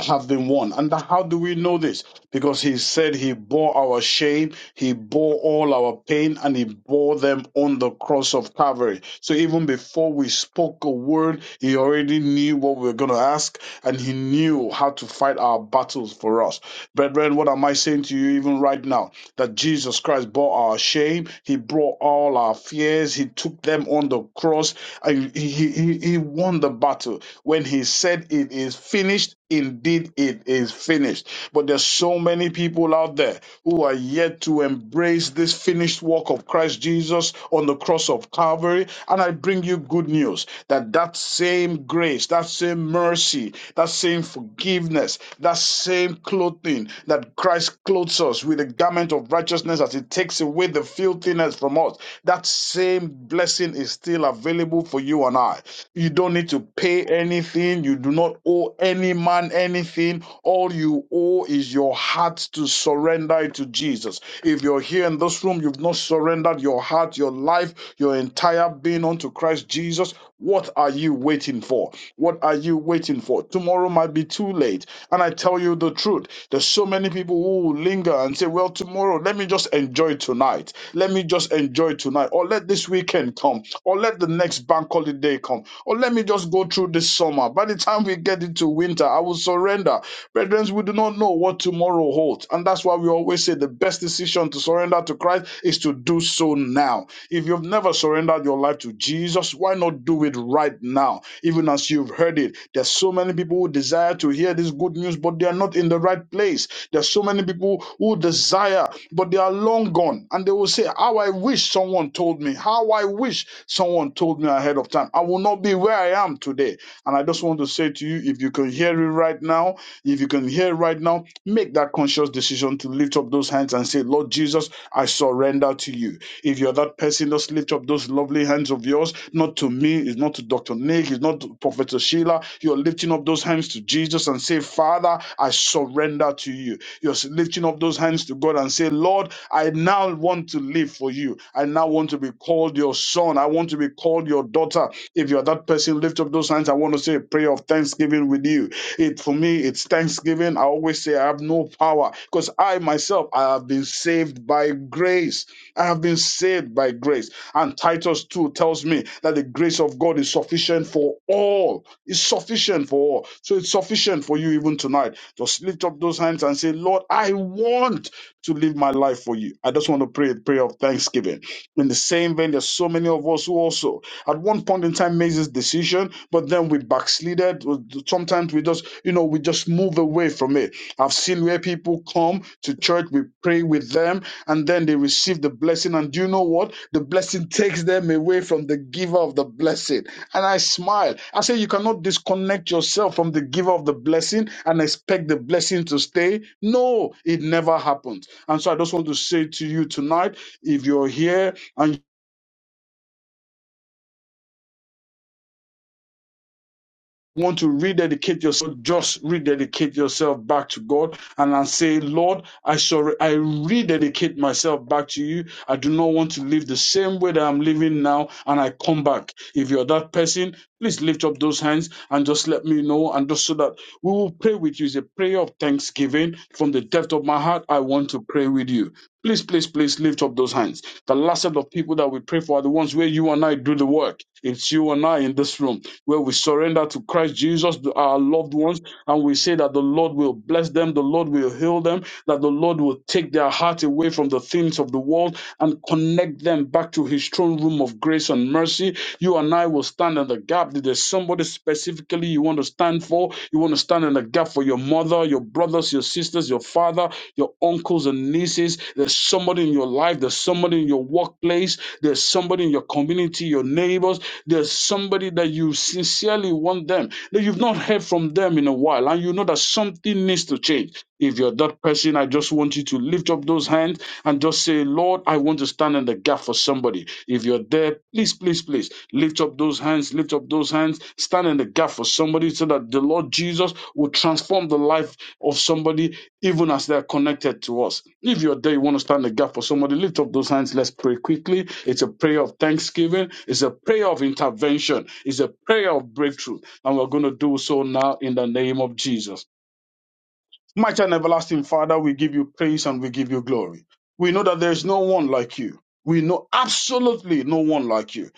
S6: have been won. And how do we know this? Because He said He bore our shame, He bore all our pain, and He bore them on the cross of Calvary. So even before we spoke a word, He already knew what we were going to ask, and He knew how to fight our battles for us. Brethren, what am I saying to you even right now? That Jesus Christ. Christ bore our shame. He brought all our fears. He took them on the cross. And he, he he won the battle. When he said it is finished, indeed it is finished. But there's so many people out there who are yet to embrace this finished work of Christ Jesus on the cross of Calvary. And I bring you good news that that same grace, that same mercy, that same forgiveness, that same same clothing that Christ clothes us with the garment of righteousness as he takes away the filthiness from us. That same blessing is still available for you and I. You don't need to pay anything. You do not owe any man anything. All you owe is your heart to surrender it to Jesus. If you're here in this room, you've not surrendered your heart, your life, your entire being unto Christ Jesus, what are you waiting for? What are you waiting for? Tomorrow might be too late. And I tell you the truth, there's so many people who linger and say, Well, tomorrow, let me just enjoy tonight. Let me just enjoy tonight. Or let this weekend come. Or let the next bank holiday come. Or let me just go through this summer. By the time we get into winter, I will surrender. Brethren, we do not know what tomorrow holds. And that's why we always say the best decision to surrender to Christ is to do so now if you've never surrendered your life to Jesus, why not do it right now? Even as you've heard it, there's so many people who desire to hear this good news, but they are not in the right place. There's so many people who desire, but they are long gone. And they will say, How I wish someone told me, how I wish someone told me ahead of time. I will not be where I am today. And I just want to say to you, if you can hear it right now, if you can hear it right now, make that conscious decision to live lift up those hands and say, Lord Jesus, I surrender to you. If you're that person, just lift up those lovely hands of yours, not to me, it's not to Dr. Nick, it's not to Professor Sheila. You're lifting up those hands to Jesus and say, Father, I surrender to you. You're lifting up those hands to God and say, Lord, I now want to live for you. I now want to be called your son. I want to be called your daughter. If you're that person, lift up those hands. I want to say a prayer of thanksgiving with you it for me, it's Thanksgiving. I always say I have no power because I myself I have been saved by grace. I have been saved by grace. And Titus 2 tells me that the grace of God is sufficient for all. It's sufficient for all. So it's sufficient for you even tonight. Just lift up those hands and say, Lord, I want to live my life for you. I just want to pray a prayer of thanksgiving. In the same vein, there's so many so many of us who also at one point in time made this decision, but then we backslided. Sometimes we just, you know, we just move away from it. I've seen where people come to church, we pray with them, and then they receive the blessing. And do you know what? The blessing takes them away from the giver of the blessing. And I smile. I say, You cannot disconnect yourself from the giver of the blessing and expect the blessing to stay. No, it never happens. And so I just want to say to you tonight if you're here, and want to rededicate yourself, just rededicate yourself back to God and, I say, Lord, I sorry, I rededicate myself back to you. I do not want to live the same way that I'm living now, and I come back. If you're that person, please lift up those hands and just let me know, and just so that we will pray with you. It's a prayer of thanksgiving from the depth of my heart. I want to pray with you. Please, please, please lift up those hands. The last set of people that we pray for are the ones where you and I do the work. It's you and I in this room where we surrender to Christ Jesus, to our loved ones, and we say that the Lord will bless them, the Lord will heal them, that the Lord will take their heart away from the things of the world and connect them back to His throne room of grace and mercy. You and I will stand in the gap. If there's somebody specifically you want to stand for, you want to stand in the gap for your mother mother, your brothers, your sisters, your father, your uncles and nieces. There's somebody in your life, there's somebody in your workplace, there's somebody in your community, your neighbors, there's somebody that you sincerely want them, that you've not heard from them in a while, and you know that something needs to change. If you're that person, I just want you to lift up those hands and just say, Lord, I want to stand in the gap for somebody. If you're there, please, please, please lift up those hands, lift up those hands, stand in the gap for somebody so that the Lord Jesus will transform the life of somebody, even as they're connected to us. If you're there, you want to stand in the gap for somebody, lift up those hands. Let's pray quickly. It's a prayer of thanksgiving, it's a prayer of intervention, it's a prayer of breakthrough. And we're going to do so now in the name of Jesus. Mighty and everlasting Father, we give you praise and we give you glory. We know that there is no one like you. We know absolutely no one like you.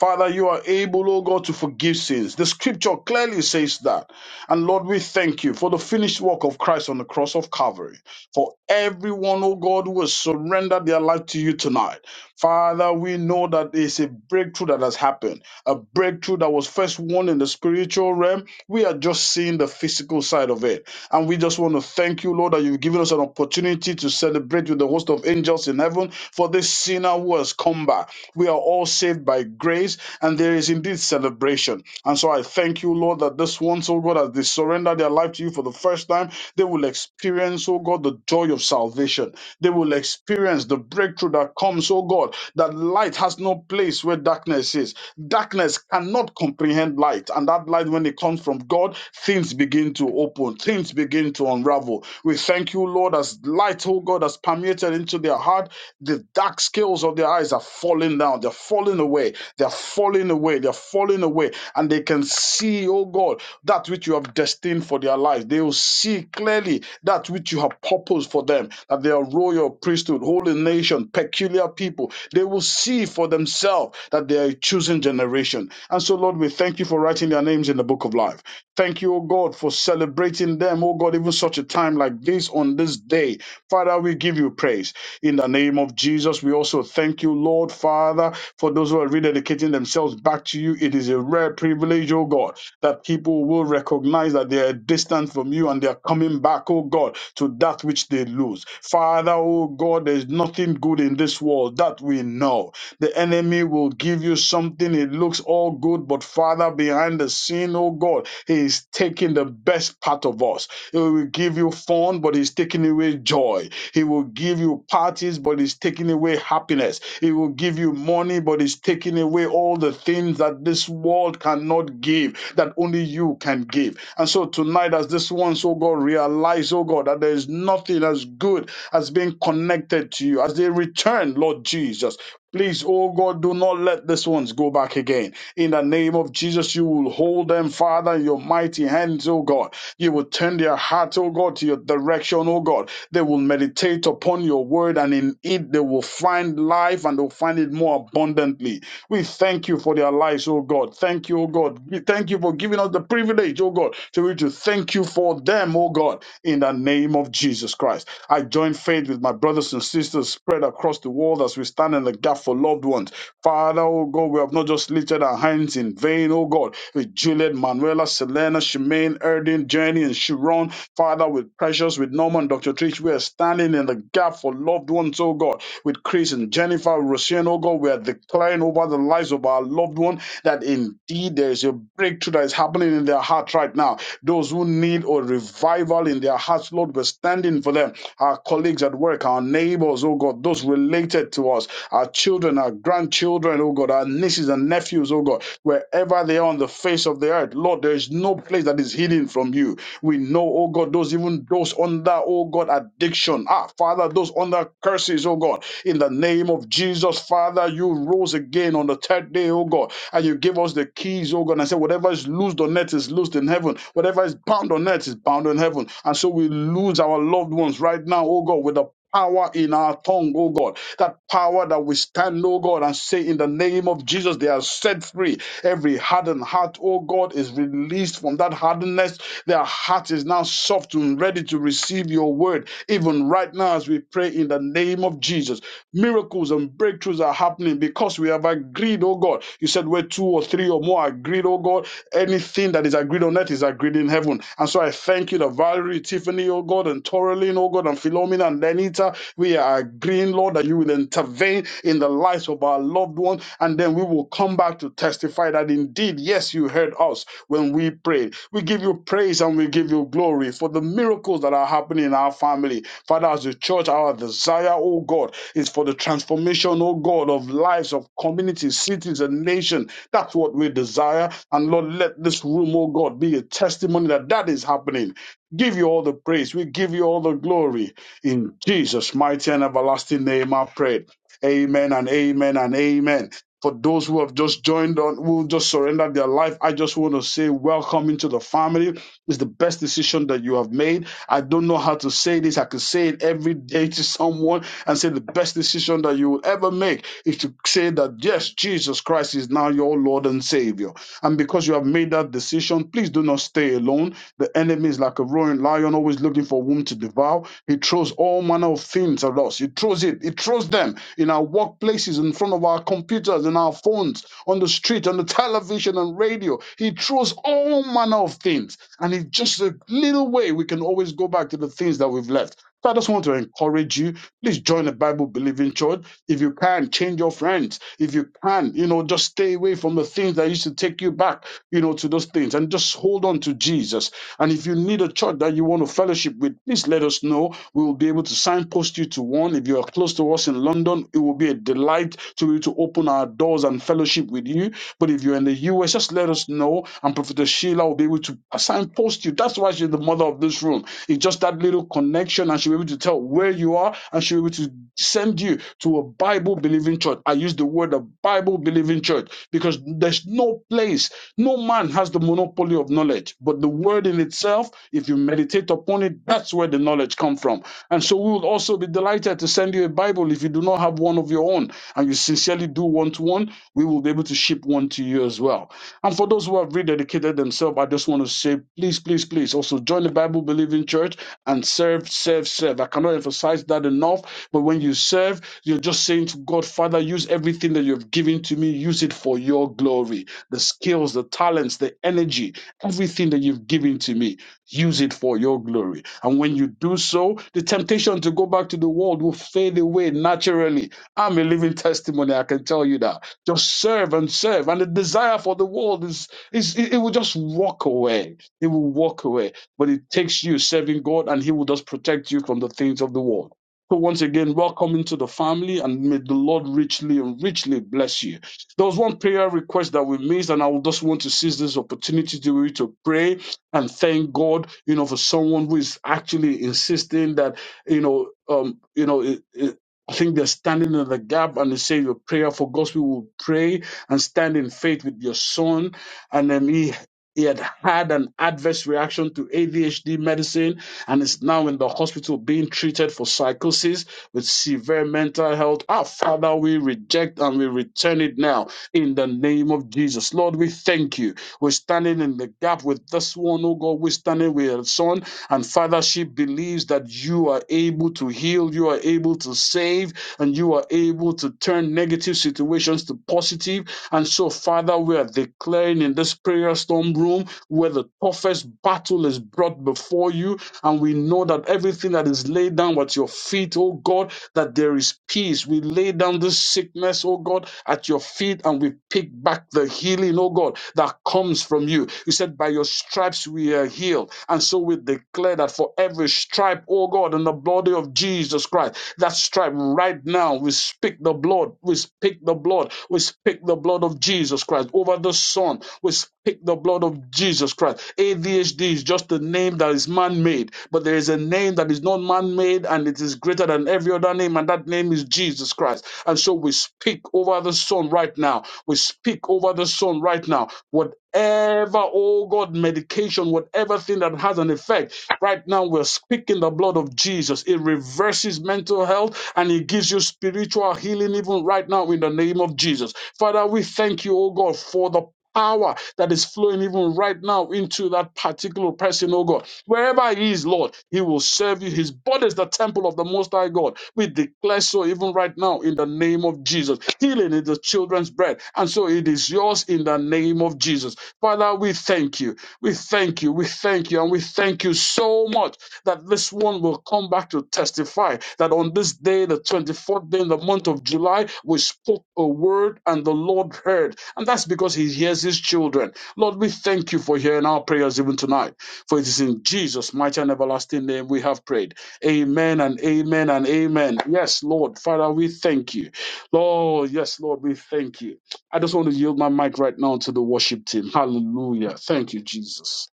S6: Father, you are able, oh God, to forgive sins. The scripture clearly says that. And Lord, we thank you for the finished work of Christ on the cross of Calvary. For everyone, oh God, who has surrendered their life to you tonight. Father, we know that it's a breakthrough that has happened, a breakthrough that was first won in the spiritual realm. We are just seeing the physical side of it. And we just want to thank you, Lord, that you've given us an opportunity to celebrate with the host of angels in heaven for this sinner who has come back. We are all saved by grace, and there is indeed celebration. And so I thank you, Lord, that this once, oh God, has they surrender their life to you for the first time, they will experience, oh God, the joy of salvation. They will experience the breakthrough that comes, oh God, that light has no place where darkness is. Darkness cannot comprehend light. And that light, when it comes from God, things begin to open, things begin to unravel. We thank you, Lord, as light, oh God, has permeated into their heart. The dark scales of their eyes are falling down. They're falling away. They're falling away. They're falling away. And they can see, oh God, that which you have destined for their life. They will see clearly that which you have purposed for them, that they are royal priesthood, holy nation, peculiar people. They will see for themselves that they are a chosen generation. And so, Lord, we thank you for writing their names in the book of life. Thank you, O God, for celebrating them, O God, even such a time like this on this day. Father, we give you praise. In the name of Jesus, we also thank you, Lord, Father, for those who are rededicating themselves back to you. It is a rare privilege, O God, that people will recognize that they are distant from you and they are coming back, O God, to that which they lose. Father, O God, there is nothing good in this world that we know. The enemy will give you something. It looks all good, but Father, behind the scene, oh God, He is taking the best part of us. He will give you fun, but He's taking away joy. He will give you parties, but He's taking away happiness. He will give you money, but He's taking away all the things that this world cannot give, that only you can give. And so tonight, as this ones, oh God, realize, oh God, that there is nothing as good as being connected to you. As they return, Lord Jesus, Please, oh God, do not let these ones go back again. In the name of Jesus, you will hold them, Father, in your mighty hands, oh God. You will turn their heart, oh God, to your direction, oh God. They will meditate upon your word, and in it they will find life and they'll find it more abundantly. We thank you for their lives, oh God. Thank you, oh God. We thank you for giving us the privilege, oh God, to be to thank you for them, oh God, in the name of Jesus Christ. I join faith with my brothers and sisters spread across across the world as we stand in the gap for loved ones. Father, oh God, we have not just lifted our hands in vain, oh God, with Juliet, Manuela, Selena, Shemaine, Erdin, Jenny, and Sharon. Father, with Precious, with Norman, Dr. Trish, we are standing in the gap for loved ones, oh God, with Chris and Jennifer, Rosian, oh God, we are declaring over the lives of our loved one that indeed there is a breakthrough that is happening in their heart right now. Those who need a revival in their hearts, Lord, we're standing for them. Our colleagues at work, our neighbors, oh God, those related to us, our children, our grandchildren, oh God, our nieces and nephews, oh God, wherever they are on the face of the earth, Lord, there is no place that is hidden from you. We know, oh God, those even those under, oh God, addiction. Ah, Father, those under curses, oh God, in the name of Jesus, Father, you rose again on the third day, oh God, and you give us the keys, oh God, and say, whatever is loosed on earth is loosed in heaven, whatever is bound on earth is bound in heaven. And so we lose our loved ones right now, oh God, with the power in our tongue, oh God. That power that we stand, oh God, and say in the name of Jesus, they are set free. Every hardened heart, oh God, is released from that hardness. Their heart is now soft and ready to receive your word, even right now as we pray in the name of Jesus. Miracles and breakthroughs are happening because we have agreed, oh God. You said where two or three or more are agreed, oh God, anything that is agreed on earth is agreed in heaven. And so I thank you that Valerie, Tiffany, oh God, and Toralyn, oh God, and Philomena and Lenita. We are agreeing, Lord, that you will intervene in the lives of our loved ones, and then we will come back to testify that indeed, yes, you heard us when we prayed. We give you praise and we give you glory for the miracles that are happening in our family. Father, as a church, our desire, oh God, is for the transformation, oh God, of lives, of communities, cities, and nations. That's what we desire. And Lord, let this room, oh God, be a testimony that that is happening Give you all the praise. We give you all the glory. In Jesus' mighty and everlasting name, I pray. Amen and amen and amen. For those who have just joined on, who just surrendered their life, I just want to say welcome into the family. It's the best decision that you have made. I don't know how to say this. I could say it every day to someone and say the best decision that you will ever make is to say that, yes, Jesus Christ is now your Lord and Savior. And because you have made that decision, please do not stay alone. The enemy is like a roaring lion, always looking for whom to devour. He throws all manner of things at us. He throws it. He throws them in our workplaces, in front of our computers, in our phones, on the street, on the television and radio. He throws all manner of things. And it's just a little way we can always go back to the things that we've left. So I just want to encourage you. Please join a Bible believing church. If you can, change your friends. If you can, you know, just stay away from the things that used to take you back, you know, to those things and just hold on to Jesus. And if you need a church that you want to fellowship with, please let us know. We will be able to signpost you to one. If you are close to us in London, it will be a delight to you to open our doors and fellowship with you. But if you're in the US, just let us know, and Prophet Sheila will be able to assign and post you. That's why she's the mother of this room. It's just that little connection, and she'll be able to tell where you are, and she'll be able to send you to a Bible believing church. I use the word a Bible believing church because there's no place, no man has the monopoly of knowledge. But the word in itself, if you meditate upon it, that's where the knowledge comes from. And so we would also be delighted to send you a Bible if you do not have one of your own and you sincerely do want one, we will be able to ship one unto you as well. And for those who have rededicated themselves, I just want to say, please, please, please also join the Bible believing church and serve, serve, serve. I cannot emphasize that enough. But when you serve, you're just saying to God, Father, use everything that you've given to me, use it for your glory. The skills, the talents, the energy, everything that you've given to me, use it for your glory. And when you do so, the temptation to go back to the world will fade away naturally. I'm a living testimony, I can tell you that. Just serve and serve. And the desire for the world is, is it, it will just walk away. It will walk away. But it takes you serving God and He will just protect you from the things of the world. So once again, welcome into the family and may the Lord richly and richly bless you. There was one prayer request that we missed, and I would just want to seize this opportunity to to pray and thank God, you know, for someone who is actually insisting that, you know, um, you know, it, it, I think they're standing in the gap and they say your prayer for gospel will pray and stand in faith with your son. And then he he had had an adverse reaction to ADHD medicine and is now in the hospital being treated for psychosis with severe mental health. Our Father, we reject and we return it now in the name of Jesus. Lord, we thank you. We're standing in the gap with this one, oh God. We're standing with her son. And Father, she believes that you are able to heal, you are able to save, and you are able to turn negative situations to positive. And so, Father, we are declaring in this prayer storm room where the toughest battle is brought before you, and and we know that everything that is laid down at your feet, oh God, that there is peace. We lay down this sickness, oh God, at your feet and we pick back the healing, oh God, that comes from you. You said, By your stripes we are healed. And so we declare that for every stripe, oh God, in the body of Jesus Christ, that stripe right now, we speak the blood, we speak the blood we speak the blood of Jesus Christ over the son. We speak the blood of Jesus Christ. ADHD is just a name that is man made, but there is a name that is not man made and it is greater than every other name, and that name is Jesus Christ. And so we speak over the son right now. We speak over the son right now. Whatever, oh God, medication, whatever thing that has an effect Right now, we're speaking the blood of Jesus. It reverses mental health and it gives you spiritual healing, even right now, in the name of Jesus. Father, we thank you, oh God, for the power that is flowing even right now into that particular person, oh God. Wherever he is, Lord, he will serve you. His body is the temple of the Most High God. We declare so even right now in the name of Jesus. Healing is the children's bread. And so it is yours in the name of Jesus. Father, we thank you. We thank you. We thank you. And we thank you so much that this one will come back to testify that on this day, the 24th day in the month of July, we spoke a word and the Lord heard. And that's because he hears his children. Lord, we thank you for hearing our prayers even tonight. For it is in Jesus' mighty and everlasting name we have prayed. Amen and amen and amen. Yes, Lord. Father, we thank you. Lord, yes, Lord, we thank you. I just want to yield my mic right now to the worship team. Hallelujah. Thank you, Jesus.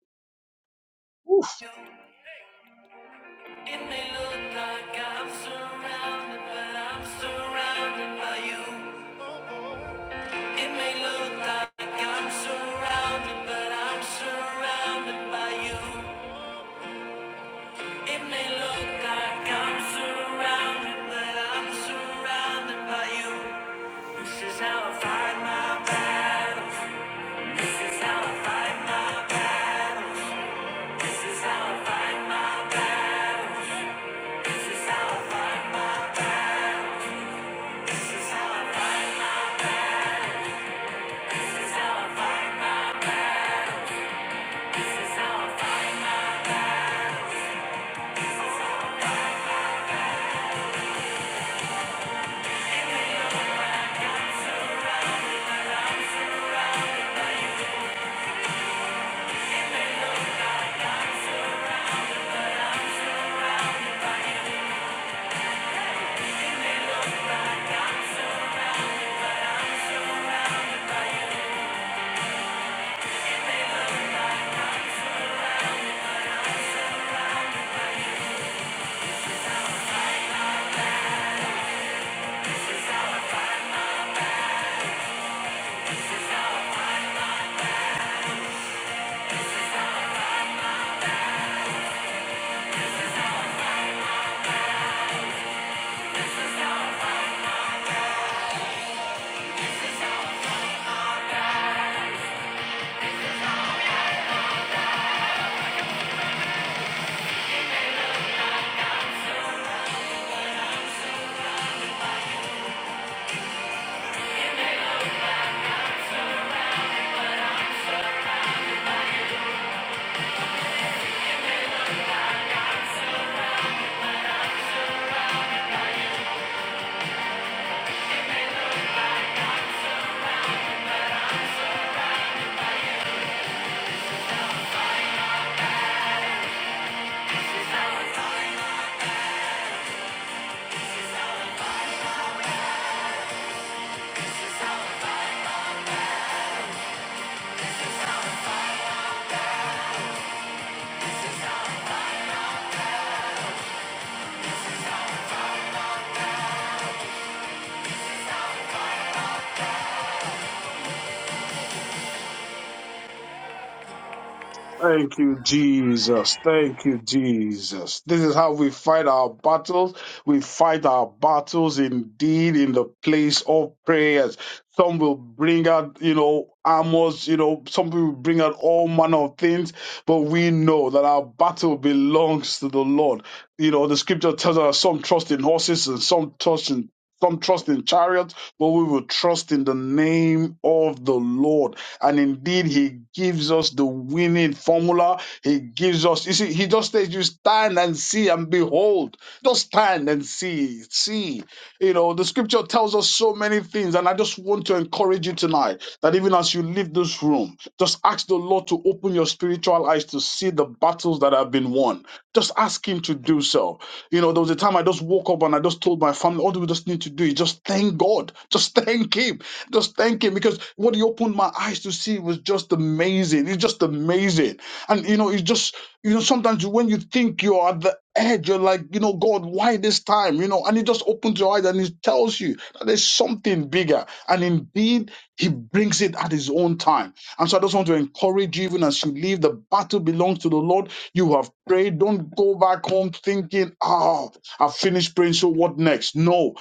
S6: Woo.
S1: It may look like I'm surrounded, but I'm surrounded by you. It may look like I'm surrounded, but I'm surrounded by you. It may look like I'm surrounded, but I'm surrounded by you. This is how I find my battles. This is how I find my. This is how I fight. This is how
S6: Thank you, Jesus. Thank you, Jesus. This is how we fight our battles. We fight our battles indeed in the place of prayers. Some will bring out, you know, armors, you know, some will bring out all manner of things, but we know that our battle belongs to the Lord. You know, the scripture tells us some trust in horses and some trust in some trust in chariots, but we will trust in the name of the Lord. And indeed, He gives us the winning formula. He gives us, you see, He just says, You stand and see and behold. Just stand and see. See. You know, the scripture tells us so many things, and I just want to encourage you tonight that even as you leave this room, just ask the Lord to open your spiritual eyes to see the battles that have been won. Just ask Him to do so. You know, there was a time I just woke up and I just told my family, all we just need to do is just thank God. Just thank him. Just thank him because what he opened my eyes to see was just amazing. It's just amazing. And you know, it's just, you know, sometimes when you think you're at the edge, you're like, you know, God, why this time? You know, and he just opens your eyes and he tells you that there's something bigger. And indeed, he brings it at his own time. And so I just want to encourage you, even as you leave, the battle belongs to the Lord. You have prayed. Don't go back home thinking, oh, I finished praying. So what next? No,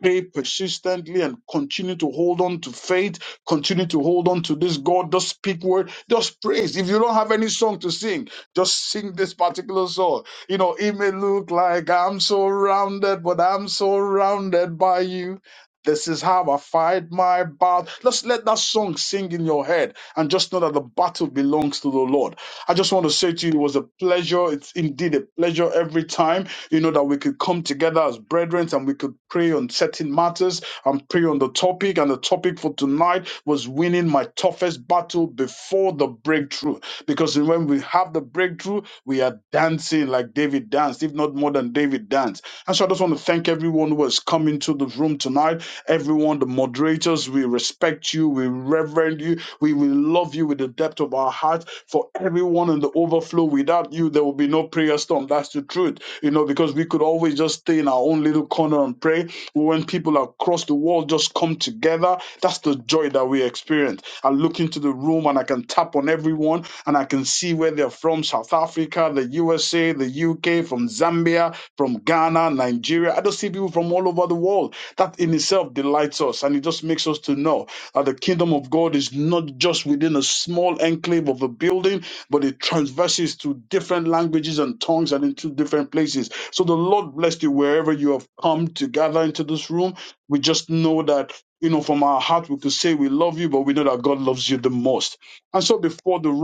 S6: Pray persistently and continue to hold on to faith. Continue to hold on to this God. Just speak word. Just praise. If you don't have any song to sing, just sing this particular song. You know, it may look like I'm surrounded, but I'm surrounded by you. This is how I fight my battle. Just let that song sing in your head and just know that the battle belongs to the Lord. I just want to say to you, it was a pleasure. It's indeed a pleasure every time, you know, that we could come together as brethren and we could pray on certain matters and pray on the topic. And the topic for tonight was winning my toughest battle before the breakthrough. Because when we have the breakthrough, we are dancing like David danced, if not more than David danced. And so I just want to thank everyone who has come into the room tonight. Everyone, the moderators, we respect you, we reverend you, we will love you with the depth of our heart. For everyone in the overflow, without you, there will be no prayer storm. That's the truth, you know, because we could always just stay in our own little corner and pray. But when people across the world just come together, that's the joy that we experience. I look into the room and I can tap on everyone and I can see where they're from South Africa, the USA, the UK, from Zambia from Ghana, Nigeria. I just see people from all over the world. That in itself delights us and it just makes us to know that the kingdom of God is not just within a small enclave of a building, but it transverses to different languages and tongues and into different places. So the Lord bless you wherever you have come to gather into this room. We just know that. You know, from our heart, we could say we love you, but we know that God loves you the most. And so, before the room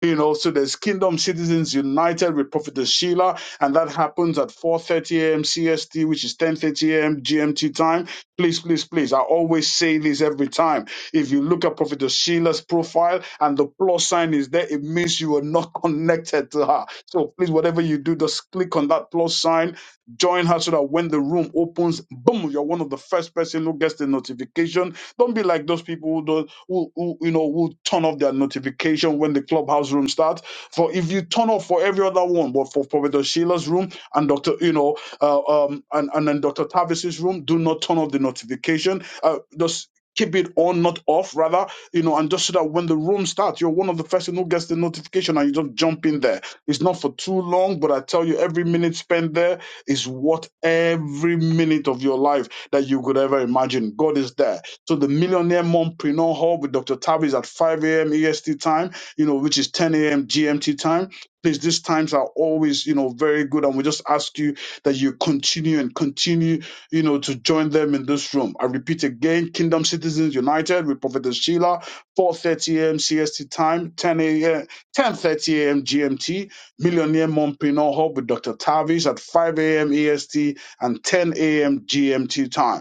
S6: You know, so there's Kingdom Citizens United with Prophetess Sheila, and that happens at 4:30 a.m. CST, which is 10:30 a.m. GMT time. Please, please, please. I always say this every time. If you look at Prophetess Sheila's profile and the plus sign is there, it means you are not connected to her. So please, whatever you do, just click on that plus sign, join her so that when the room opens, boom, you're one of the first person who gets the notification. Don't be like those people who don't who, who you know who turn off their notification when the clubhouse room starts. For if you turn off for every other one, but for Professor Sheila's room and Doctor, you know, uh, um, and and then Doctor Tavis's room, do not turn off the notification. Uh, just keep it on, not off, rather, you know, and just so that when the room starts, you're one of the first who gets the notification and you just jump in there. It's not for too long, but I tell you, every minute spent there is worth every minute of your life that you could ever imagine. God is there. So the Millionaire Mompreneur Hub with Dr. Tavis is at 5 a.m. EST time, you know, which is 10 a.m. GMT time. Please, these times are always, you know, very good. And we just ask you that you continue and continue, you know, to join them in this room. I repeat again, Kingdom Citizens United with Prophetess Sheila, 4.30 a.m. CST time, 10 a.m., 10.30 a.m. GMT, Millionaire Mompreneur Hub with Dr. Tavis at 5 a.m. EST and 10 a.m. GMT time.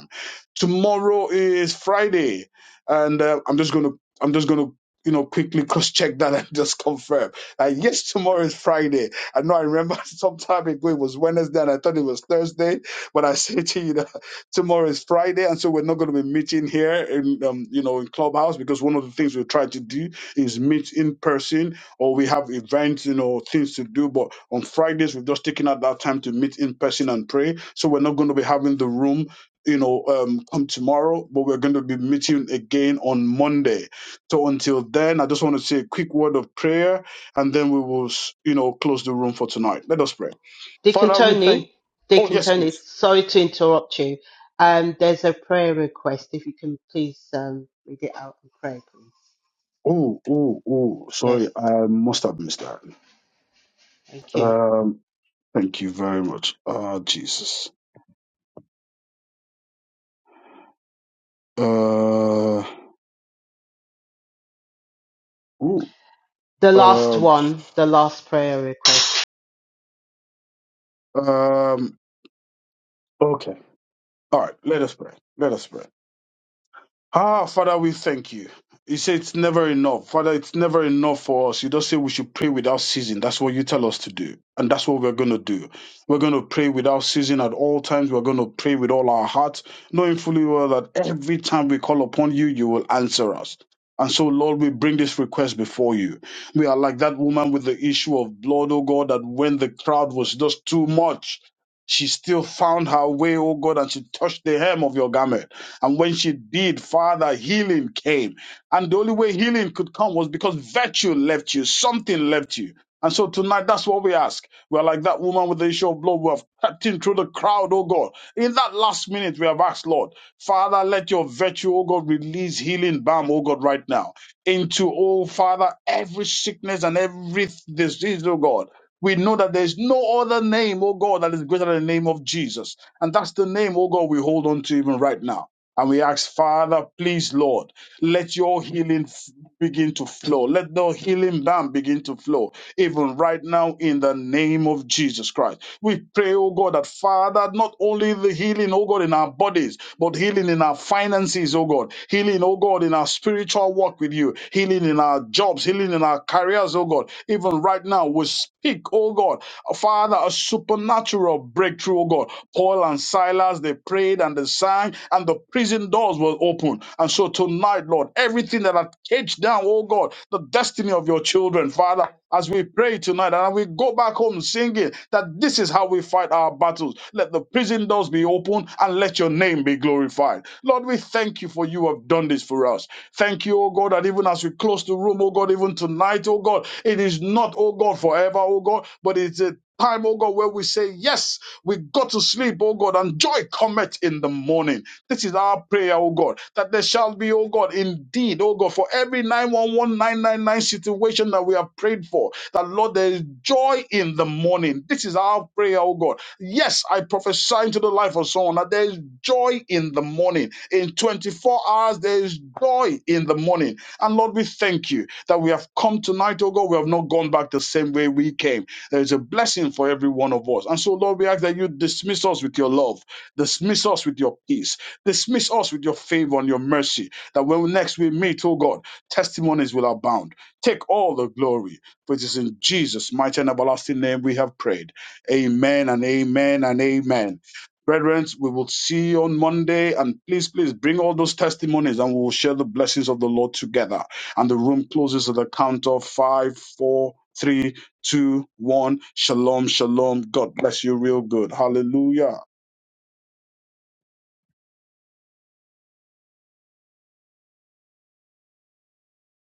S6: Tomorrow is Friday, and uh, I'm just gonna I'm just gonna you know quickly cross check that and just confirm. Uh, yes, tomorrow is Friday. I know I remember some time ago it was Wednesday and I thought it was Thursday, but I said to you that tomorrow is Friday, and so we're not going to be meeting here in um, you know in Clubhouse because one of the things we try to do is meet in person or we have events, you know, things to do. But on Fridays we've just taken out that time to meet in person and pray. So we're not going to be having the room you know, um, come tomorrow, but we're going to be meeting again on Monday. So until then, I just want to say a quick word of prayer, and then we will, you know, close the room for tonight. Let us pray.
S7: Dick and
S6: Father, we thank.
S7: Tony,
S6: Oh
S7: Dick and
S6: yes,
S7: Tony,
S6: please.
S7: sorry to interrupt you. Um, there's a prayer request. If you can please um, read it out and pray, please.
S6: Oh, oh, oh. Sorry,
S7: Yes,
S6: I must have missed that.
S7: thank you.
S6: Um, thank you very much. Ah, Jesus. Uh, ooh,
S7: The last
S6: um,
S7: one, the last prayer request.
S6: um. Okay. All right. Let us pray. Let us pray. Ah, Father, we thank you. You say it's never enough. Father, it's never enough for us. You don't say we should pray without ceasing. That's what you tell us to do. And that's what we're going to do. We're going to pray without ceasing at all times. We're going to pray with all our hearts, knowing fully well that every time we call upon you, you will answer us. And so, Lord, we bring this request before you. We are like that woman with the issue of blood, oh God, that when the crowd was just too much, she still found her way, oh God, and she touched the hem of your garment. And when she did, Father, healing came. And the only way healing could come was because virtue left you, something left you. And so tonight, that's what we ask. We're like that woman with the issue of blood. We have crept in through the crowd, oh God. In that last minute, we have asked, Lord, Father, let your virtue, oh God, release healing balm, oh God, right now into, oh Father, every sickness and every disease, oh God. We know that there is no other name, oh God, that is greater than the name of Jesus. And that's the name, oh God, we hold on to even right now. And we ask, Father, please, Lord, let your healing f- begin to flow. Let the healing balm begin to flow, even right now, in the name of Jesus Christ. We pray, oh God, that Father, not only the healing, oh God, in our bodies, but healing in our finances, oh God, healing, oh God, in our spiritual walk with you, healing in our jobs, healing in our careers, oh God. Even right now, we speak, oh God. Father, a supernatural breakthrough, oh God. Paul and Silas, they prayed and they sang, and the prison doors were open. And so tonight, Lord, everything that had caged down, oh God, the destiny of your children, Father, as we pray tonight and we go back home singing that this is how we fight our battles. Let the prison doors be open and let your name be glorified. Lord, we thank you for you have done this for us us. Thank you, oh God, that even as we close the room, oh God, even tonight, oh God, it is not, oh God, forever, oh God, but it's a time, oh God, where we say, yes, we got to sleep, oh God, and joy cometh in the morning. This is our prayer, oh God, that there shall be, oh God, indeed, oh God, for every 911999 situation that we have prayed for, that Lord, there is joy in the morning. This is our prayer, oh God Yes, I prophesy into the life of someone that there is joy in the morning. In 24 hours, there is joy in the morning. And Lord, we thank you that we have come tonight, oh God. We have not gone back the same way we came. There is a blessing for every one of us. And so, Lord, we ask that you dismiss us with your love, dismiss us with your peace, dismiss us with your favor and your mercy. That when next we meet, oh God, testimonies will abound. Take all the glory. For it is in Jesus' mighty and everlasting name we have prayed. Amen and amen and amen. Brethren, we will see you on Monday. And please, please bring all those testimonies and we will share the blessings of the Lord together. And the room closes at the count of five, four, three, two, one. Shalom, shalom. God bless you real good. Hallelujah.